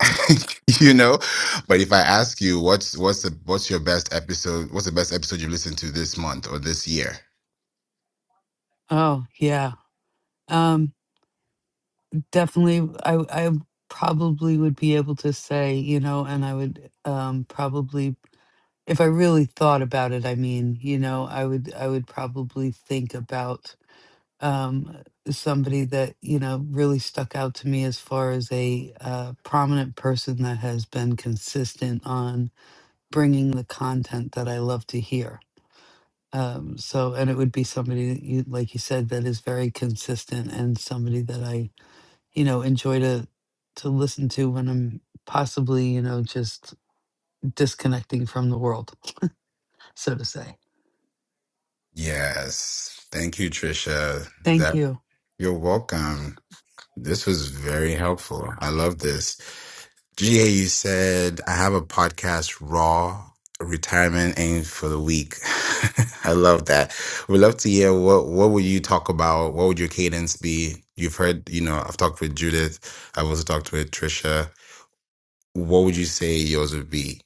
[SPEAKER 21] you know but if i ask you what's what's the what's your best episode what's the best episode you've listened to this month or this year
[SPEAKER 3] Oh, yeah. Um, definitely I I probably would be able to say, you know, and I would um probably if I really thought about it, I mean, you know, I would I would probably think about um somebody that, you know, really stuck out to me as far as a uh, prominent person that has been consistent on bringing the content that I love to hear. Um so and it would be somebody that you like you said that is very consistent and somebody that I you know enjoy to to listen to when i'm possibly you know just disconnecting from the world so to say
[SPEAKER 21] yes thank you trisha
[SPEAKER 3] thank
[SPEAKER 21] that
[SPEAKER 3] you
[SPEAKER 21] you're welcome this was very helpful i love this ga you said i have a podcast raw retirement aim for the week i love that we'd love to hear what what would you talk about what would your cadence be you've heard you know i've talked with judith i've also talked with trisha what would you say yours would be?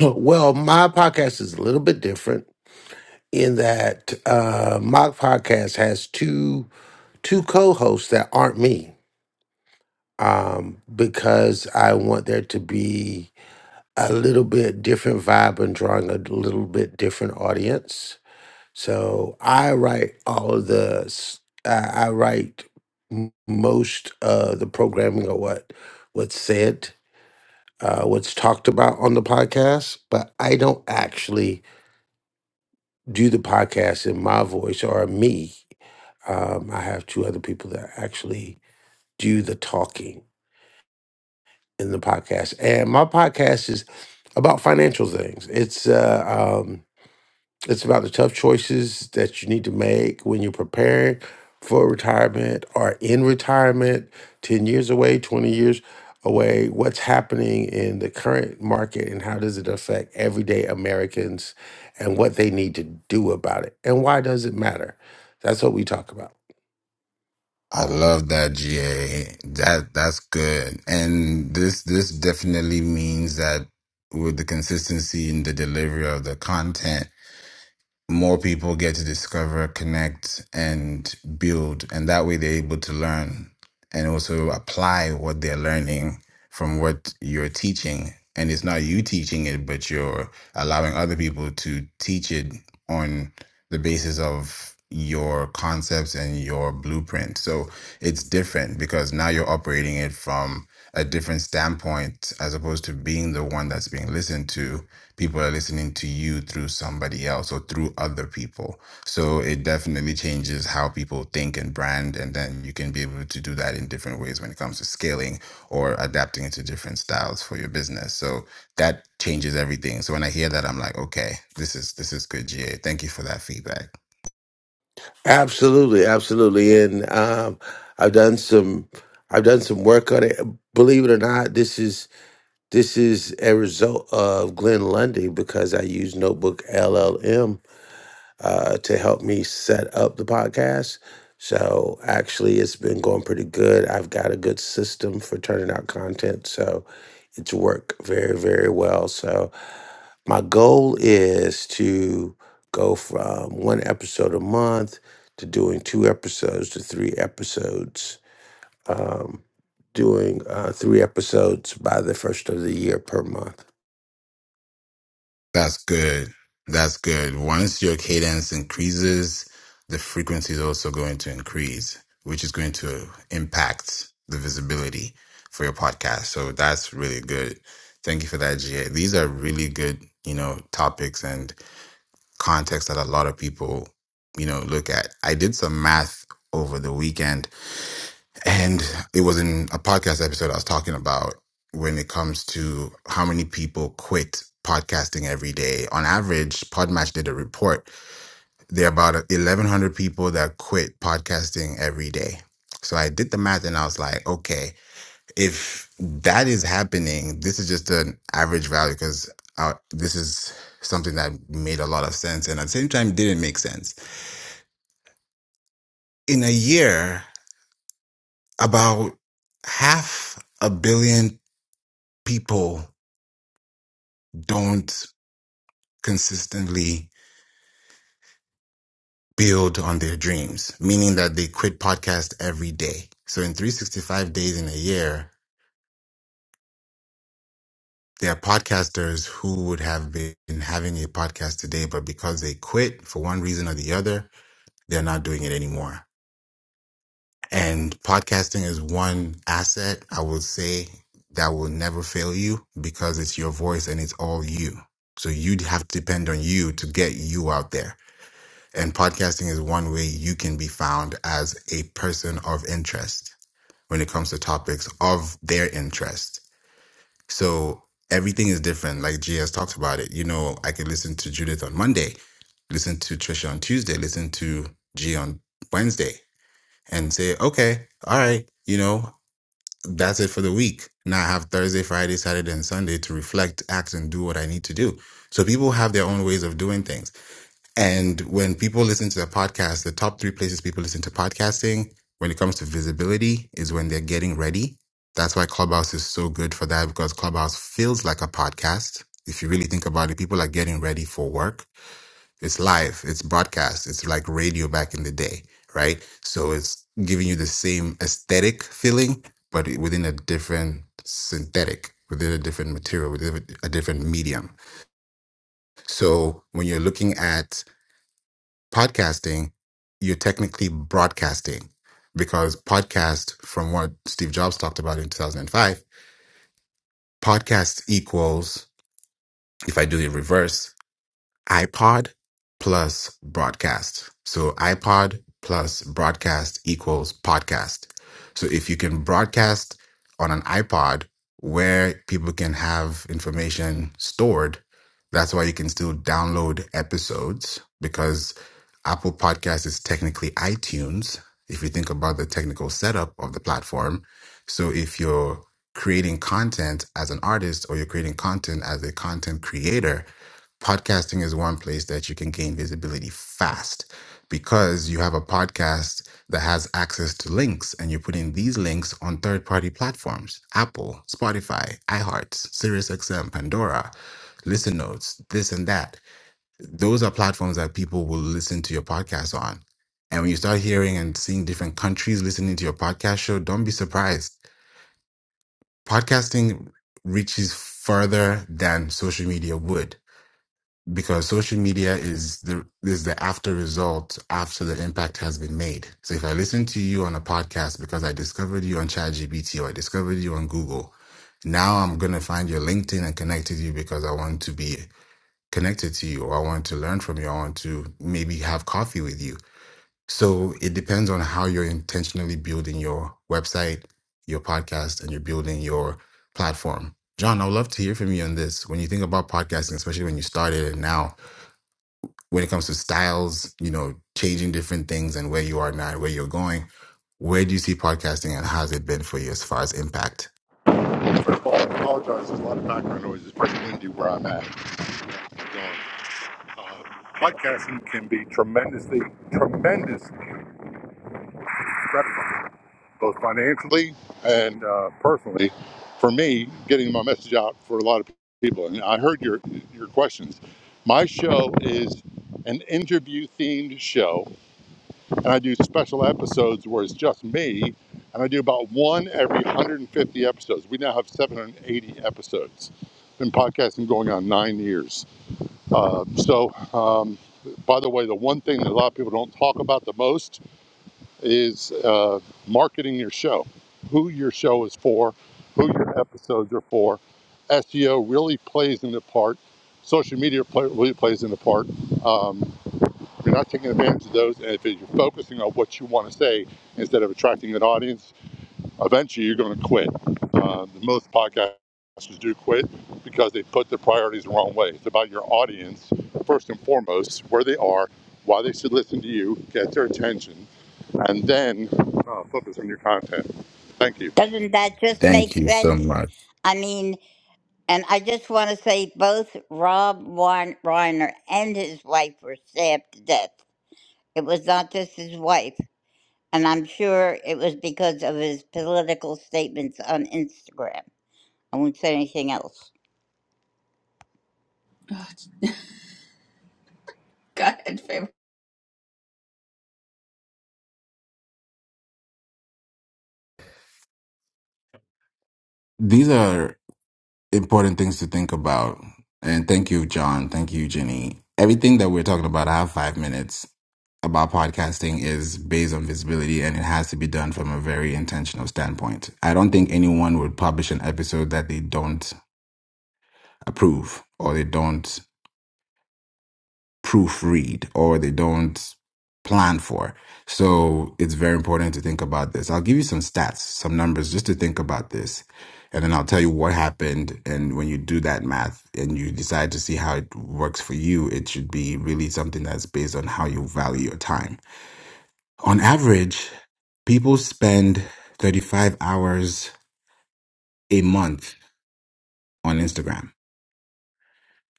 [SPEAKER 15] Well, my podcast is a little bit different in that uh, my podcast has two two co-hosts that aren't me um, because I want there to be a little bit different vibe and drawing a little bit different audience. So I write all of the s- uh, I write m- most of the programming or what what's said, uh, what's talked about on the podcast, but I don't actually do the podcast in my voice or me. Um, I have two other people that actually do the talking in the podcast, and my podcast is about financial things. It's uh, um, it's about the tough choices that you need to make when you're preparing for retirement or in retirement, 10 years away, 20 years away. What's happening in the current market and how does it affect everyday Americans and what they need to do about it? And why does it matter? That's what we talk about.
[SPEAKER 21] I love that GA. That that's good. And this this definitely means that with the consistency in the delivery of the content more people get to discover, connect, and build. And that way they're able to learn and also apply what they're learning from what you're teaching. And it's not you teaching it, but you're allowing other people to teach it on the basis of your concepts and your blueprint. So it's different because now you're operating it from a different standpoint as opposed to being the one that's being listened to people are listening to you through somebody else or through other people so it definitely changes how people think and brand and then you can be able to do that in different ways when it comes to scaling or adapting it to different styles for your business so that changes everything so when i hear that i'm like okay this is this is good ga thank you for that feedback
[SPEAKER 15] Absolutely, absolutely. And um, I've done some I've done some work on it. Believe it or not, this is This is a result of Glenn Lundy because I use Notebook LLM uh, to help me set up the podcast. So actually, it's been going pretty good. I've got a good system for turning out content. So it's worked very, very well. So my goal is to go from one episode a month to doing two episodes to three episodes um, doing uh, three episodes by the first of the year per month.
[SPEAKER 21] That's good. That's good. Once your cadence increases, the frequency is also going to increase, which is going to impact the visibility for your podcast. So that's really good. Thank you for that, GA. These are really good, you know, topics and context that a lot of people, you know, look at. I did some math over the weekend and it was in a podcast episode I was talking about when it comes to how many people quit podcasting every day. On average, Podmatch did a report. There are about 1,100 people that quit podcasting every day. So I did the math and I was like, okay, if that is happening, this is just an average value because this is something that made a lot of sense and at the same time didn't make sense. In a year, about half a billion people don't consistently build on their dreams, meaning that they quit podcast every day. So in 365 days in a year, there are podcasters who would have been having a podcast today, but because they quit for one reason or the other, they're not doing it anymore. And podcasting is one asset I would say that will never fail you because it's your voice and it's all you. So you'd have to depend on you to get you out there And podcasting is one way you can be found as a person of interest when it comes to topics of their interest. So everything is different. Like G has talked about it. You know, I could listen to Judith on Monday, listen to Trisha on Tuesday, listen to G on Wednesday, and say, okay, all right, you know, that's it for the week. Now I have Thursday, Friday, Saturday, and Sunday to reflect, act, and do what I need to do. So people have their own ways of doing things. And when people listen to the podcast, the top three places people listen to podcasting when it comes to visibility is when they're getting ready. That's why Clubhouse is so good for that because Clubhouse feels like a podcast. If you really think about it, people are getting ready for work. It's live, it's broadcast, it's like radio back in the day, right? So it's giving you the same aesthetic feeling, but within a different synthetic, within a different material, within a different medium. So when you're looking at podcasting, you're technically broadcasting because podcast, from what Steve Jobs talked about in 2005, podcast equals, if I do it reverse, iPod plus broadcast. So iPod plus broadcast equals podcast. So if you can broadcast on an iPod where people can have information stored, that's why you can still download episodes because Apple Podcast is technically iTunes, if you think about the technical setup of the platform. So if you're creating content as an artist or you're creating content as a content creator, podcasting is one place that you can gain visibility fast because you have a podcast that has access to links and you're putting these links on third party platforms Apple, Spotify, iHeart, SiriusXM, Pandora, Listen Notes, this and that those are platforms that people will listen to your podcast on. And when you start hearing and seeing different countries listening to your podcast show, don't be surprised. Podcasting reaches further than social media would because social media is the is the after result after the impact has been made. So if I listen to you on a podcast because I discovered you on ChatGPT or I discovered you on Google, now I'm gonna find your LinkedIn and connect with you because I want to be connected to you or I want to learn from you. I want to maybe have coffee with you. So it depends on how you're intentionally building your website, your podcast, and you're building your platform. John, I would love to hear from you on this. When you think about podcasting, especially when you started and now, when it comes to styles, you know, changing different things and where you are now, where you're going, where do you see podcasting and how's it been for you as far as impact?
[SPEAKER 16] First of all, I apologize. There's a lot of background noise. It's pretty windy where I'm at. Uh, podcasting can be tremendously, tremendous both financially and uh, personally, for me, getting my message out for a lot of people. And I heard your your questions. My show is an interview themed show, and I do special episodes where it's just me, and I do about one every 150 episodes. We now have 780 episodes. Been podcasting going on nine years. Uh, so, um, by the way, the one thing that a lot of people don't talk about the most is uh, marketing your show, who your show is for, who your episodes are for. SEO really plays into part. Social media play, really plays into part. Um, if you're not taking advantage of those, and if you're focusing on what you want to say instead of attracting an audience, eventually you're going to quit. Uh, most podcasters do quit because they put their priorities the wrong way. It's about your audience, first and foremost, where they are, why they should listen to you, get their attention, and then uh, focus on your content. Thank you.
[SPEAKER 20] Doesn't that just
[SPEAKER 21] Thank
[SPEAKER 20] make
[SPEAKER 21] you so
[SPEAKER 20] sense?
[SPEAKER 21] much.
[SPEAKER 20] I mean, and I just want to say both Rob Wein- Reiner and his wife were stabbed to death. It was not just his wife. and I'm sure it was because of his political statements on Instagram. I won't say anything else.
[SPEAKER 1] Go ahead, favorite.
[SPEAKER 21] These are important things to think about. And thank you, John. Thank you, Jenny. Everything that we're talking about, I have five minutes about podcasting is based on visibility and it has to be done from a very intentional standpoint. I don't think anyone would publish an episode that they don't approve or they don't proofread or they don't plan for. So it's very important to think about this. I'll give you some stats, some numbers just to think about this. And then I'll tell you what happened. And when you do that math and you decide to see how it works for you, it should be really something that's based on how you value your time. On average, people spend 35 hours a month on Instagram.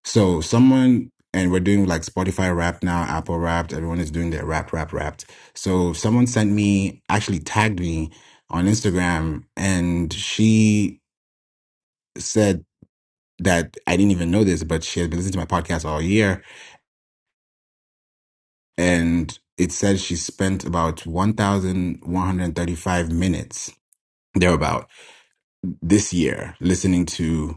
[SPEAKER 21] So someone, and we're doing like Spotify Wrapped now, Apple Wrapped. Everyone is doing their wrap, wrap, wrapped. So someone sent me, actually tagged me on Instagram, and she said that I didn't even know this, but she has been listening to my podcast all year, and it said she spent about one thousand one hundred thirty-five minutes thereabout this year listening to.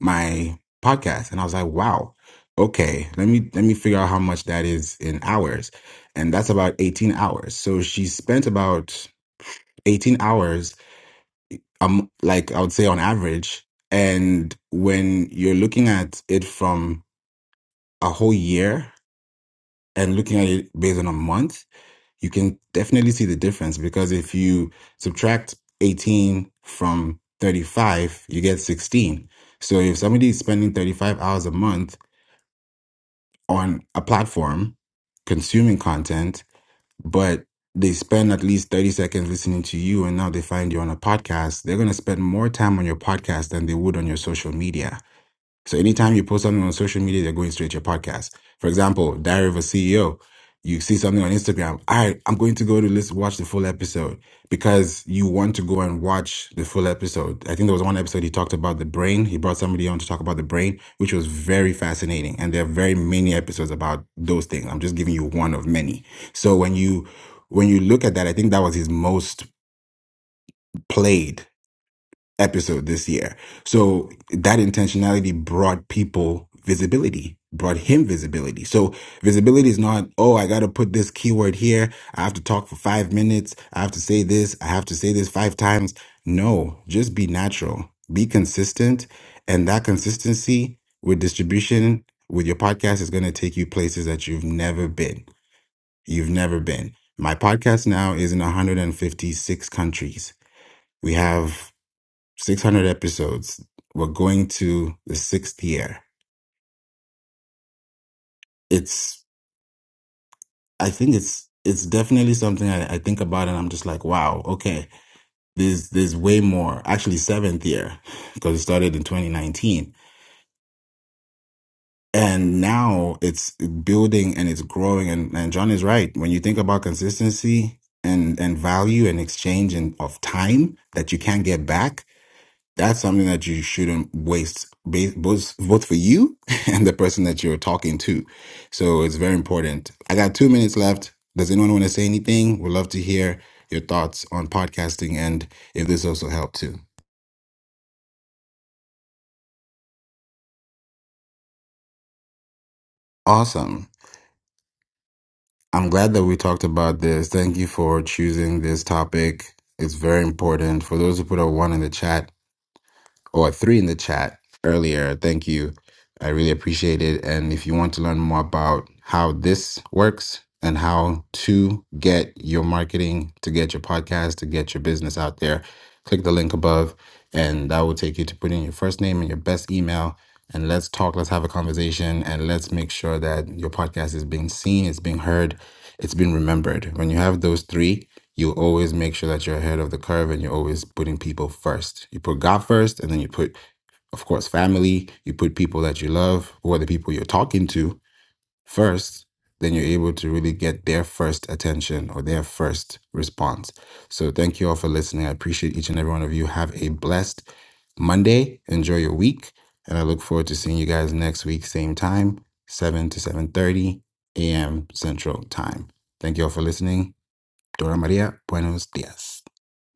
[SPEAKER 21] my podcast and i was like wow okay let me let me figure out how much that is in hours and that's about 18 hours so she spent about 18 hours um like i would say on average and when you're looking at it from a whole year and looking at it based on a month you can definitely see the difference because if you subtract 18 from 35 you get 16 so if somebody is spending 35 hours a month on a platform consuming content, but they spend at least 30 seconds listening to you and now they find you on a podcast, they're going to spend more time on your podcast than they would on your social media so anytime you post something on social media, they're going straight to your podcast. For example, Diary of a CEO. You see something on Instagram. All right, I'm going to go to list, watch the full episode because you want to go and watch the full episode. I think there was one episode he talked about the brain. He brought somebody on to talk about the brain, which was very fascinating. And there are very many episodes about those things. I'm just giving you one of many. So when you when you look at that, I think that was his most played episode this year. So that intentionality brought people visibility, brought him visibility. So visibility is not, oh, I got to put this keyword here. I have to talk for five minutes. I have to say this. I have to say this five times. No, just be natural, be consistent. And that consistency with distribution with your podcast is going to take you places that you've never been. You've never been. My podcast now is in 156 countries. We have 600 episodes. We're going to the sixth year. It's, I think it's, it's definitely something I, I think about and I'm just like, wow, okay, there's, there's way more. Actually, seventh year because it started in 2019. And now it's building and it's growing. And, and John is right. When you think about consistency and, and value and exchange and of time that you can't get back, that's something that you shouldn't waste ba- both both for you and the person that you're talking to so it's very important i got two minutes left does anyone want to say anything we'd love to hear your thoughts on podcasting and if this also helped too awesome i'm glad that we talked about this thank you for choosing this topic it's very important for those who put a one in the chat or three in the chat earlier. Thank you. I really appreciate it. And if you want to learn more about how this works and how to get your marketing, to get your podcast, to get your business out there, click the link above and that will take you to put in your first name and your best email. And let's talk, let's have a conversation, and let's make sure that your podcast is being seen, it's being heard, it's being remembered. When you have those three, you always make sure that you're ahead of the curve and you're always putting people first. You put God first, and then you put, of course, family, you put people that you love or the people you're talking to first, then you're able to really get their first attention or their first response. So thank you all for listening. I appreciate each and every one of you. Have a blessed Monday. Enjoy your week. And I look forward to seeing you guys next week, same time, 7 to 7:30 a.m. Central Time. Thank you all for listening. Dora Maria, buenos dias.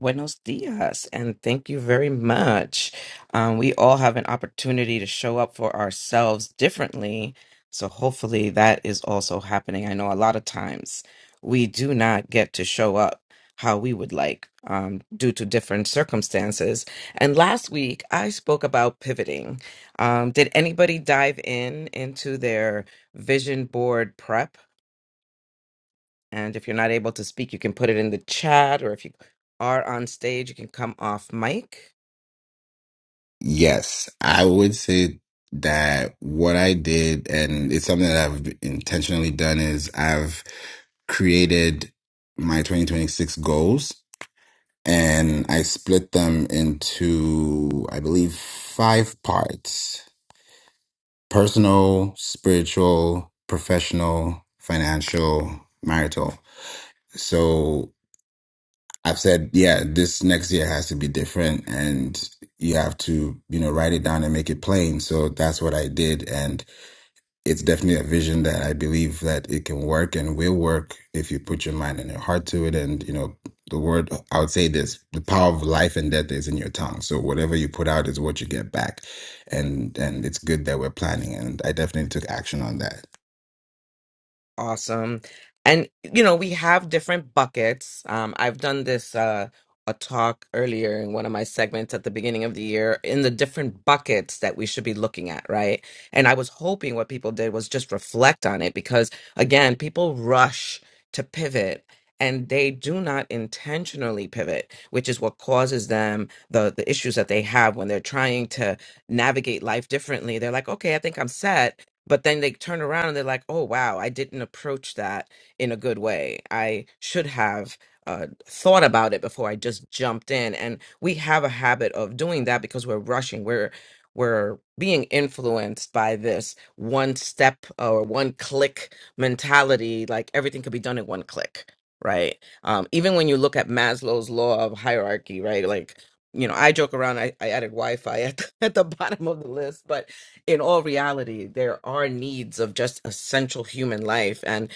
[SPEAKER 23] Buenos dias, and thank you very much. Um, we all have an opportunity to show up for ourselves differently. So, hopefully, that is also happening. I know a lot of times we do not get to show up how we would like um, due to different circumstances. And last week, I spoke about pivoting. Um, did anybody dive in into their vision board prep? And if you're not able to speak, you can put it in the chat, or if you are on stage, you can come off mic.
[SPEAKER 21] Yes, I would say that what I did, and it's something that I've intentionally done, is I've created my 2026 goals and I split them into, I believe, five parts personal, spiritual, professional, financial, marital. So I've said, yeah, this next year has to be different and you have to, you know, write it down and make it plain. So that's what I did. And it's definitely a vision that I believe that it can work and will work if you put your mind and your heart to it. And, you know, the word, I would say this, the power of life and death is in your tongue. So whatever you put out is what you get back. And, and it's good that we're planning. And I definitely took action on that.
[SPEAKER 23] Awesome. And you know, we have different buckets. Um, I've done this uh a talk earlier in one of my segments at the beginning of the year in the different buckets that we should be looking at, right? And I was hoping what people did was just reflect on it because again, people rush to pivot and they do not intentionally pivot, which is what causes them the the issues that they have when they're trying to navigate life differently. They're like, "Okay, I think I'm set." but then they turn around and they're like oh wow i didn't approach that in a good way i should have uh, thought about it before i just jumped in and we have a habit of doing that because we're rushing we're we're being influenced by this one step or one click mentality like everything could be done in one click right um, even when you look at maslow's law of hierarchy right like you know i joke around i, I added wi-fi at the, at the bottom of the list but in all reality, there are needs of just essential human life. And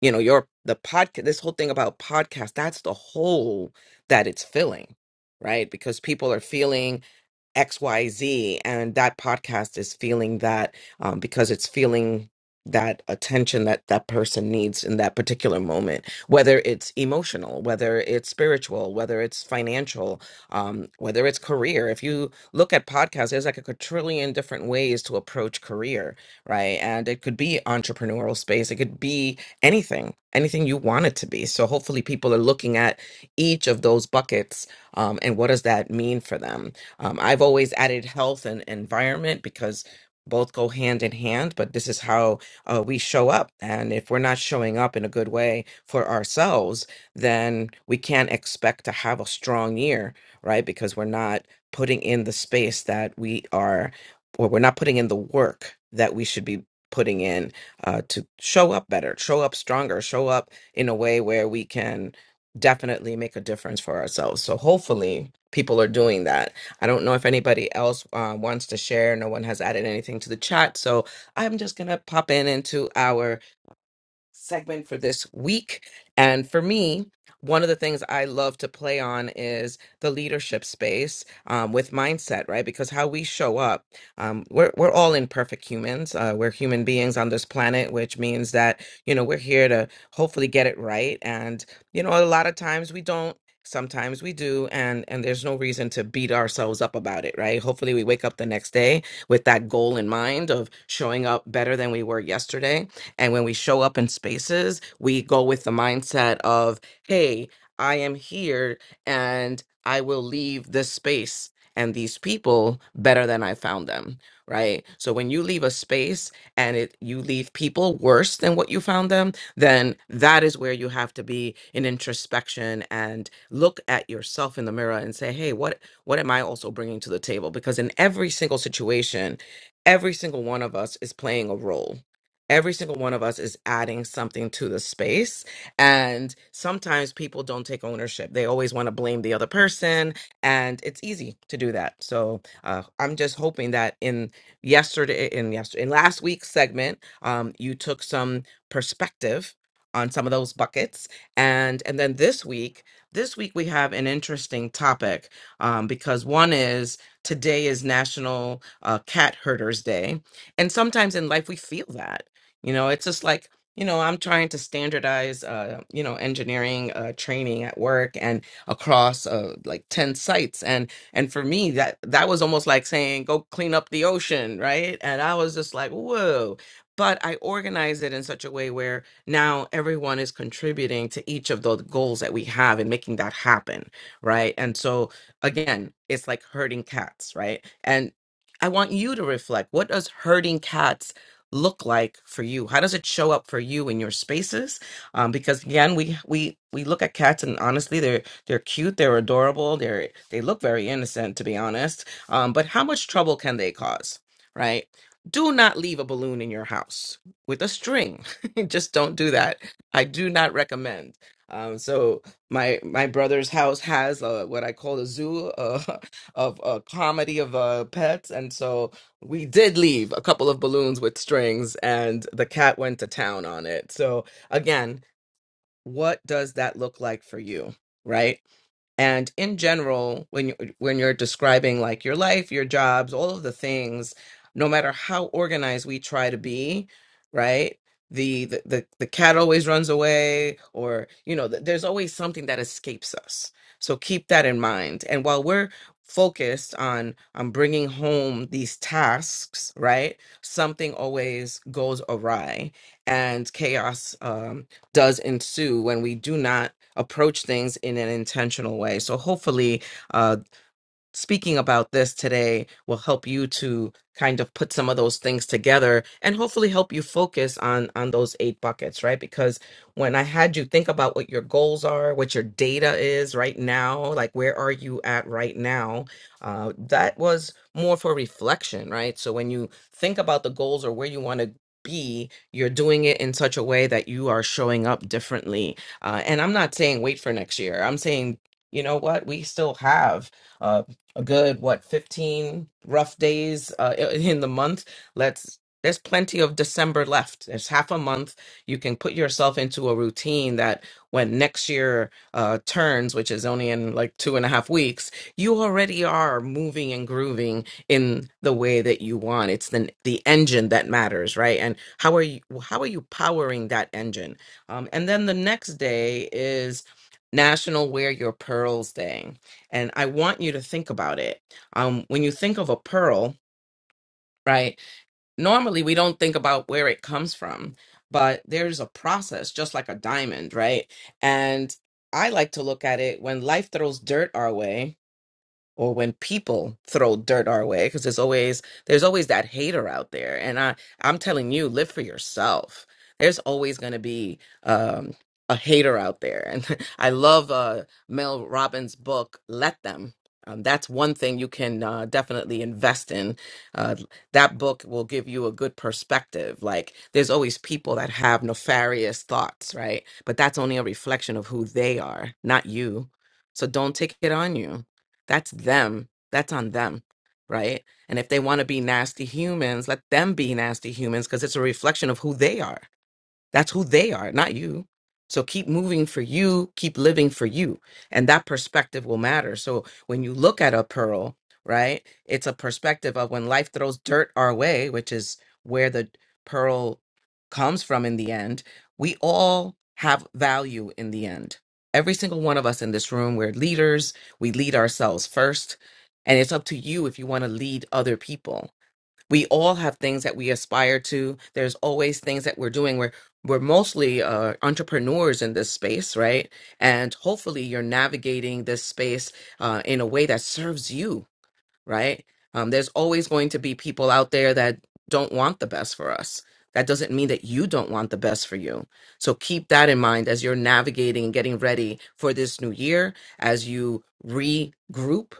[SPEAKER 23] you know your the podcast this whole thing about podcast that's the hole that it's filling right because people are feeling xyz and that podcast is feeling that um, because it's feeling that attention that that person needs in that particular moment whether it's emotional whether it's spiritual whether it's financial um, whether it's career if you look at podcasts there's like a quadrillion different ways to approach career right and it could be entrepreneurial space it could be anything, anything you want it to be. So hopefully people are looking at each of those buckets um, and what does that mean for them. Um, I've always added health and environment because both go hand in hand, but this is how uh, we show up. And if we're not showing up in a good way for ourselves, then we can't expect to have a strong year, right? Because we're not putting in the space that we are, or we're not putting in the work that we should be putting in uh, to show up better, show up stronger, show up in a way where we can definitely make a difference for ourselves. So hopefully people are doing that. I don't know if anybody else uh, wants to share. No one has added anything to the chat. So I'm just going to pop in into our segment for this week. And for me, one of the things I love to play on is the leadership space um, with mindset, right? Because how we show up, um, we're we're all imperfect humans. Uh, we're human beings on this planet, which means that you know we're here to hopefully get it right. And you know, a lot of times we don't. Sometimes we do, and and there's no reason to beat ourselves up about it, right? Hopefully, we wake up the next day with that goal in mind of showing up better than we were yesterday and when we show up in spaces, we go with the mindset of, hey, I am here and I will leave this space and these people better than I found them, right? So when you leave a space and it you leave people worse than what you found them, then that is where you have to be in introspection and look at yourself in the mirror and say, "Hey, what what am I also bringing to the table?" Because in every single situation, every single one of us is playing a role every single one of us is adding something to the space and sometimes people don't take ownership they always want to blame the other person and it's easy to do that so uh, i'm just hoping that in yesterday in yesterday in last week's segment um, you took some perspective on some of those buckets and and then this week this week we have an interesting topic um, because one is today is national uh, cat herders day and sometimes in life we feel that you know, it's just like, you know, I'm trying to standardize, uh, you know, engineering uh, training at work and across uh, like 10 sites. And and for me, that that was almost like saying, go clean up the ocean, right? And I was just like, whoa. But I organize it in such a way where now everyone is contributing to each of the goals that we have and making that happen, right? And so again, it's like herding cats, right? And I want you to reflect. What does herding cats look like for you? How does it show up for you in your spaces? Um, because again, we we we look at cats and honestly, they're they're cute, they're adorable, they're they look very innocent to be honest. Um, but how much trouble can they cause? Right? Do not leave a balloon in your house with a string. Just don't do that. I do not recommend. Um, so my my brother's house has uh what I call a zoo uh, of a comedy of uh, pets, and so we did leave a couple of balloons with strings, and the cat went to town on it. So, again, what does that look like for you? Right? And in general, when you, when you're describing like your life, your jobs, all of the things, no matter how organized we try to be, right? The the the, the cat always runs away, or you know, th- there's always something that escapes us. So keep that in mind. And while we're focused on on bringing home these tasks, right? Something always goes awry, and chaos um, does ensue when we do not approach things in an intentional way. So hopefully, uh, speaking about this today will help you to kind of put some of those things together and hopefully help you focus on on those eight buckets right because when i had you think about what your goals are what your data is right now like where are you at right now uh, that was more for reflection right so when you think about the goals or where you want to be you're doing it in such a way that you are showing up differently uh, and i'm not saying wait for next year i'm saying you know what we still have uh, a good what 15 rough days uh, i- in the month let's there's plenty of december left there's half a month you can put yourself into a routine that when next year uh, turns which is only in like two and a half weeks you already are moving and grooving in the way that you want it's the the engine that matters right and how are you how are you powering that engine um, and then the next day is national wear your pearls day and I want you to think about it. Um, when you think of a pearl, right? Normally we don't think about where it comes from, but there's a process, just like a diamond, right? And I like to look at it when life throws dirt our way or when people throw dirt our way because there's always there's always that hater out there and i i'm telling you live for yourself there's always going to be um a hater out there and i love uh mel robbins book let them um, that's one thing you can uh, definitely invest in. Uh, that book will give you a good perspective. Like, there's always people that have nefarious thoughts, right? But that's only a reflection of who they are, not you. So don't take it on you that's them. That's on them, right? And if they want to be nasty humans, let them be nasty humans because it's a reflection of who they are. That's who they are, not you. So keep moving for you, keep living for you. And that perspective will matter. So when you look at a pearl, right, it's a perspective of when life throws dirt our way, which is where the pearl comes from in the end, we all have value in the end. Every single one of us in this room, we're leaders, we lead ourselves first. And it's up to you if you want to lead other people we all have things that we aspire to there's always things that we're doing we're we're mostly uh, entrepreneurs in this space right and hopefully you're navigating this space uh, in a way that serves you right? Um, there's always going to be people out there that don't want the best for us. That doesn't mean that you don't want the best for you. So keep that in mind as you're navigating and getting ready for this new year, as you regroup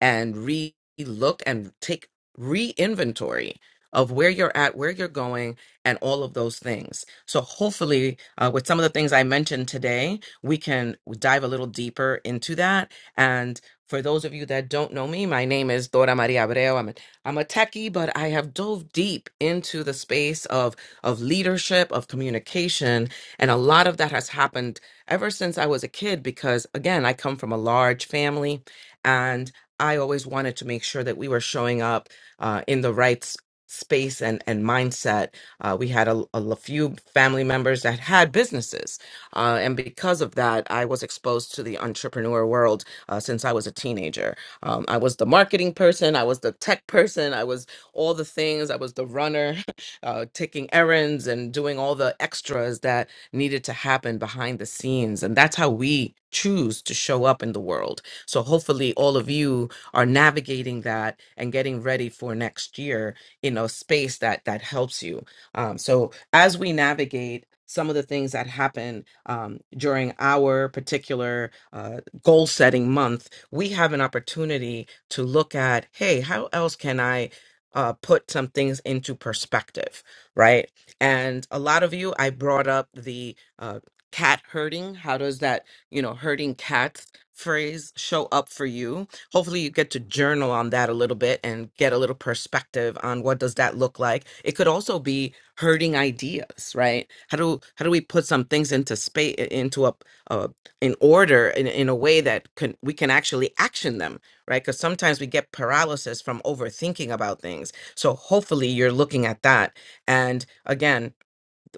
[SPEAKER 23] and re look and take re inventory of where you're at, where you're going, and all of those things. So hopefully, uh, with some of the things I mentioned today, we can dive a little deeper into that. And for those of you that don't know me, my name is Dora Maria Abreu. I'm a, I'm a techie, but I have dove deep into the space of, of leadership, of communication. And a lot of that has happened ever since I was a kid because, again, I come from a large family and I always wanted to make sure that we were showing up uh, in the right s- space and, and mindset. Uh, we had a, a l- few family members that had businesses. Uh, and because of that, I was exposed to the entrepreneur world uh, since I was a teenager. Um, I was the marketing person, I was the tech person, I was all the things, I was the runner, uh, taking errands and doing all the extras that needed to happen behind the scenes. And that's how we choose to show up in the world. So hopefully, all of you are navigating that and getting ready for next year in a space that that helps you. Um, so as we navigate some of the things that happen um, during our particular uh, goal setting month, we have an opportunity to look at hey, how else can I uh, put some things into perspective, right? And a lot of you, I brought up the uh, cat herding. How does that, you know, herding cats phrase show up for you? Hopefully, you get to journal on that a little bit and get a little perspective on what does that look like. It could also be herding ideas, right? How do how do we put some things into space into a in order in, in a way that can we can actually action them right because sometimes we get paralysis from overthinking about things so hopefully you're looking at that and again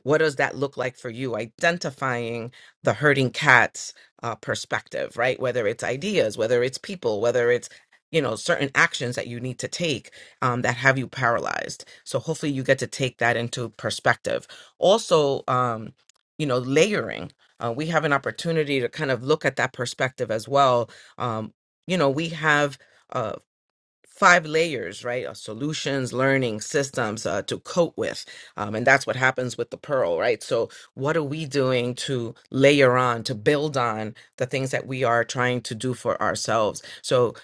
[SPEAKER 23] what does that look like for you identifying the herding cats uh, perspective right whether it's ideas whether it's people whether it's you know certain actions that you need to take um, that have you paralyzed so hopefully you get to take that into perspective also um, you know layering uh, we have an opportunity to kind of look at that perspective as well um, you know we have uh, five layers, right? Of solutions, learning, systems uh, to cope with. Um, and that's what happens with the pearl, right? So, what are we doing to layer on, to build on the things that we are trying to do for ourselves? So,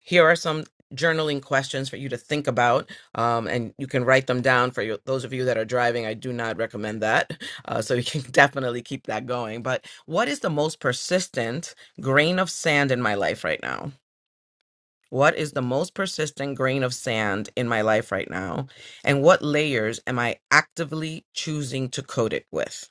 [SPEAKER 23] here are some journaling questions for you to think about um, and you can write them down for your, those of you that are driving i do not recommend that uh, so you can definitely keep that going but what is the most persistent grain of sand in my life right now what is the most persistent grain of sand in my life right now? And what layers am I actively choosing to coat it with?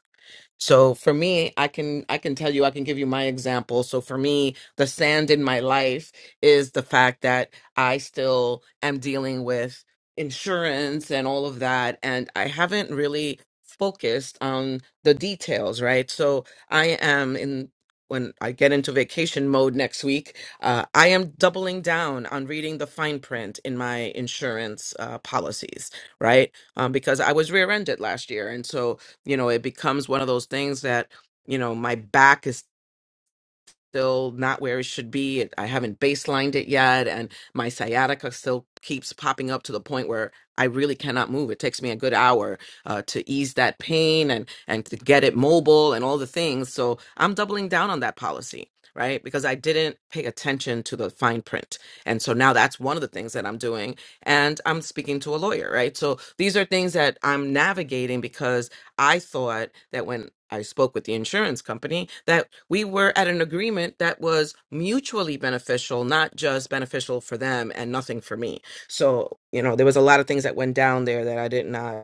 [SPEAKER 23] So for me, I can I can tell you I can give you my example. So for me, the sand in my life is the fact that I still am dealing with insurance and all of that and I haven't really focused on the details, right? So I am in when I get into vacation mode next week, uh, I am doubling down on reading the fine print in my insurance uh, policies, right? Um, because I was rear-ended last year, and so you know it becomes one of those things that you know my back is still not where it should be It- i haven't baselined it yet and my sciatica still keeps popping up to the point where i really cannot move it takes me a good hour uh, to ease that pain and and to get it mobile and all the things so i'm doubling down on that policy right because i didn't pay attention to the fine print and so now that's one of the things that i'm doing and i'm speaking to a lawyer right so these are things that i'm navigating because I thought that when I spoke with the insurance company that we were at an agreement that was mutually beneficial, not just beneficial for them and nothing for me. So, you know, there was a lot of things that went down there that I did not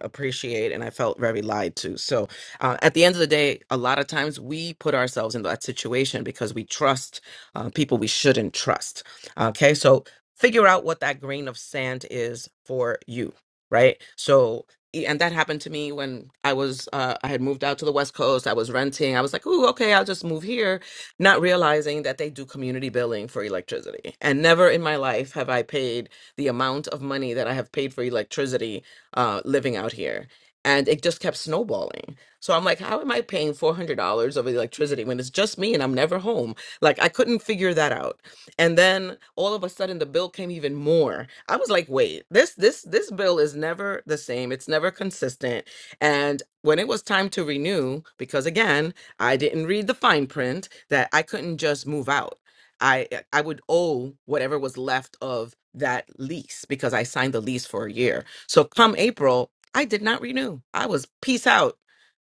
[SPEAKER 23] appreciate and I felt very lied to. So, uh, at the end of the day, a lot of times we put ourselves in that situation because we trust uh, people we shouldn't trust. Okay, so figure out what that grain of sand is for you, right? So, e- and that happened to me when I was uh, I had moved out to the West Coast. I was renting. I was like, "Ooh, okay, I'll just move here," not realizing that they do community billing for electricity. And never in my life have I paid the amount of money that I have paid for electricity uh, living out here. And it just kept snowballing. So I'm like, how am I paying $400 of electricity when it's just me and I'm never home? Like, I couldn't figure that out. And then all of a sudden the bill came even more. I was like, wait, this this this bill is never the same. It's never consistent. And when it was time to renew, because again, I didn't read the fine print that I couldn't just move out. I I would owe whatever was left of that lease because I signed the lease for a year. So come April, I did not renew. I was peace out.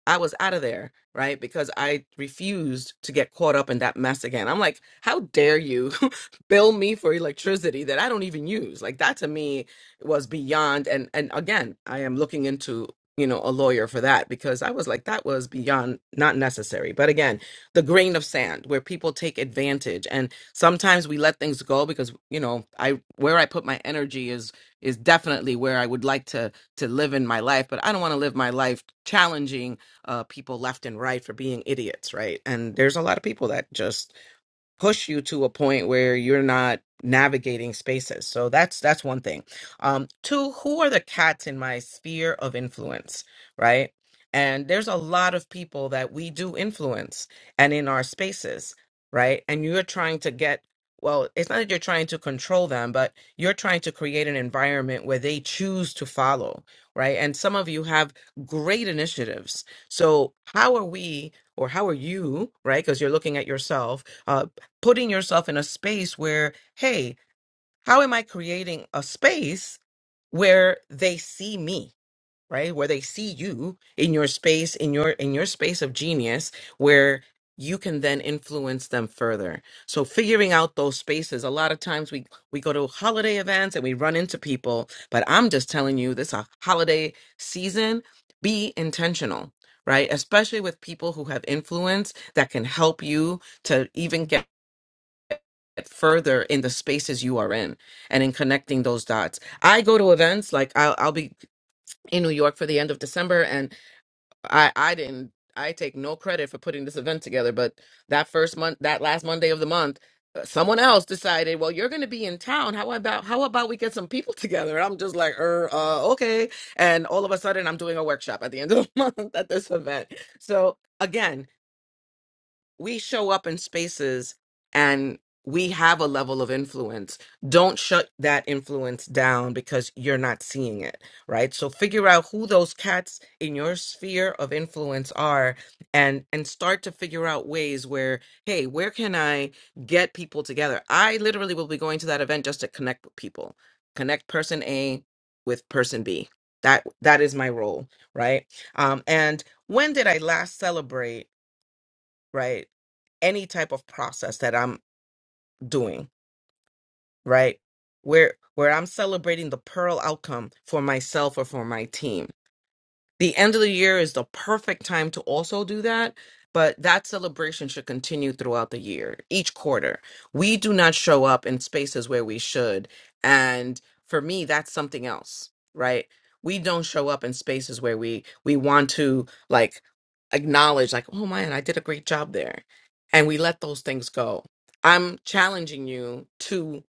[SPEAKER 23] I was out of there, right? Because I refused to get caught up in that mess again. I'm like, how dare you bill me for electricity that I don't even use? Like that to me was beyond and and again, I am looking into, you know, a lawyer for that because I was like that was beyond not necessary. But again, the grain of sand where people take advantage and sometimes we let things go because, you know, I where I put my energy is is definitely where I would like to to live in my life, but I don't want to live my life challenging uh, people left and right for being idiots, right? And there's a lot of people that just push you to a point where you're not navigating spaces. So that's that's one thing. Um two, who are the cats in my sphere of influence, right? And there's a lot of people that we do influence and in our spaces, right? And you're trying to get well, it's not that you're trying to control them, but you're trying to create an environment where they choose to follow, right? And some of you have great initiatives. So, how are we or how are you, right? Because you're looking at yourself uh putting yourself in a space where, hey, how am I creating a space where they see me, right? Where they see you in your space, in your in your space of genius, where you can then influence them further. So figuring out those spaces. A lot of times we we go to holiday events and we run into people, but I'm just telling you this a holiday season, be intentional, right? Especially with people who have influence that can help you to even get further in the spaces you are in and in connecting those dots. I go to events like I'll, I'll be in New York for the end of December, and I I didn't I take no credit for putting this event together, but that first month, that last Monday of the month. uh, Someone else decided, well, you're going to be in town. How about how about we get some people together? I'm just like, er, uh, okay. And all of a sudden, I'm doing a workshop at the end of the month at this event. So again, we show up in spaces and we have a level of influence. Don't shut that influence down because you're not seeing it, right? So figure out who those cats in your sphere of influence are and and start to figure out ways where hey, where can I get people together? I literally will be going to that event just to connect with people. Connect person A with person B. That that is my role, right? Um and when did I last celebrate right? Any type of process that I'm doing, right? Where where I'm celebrating the pearl outcome for myself or for my team the end of the year is the perfect time to also do that but that celebration should continue throughout the year each quarter we do not show up in spaces where we should and for me that's something else right we don't show up in spaces where we we want to like acknowledge like oh man i did a great job there and we let those things go i'm challenging you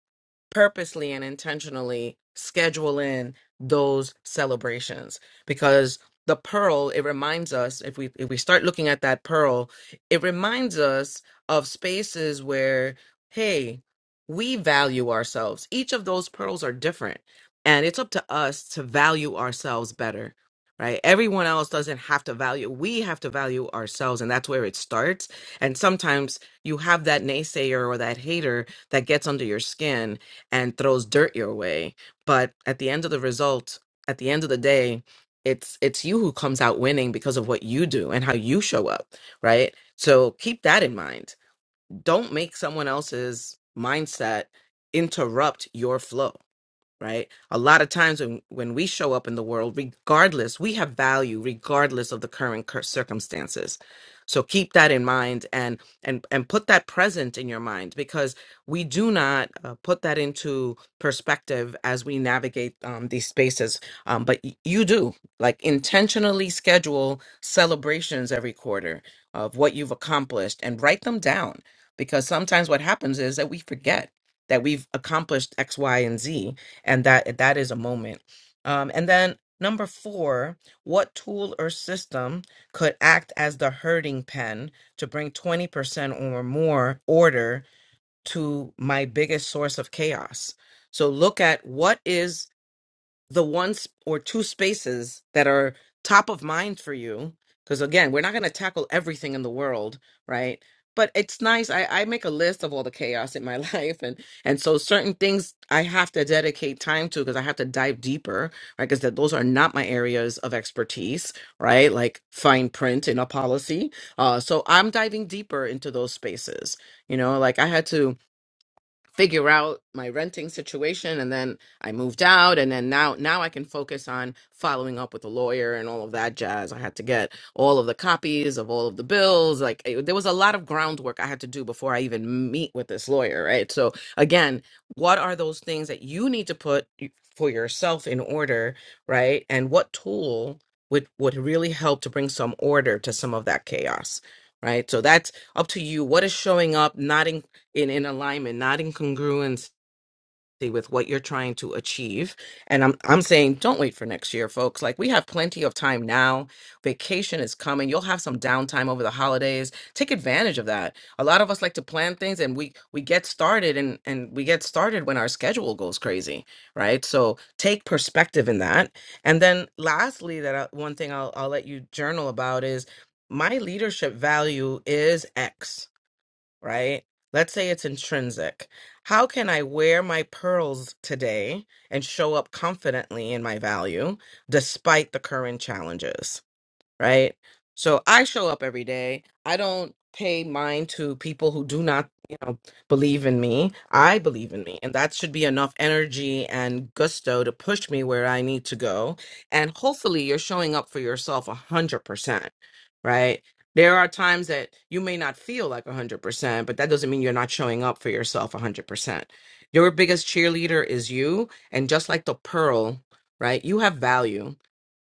[SPEAKER 23] purposely and intentionally schedule in those celebrations because the pearl it reminds us if we if we start looking at that pearl it reminds us of spaces where hey we value ourselves each of those pearls are different and it's up to us to value ourselves better right everyone else doesn't have to value we have to value ourselves and that's where it starts and sometimes you have that naysayer or that hater that gets under your skin and throws dirt your way. But at the end of the result, at the end of the day, it's it's you who comes out winning because of what you do and how you show up, right? So keep that in mind. Don't make someone else's mindset interrupt your flow right a lot of times when when we show up in the world regardless we have value regardless of the current cir- circumstances so keep that in mind and and and put that present in your mind because we do not uh, put that into perspective as we navigate um, these spaces um, but y- you do like intentionally schedule celebrations every quarter of what you've accomplished and write them down because sometimes what happens is that we forget that we've accomplished x y and z and that that is a moment um, and then number four what tool or system could act as the herding pen to bring 20% or more order to my biggest source of chaos so look at what is the one sp- or two spaces that are top of mind for you because again we're not going to tackle everything in the world right but it's nice I, I make a list of all the chaos in my life and and so certain things i have to dedicate time to because i have to dive deeper right because those are not my areas of expertise right like fine print in a policy uh, so i'm diving deeper into those spaces you know like i had to figure out my renting situation and then I moved out and then now now I can focus on following up with a lawyer and all of that jazz. I had to get all of the copies of all of the bills. Like it- there was a lot of groundwork I had to do before I even meet with this lawyer, right? So again, what are those things that you need to put y- for yourself in order, right? And what tool would would really help to bring some order to some of that chaos, right? So that's up to you. What is showing up, not in in alignment not in congruency with what you're trying to achieve and i'm i'm saying don't wait for next year folks like we have plenty of time now vacation is coming you'll have some downtime over the holidays take advantage of that a lot of us like to plan things and we we get started and and we get started when our schedule goes crazy right so take perspective in that and then lastly that I, one thing I'll, I'll let you journal about is my leadership value is x right? Let's say it's intrinsic. How can I wear my pearls today and show up confidently in my value despite the current challenges? right? So I show up every day. I don't pay mind to people who do not, you know, believe in me. I believe in me, and that should be enough energy and gusto to push me where I need to go. And hopefully, you're showing up for yourself a hundred percent, right? There are times that you may not feel like a hundred percent, but that doesn't mean you're not showing up for yourself a hundred percent. Your biggest cheerleader is you, and just like the pearl, right? You have value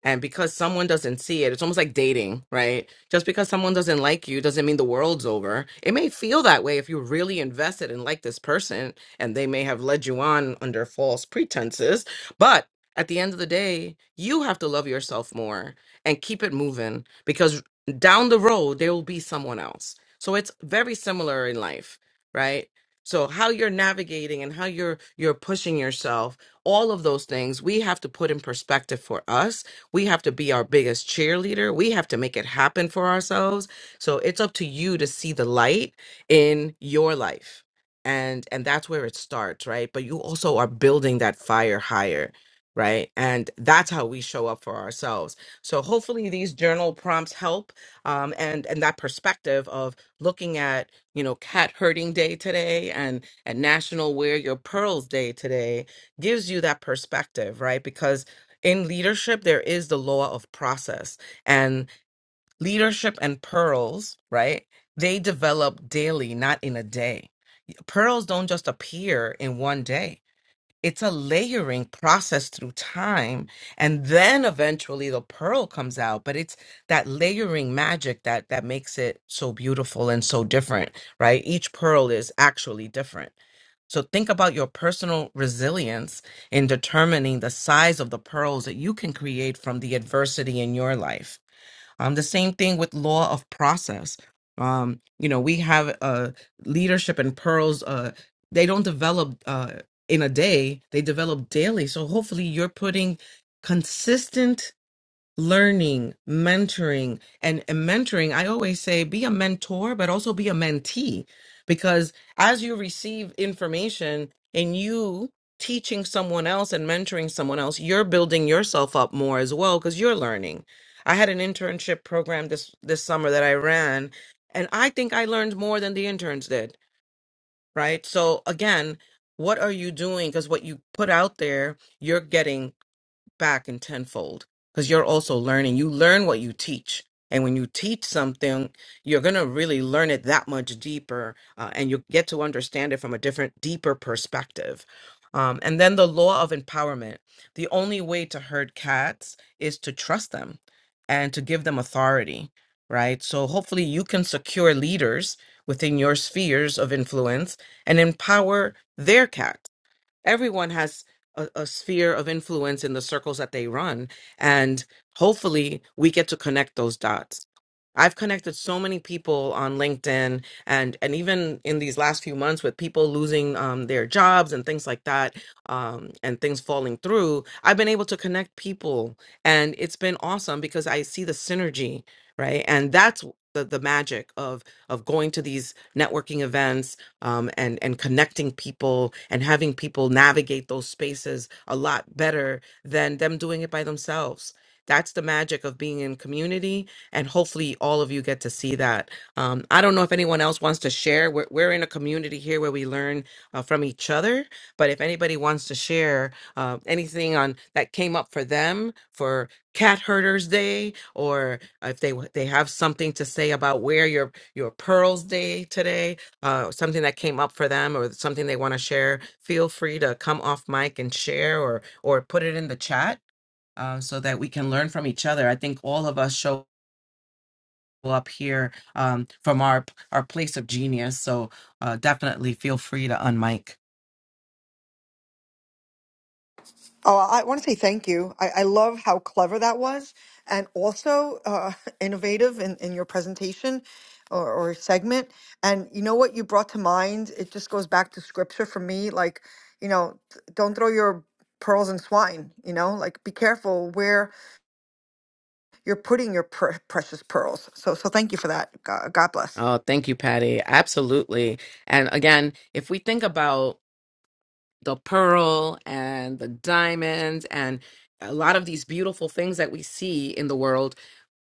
[SPEAKER 23] and because someone doesn't see it, it's almost like dating, right? Just because someone doesn't like you doesn't mean the world's over. It may feel that way if you're really invested and like this person, and they may have led you on under false pretenses. But at the end of the day, you have to love yourself more and keep it moving because down the road, there will be someone else. So it's very similar in life, right? So how you're navigating and how you're you're pushing yourself, all of those things we have to put in perspective for us we have to be our biggest cheerleader. We have to make it happen for ourselves. So it's up to you to see the light in your life. And and that's where it starts, right? But you also are building that fire higher, right? And that's how we show up for ourselves. So hopefully these journal prompts help um and and that perspective of looking at, you know, cat herding day today and and National Wear Your Pearls Day today gives you that perspective, right? Because in leadership there is the law of process and leadership and pearls right they develop daily not in a day pearls don't just appear in one day it's a layering process through time and then eventually the pearl comes out but it's that layering magic that that makes it so beautiful and so different right each pearl is actually different so think about your personal resilience in determining the size of the pearls that you can create from the adversity in your life. Um, the same thing with law of process. Um, you know, we have uh, leadership and pearls. Uh, they don't develop uh, in a day; they develop daily. So hopefully, you're putting consistent learning, mentoring, and, and mentoring. I always say be a mentor, but also be a mentee because as you receive information and you teaching someone else and mentoring someone else, you're building yourself up more as well because you're learning. I had an internship program this this summer that I ran, and I think I learned more than the interns did, right? So again, what are you doing? Because what you put out there, you're getting back in tenfold because you're also learning. You learn what you teach. And when you teach something, you're going to really learn it that much deeper uh, and you get to understand it from a different, deeper perspective. Um, and then the law of empowerment. The only way to herd cats is to trust them and to give them authority, right? So hopefully you can secure leaders within your spheres of influence and empower their cats everyone has a, a sphere of influence in the circles that they run and hopefully we get to connect those dots i've connected so many people on linkedin and and even in these last few months with people losing um, their jobs and things like that um, and things falling through i've been able to connect people and it's been awesome because i see the synergy right and that's the, the magic of of going to these networking events um, and and connecting people and having people navigate those spaces a lot better than them doing it by themselves. That's the magic of being in community, and hopefully, all of you get to see that. Um, I don't know if anyone else wants to share. We're, we're in a community here where we learn uh, from each other, but if anybody wants to share uh, anything on that came up for them for Cat Herders Day, or if they w- they have something to say about where your your pearls day today, uh, something that came up for them or something they want to share, feel free to come off mic and share or or put it in the chat uh, so that we can learn from each other. I think all of us show up here um, from our our place of genius, so uh, definitely feel free to unmic.
[SPEAKER 8] Oh, I want to say thank you. I, I love how clever that was, and also uh, innovative in, in your presentation or, or segment. And you know what you brought to mind? It just goes back to scripture for me. Like, you know, th- don't throw your pearls in swine. You know, like be careful where you're putting your pr- precious pearls. So, so thank you for that. God, God bless.
[SPEAKER 23] Oh, thank you, Patty. Absolutely. And again, if we think about the pearl and the diamonds and a lot of these beautiful things that we see in the world,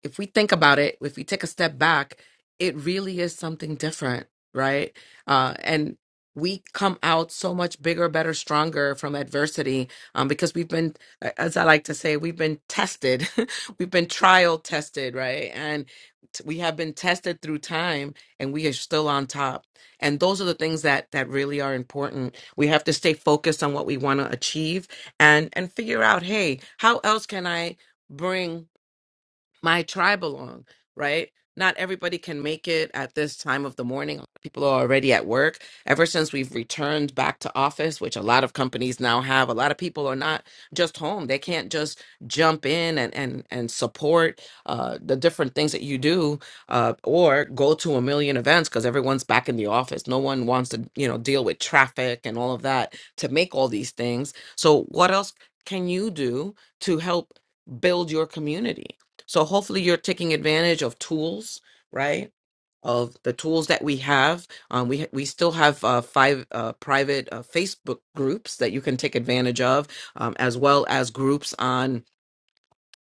[SPEAKER 23] if we think about it, if we take a step back, it really is something different, right? Uh, and we come out so much bigger, better, stronger from adversity um, because we've been, as I like to say, we've been tested. we've been trial tested, right? And t- we have been tested through time and we are still on top. And those are the things that that really are important we have to stay focused on what we want to achieve and and figure out, hey, how else can I bring my tribe belong, right? Not everybody can make it at this time of the morning. People are already at work. Ever since we've returned back to office, which a lot of companies now have, a lot of people are not just home. They can't just jump in and and and support uh, the different things that you do, uh, or go to a million events because everyone's back in the office. No one wants to, you know, deal with traffic and all of that to make all these things. So, what else can you do to help build your community? So hopefully you're taking advantage of tools, right? Of the tools that we have, um, we we still have uh, five uh, private uh, Facebook groups that you can take advantage of, um, as well as groups on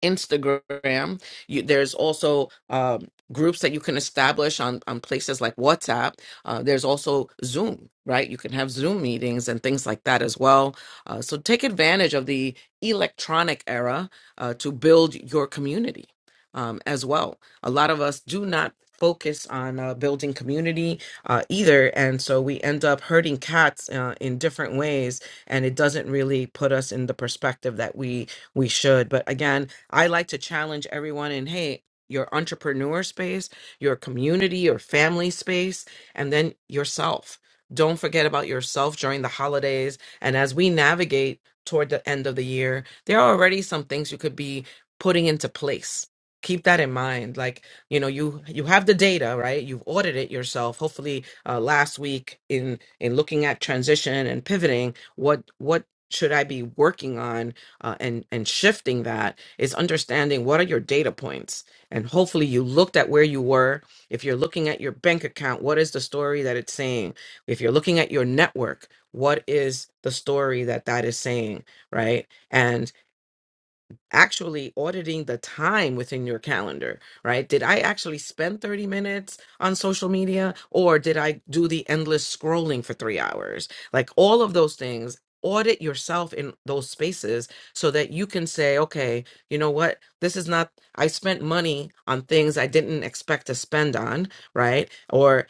[SPEAKER 23] Instagram. You, there's also um, groups that you can establish on, on places like WhatsApp. Uh, there's also Zoom, right? You can have Zoom meetings and things like that as well. Uh, so take advantage of the electronic era uh, to build your community um, as well. A lot of us do not focus on uh, building community uh, either. And so we end up hurting cats uh, in different ways. And it doesn't really put us in the perspective that we we should. But again, I like to challenge everyone in hey, your entrepreneur space, your community, your family space, and then yourself. Don't forget about yourself during the holidays. And as we navigate toward the end of the year, there are already some things you could be putting into place. Keep that in mind. Like, you know, you you have the data, right? You've audited yourself. Hopefully, uh, last week in in looking at transition and pivoting, what what should I be working on uh, and and shifting that is understanding what are your data points and hopefully you looked at where you were if you're looking at your bank account what is the story that it's saying if you're looking at your network what is the story that that is saying right and actually auditing the time within your calendar, right? Did I actually spend 30 minutes on social media or did I do the endless scrolling for three hours? Like all of those things, audit yourself in those spaces so that you can say, okay, you know what? This is not, I spent money on things I didn't expect to spend on, right? Or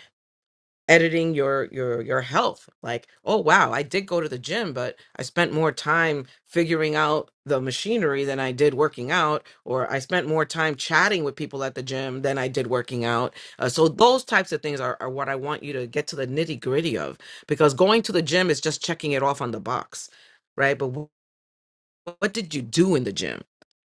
[SPEAKER 23] editing your your your health like oh wow i did go to the gym but i spent more time figuring out the machinery than i did working out or i spent more time chatting with people at the gym than i did working out Uh, so those types of things are, are what i want you to get to the nitty gritty of because going to the gym is just checking it off on the box right but what did you do in the gym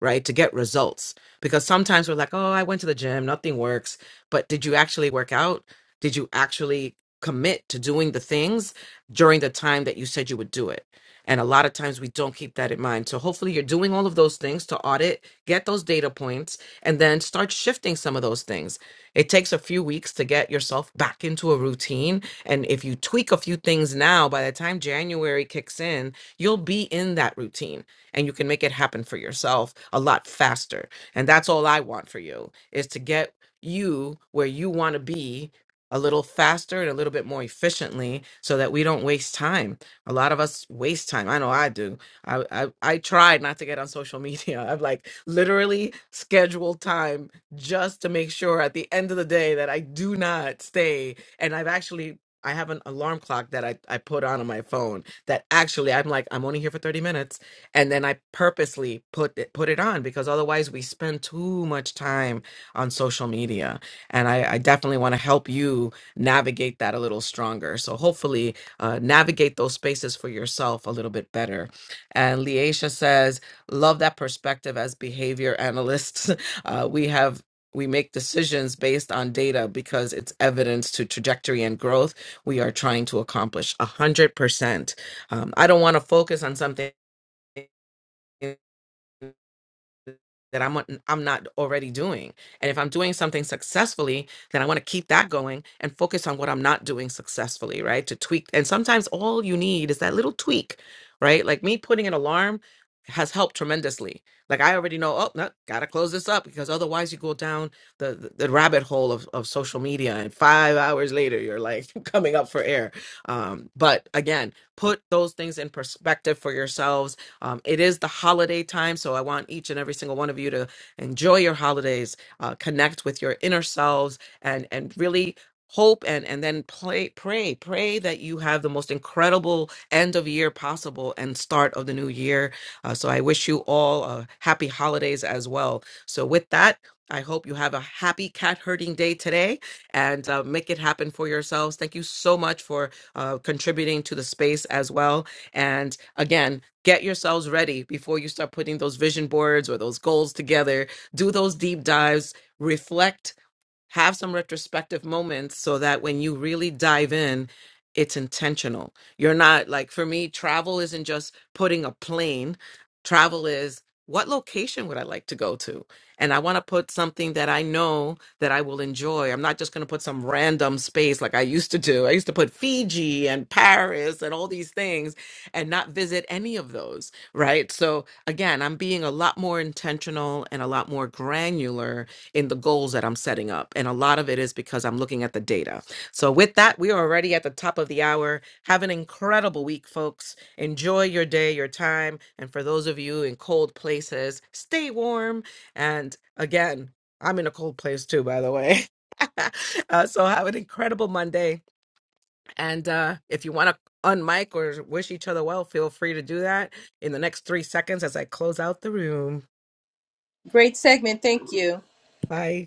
[SPEAKER 23] right to get results because sometimes we're like oh i went to the gym nothing works but did you actually work out did you actually commit to doing the things during the time that you said you would do it and a lot of times we don't keep that in mind so hopefully you're doing all of those things to audit get those data points and then start shifting some of those things it takes a few weeks to get yourself back into a routine and if you tweak a few things now by the time january kicks in you'll be in that routine and you can make it happen for yourself a lot faster. And that's all I want for you is to get you where you want to be a little faster and a little bit more efficiently so that we don't waste time. A lot of us waste time. I know I do. I I, I tried not to get on social media. I've like literally scheduled time just to make sure at the end of the day that I do not stay. And I've actually I have an alarm clock that I, I put on on my phone that actually I'm like, I'm only here for 30 minutes and then I purposely put it, put it on because otherwise we spend too much time on social media, and I, I definitely want to help you navigate that a little stronger. So hopefully, uh, navigate those spaces for yourself a little bit better. And Leisha says, love that perspective as behavior analysts. Uh, we have. We make decisions based on data because it's evidence to trajectory and growth we are trying to accomplish. A hundred percent. Um, I don't want to focus on something that I'm on- I'm not already doing. And if I'm doing something successfully, then I want to keep that going and focus on what I'm not doing successfully, right? To tweak. And sometimes all you need is that little tweak, right? Like me putting an alarm has helped tremendously. Like I already know, oh, no, gotta close this up because otherwise you go down the the, the rabbit hole of, of social media and five hours later you're like coming up for air. Um, but again, put those things in perspective for yourselves um, it is the holiday time, so I want each and every single one of you to enjoy your holidays, uh, connect with your inner selves, and and really hope and and then play, pray pray that you have the most incredible end of year possible and start of the new year uh, so i wish you all uh, happy holidays as well so with that i hope you have a happy cat herding day today and uh, make it happen for yourselves thank you so much for uh, contributing to the space as well and again get yourselves ready before you start putting those vision boards or those goals together do those deep dives reflect have some retrospective moments so that when you really dive in it's intentional you're not like for me travel isn't just putting a plane travel is what location would i like to go to and i want to put something that i know that i will enjoy i'm not just going to put some random space like i used to do i used to put fiji and paris and all these things and not visit any of those right so again i'm being a lot more intentional and a lot more granular in the goals that I'm setting up. And a lot of it is because I'm looking at the data. So, with that, we are already at the top of the hour. Have an incredible week, folks. Enjoy your day, your time. And for those of you in cold places, stay warm. And again, I'm in a cold place too, by the way. uh, so, have an incredible Monday. And uh, if you want to unmic or wish each other well, feel free to do that in the next three seconds as I close out the room.
[SPEAKER 4] Great segment. Thank you.
[SPEAKER 23] Bye.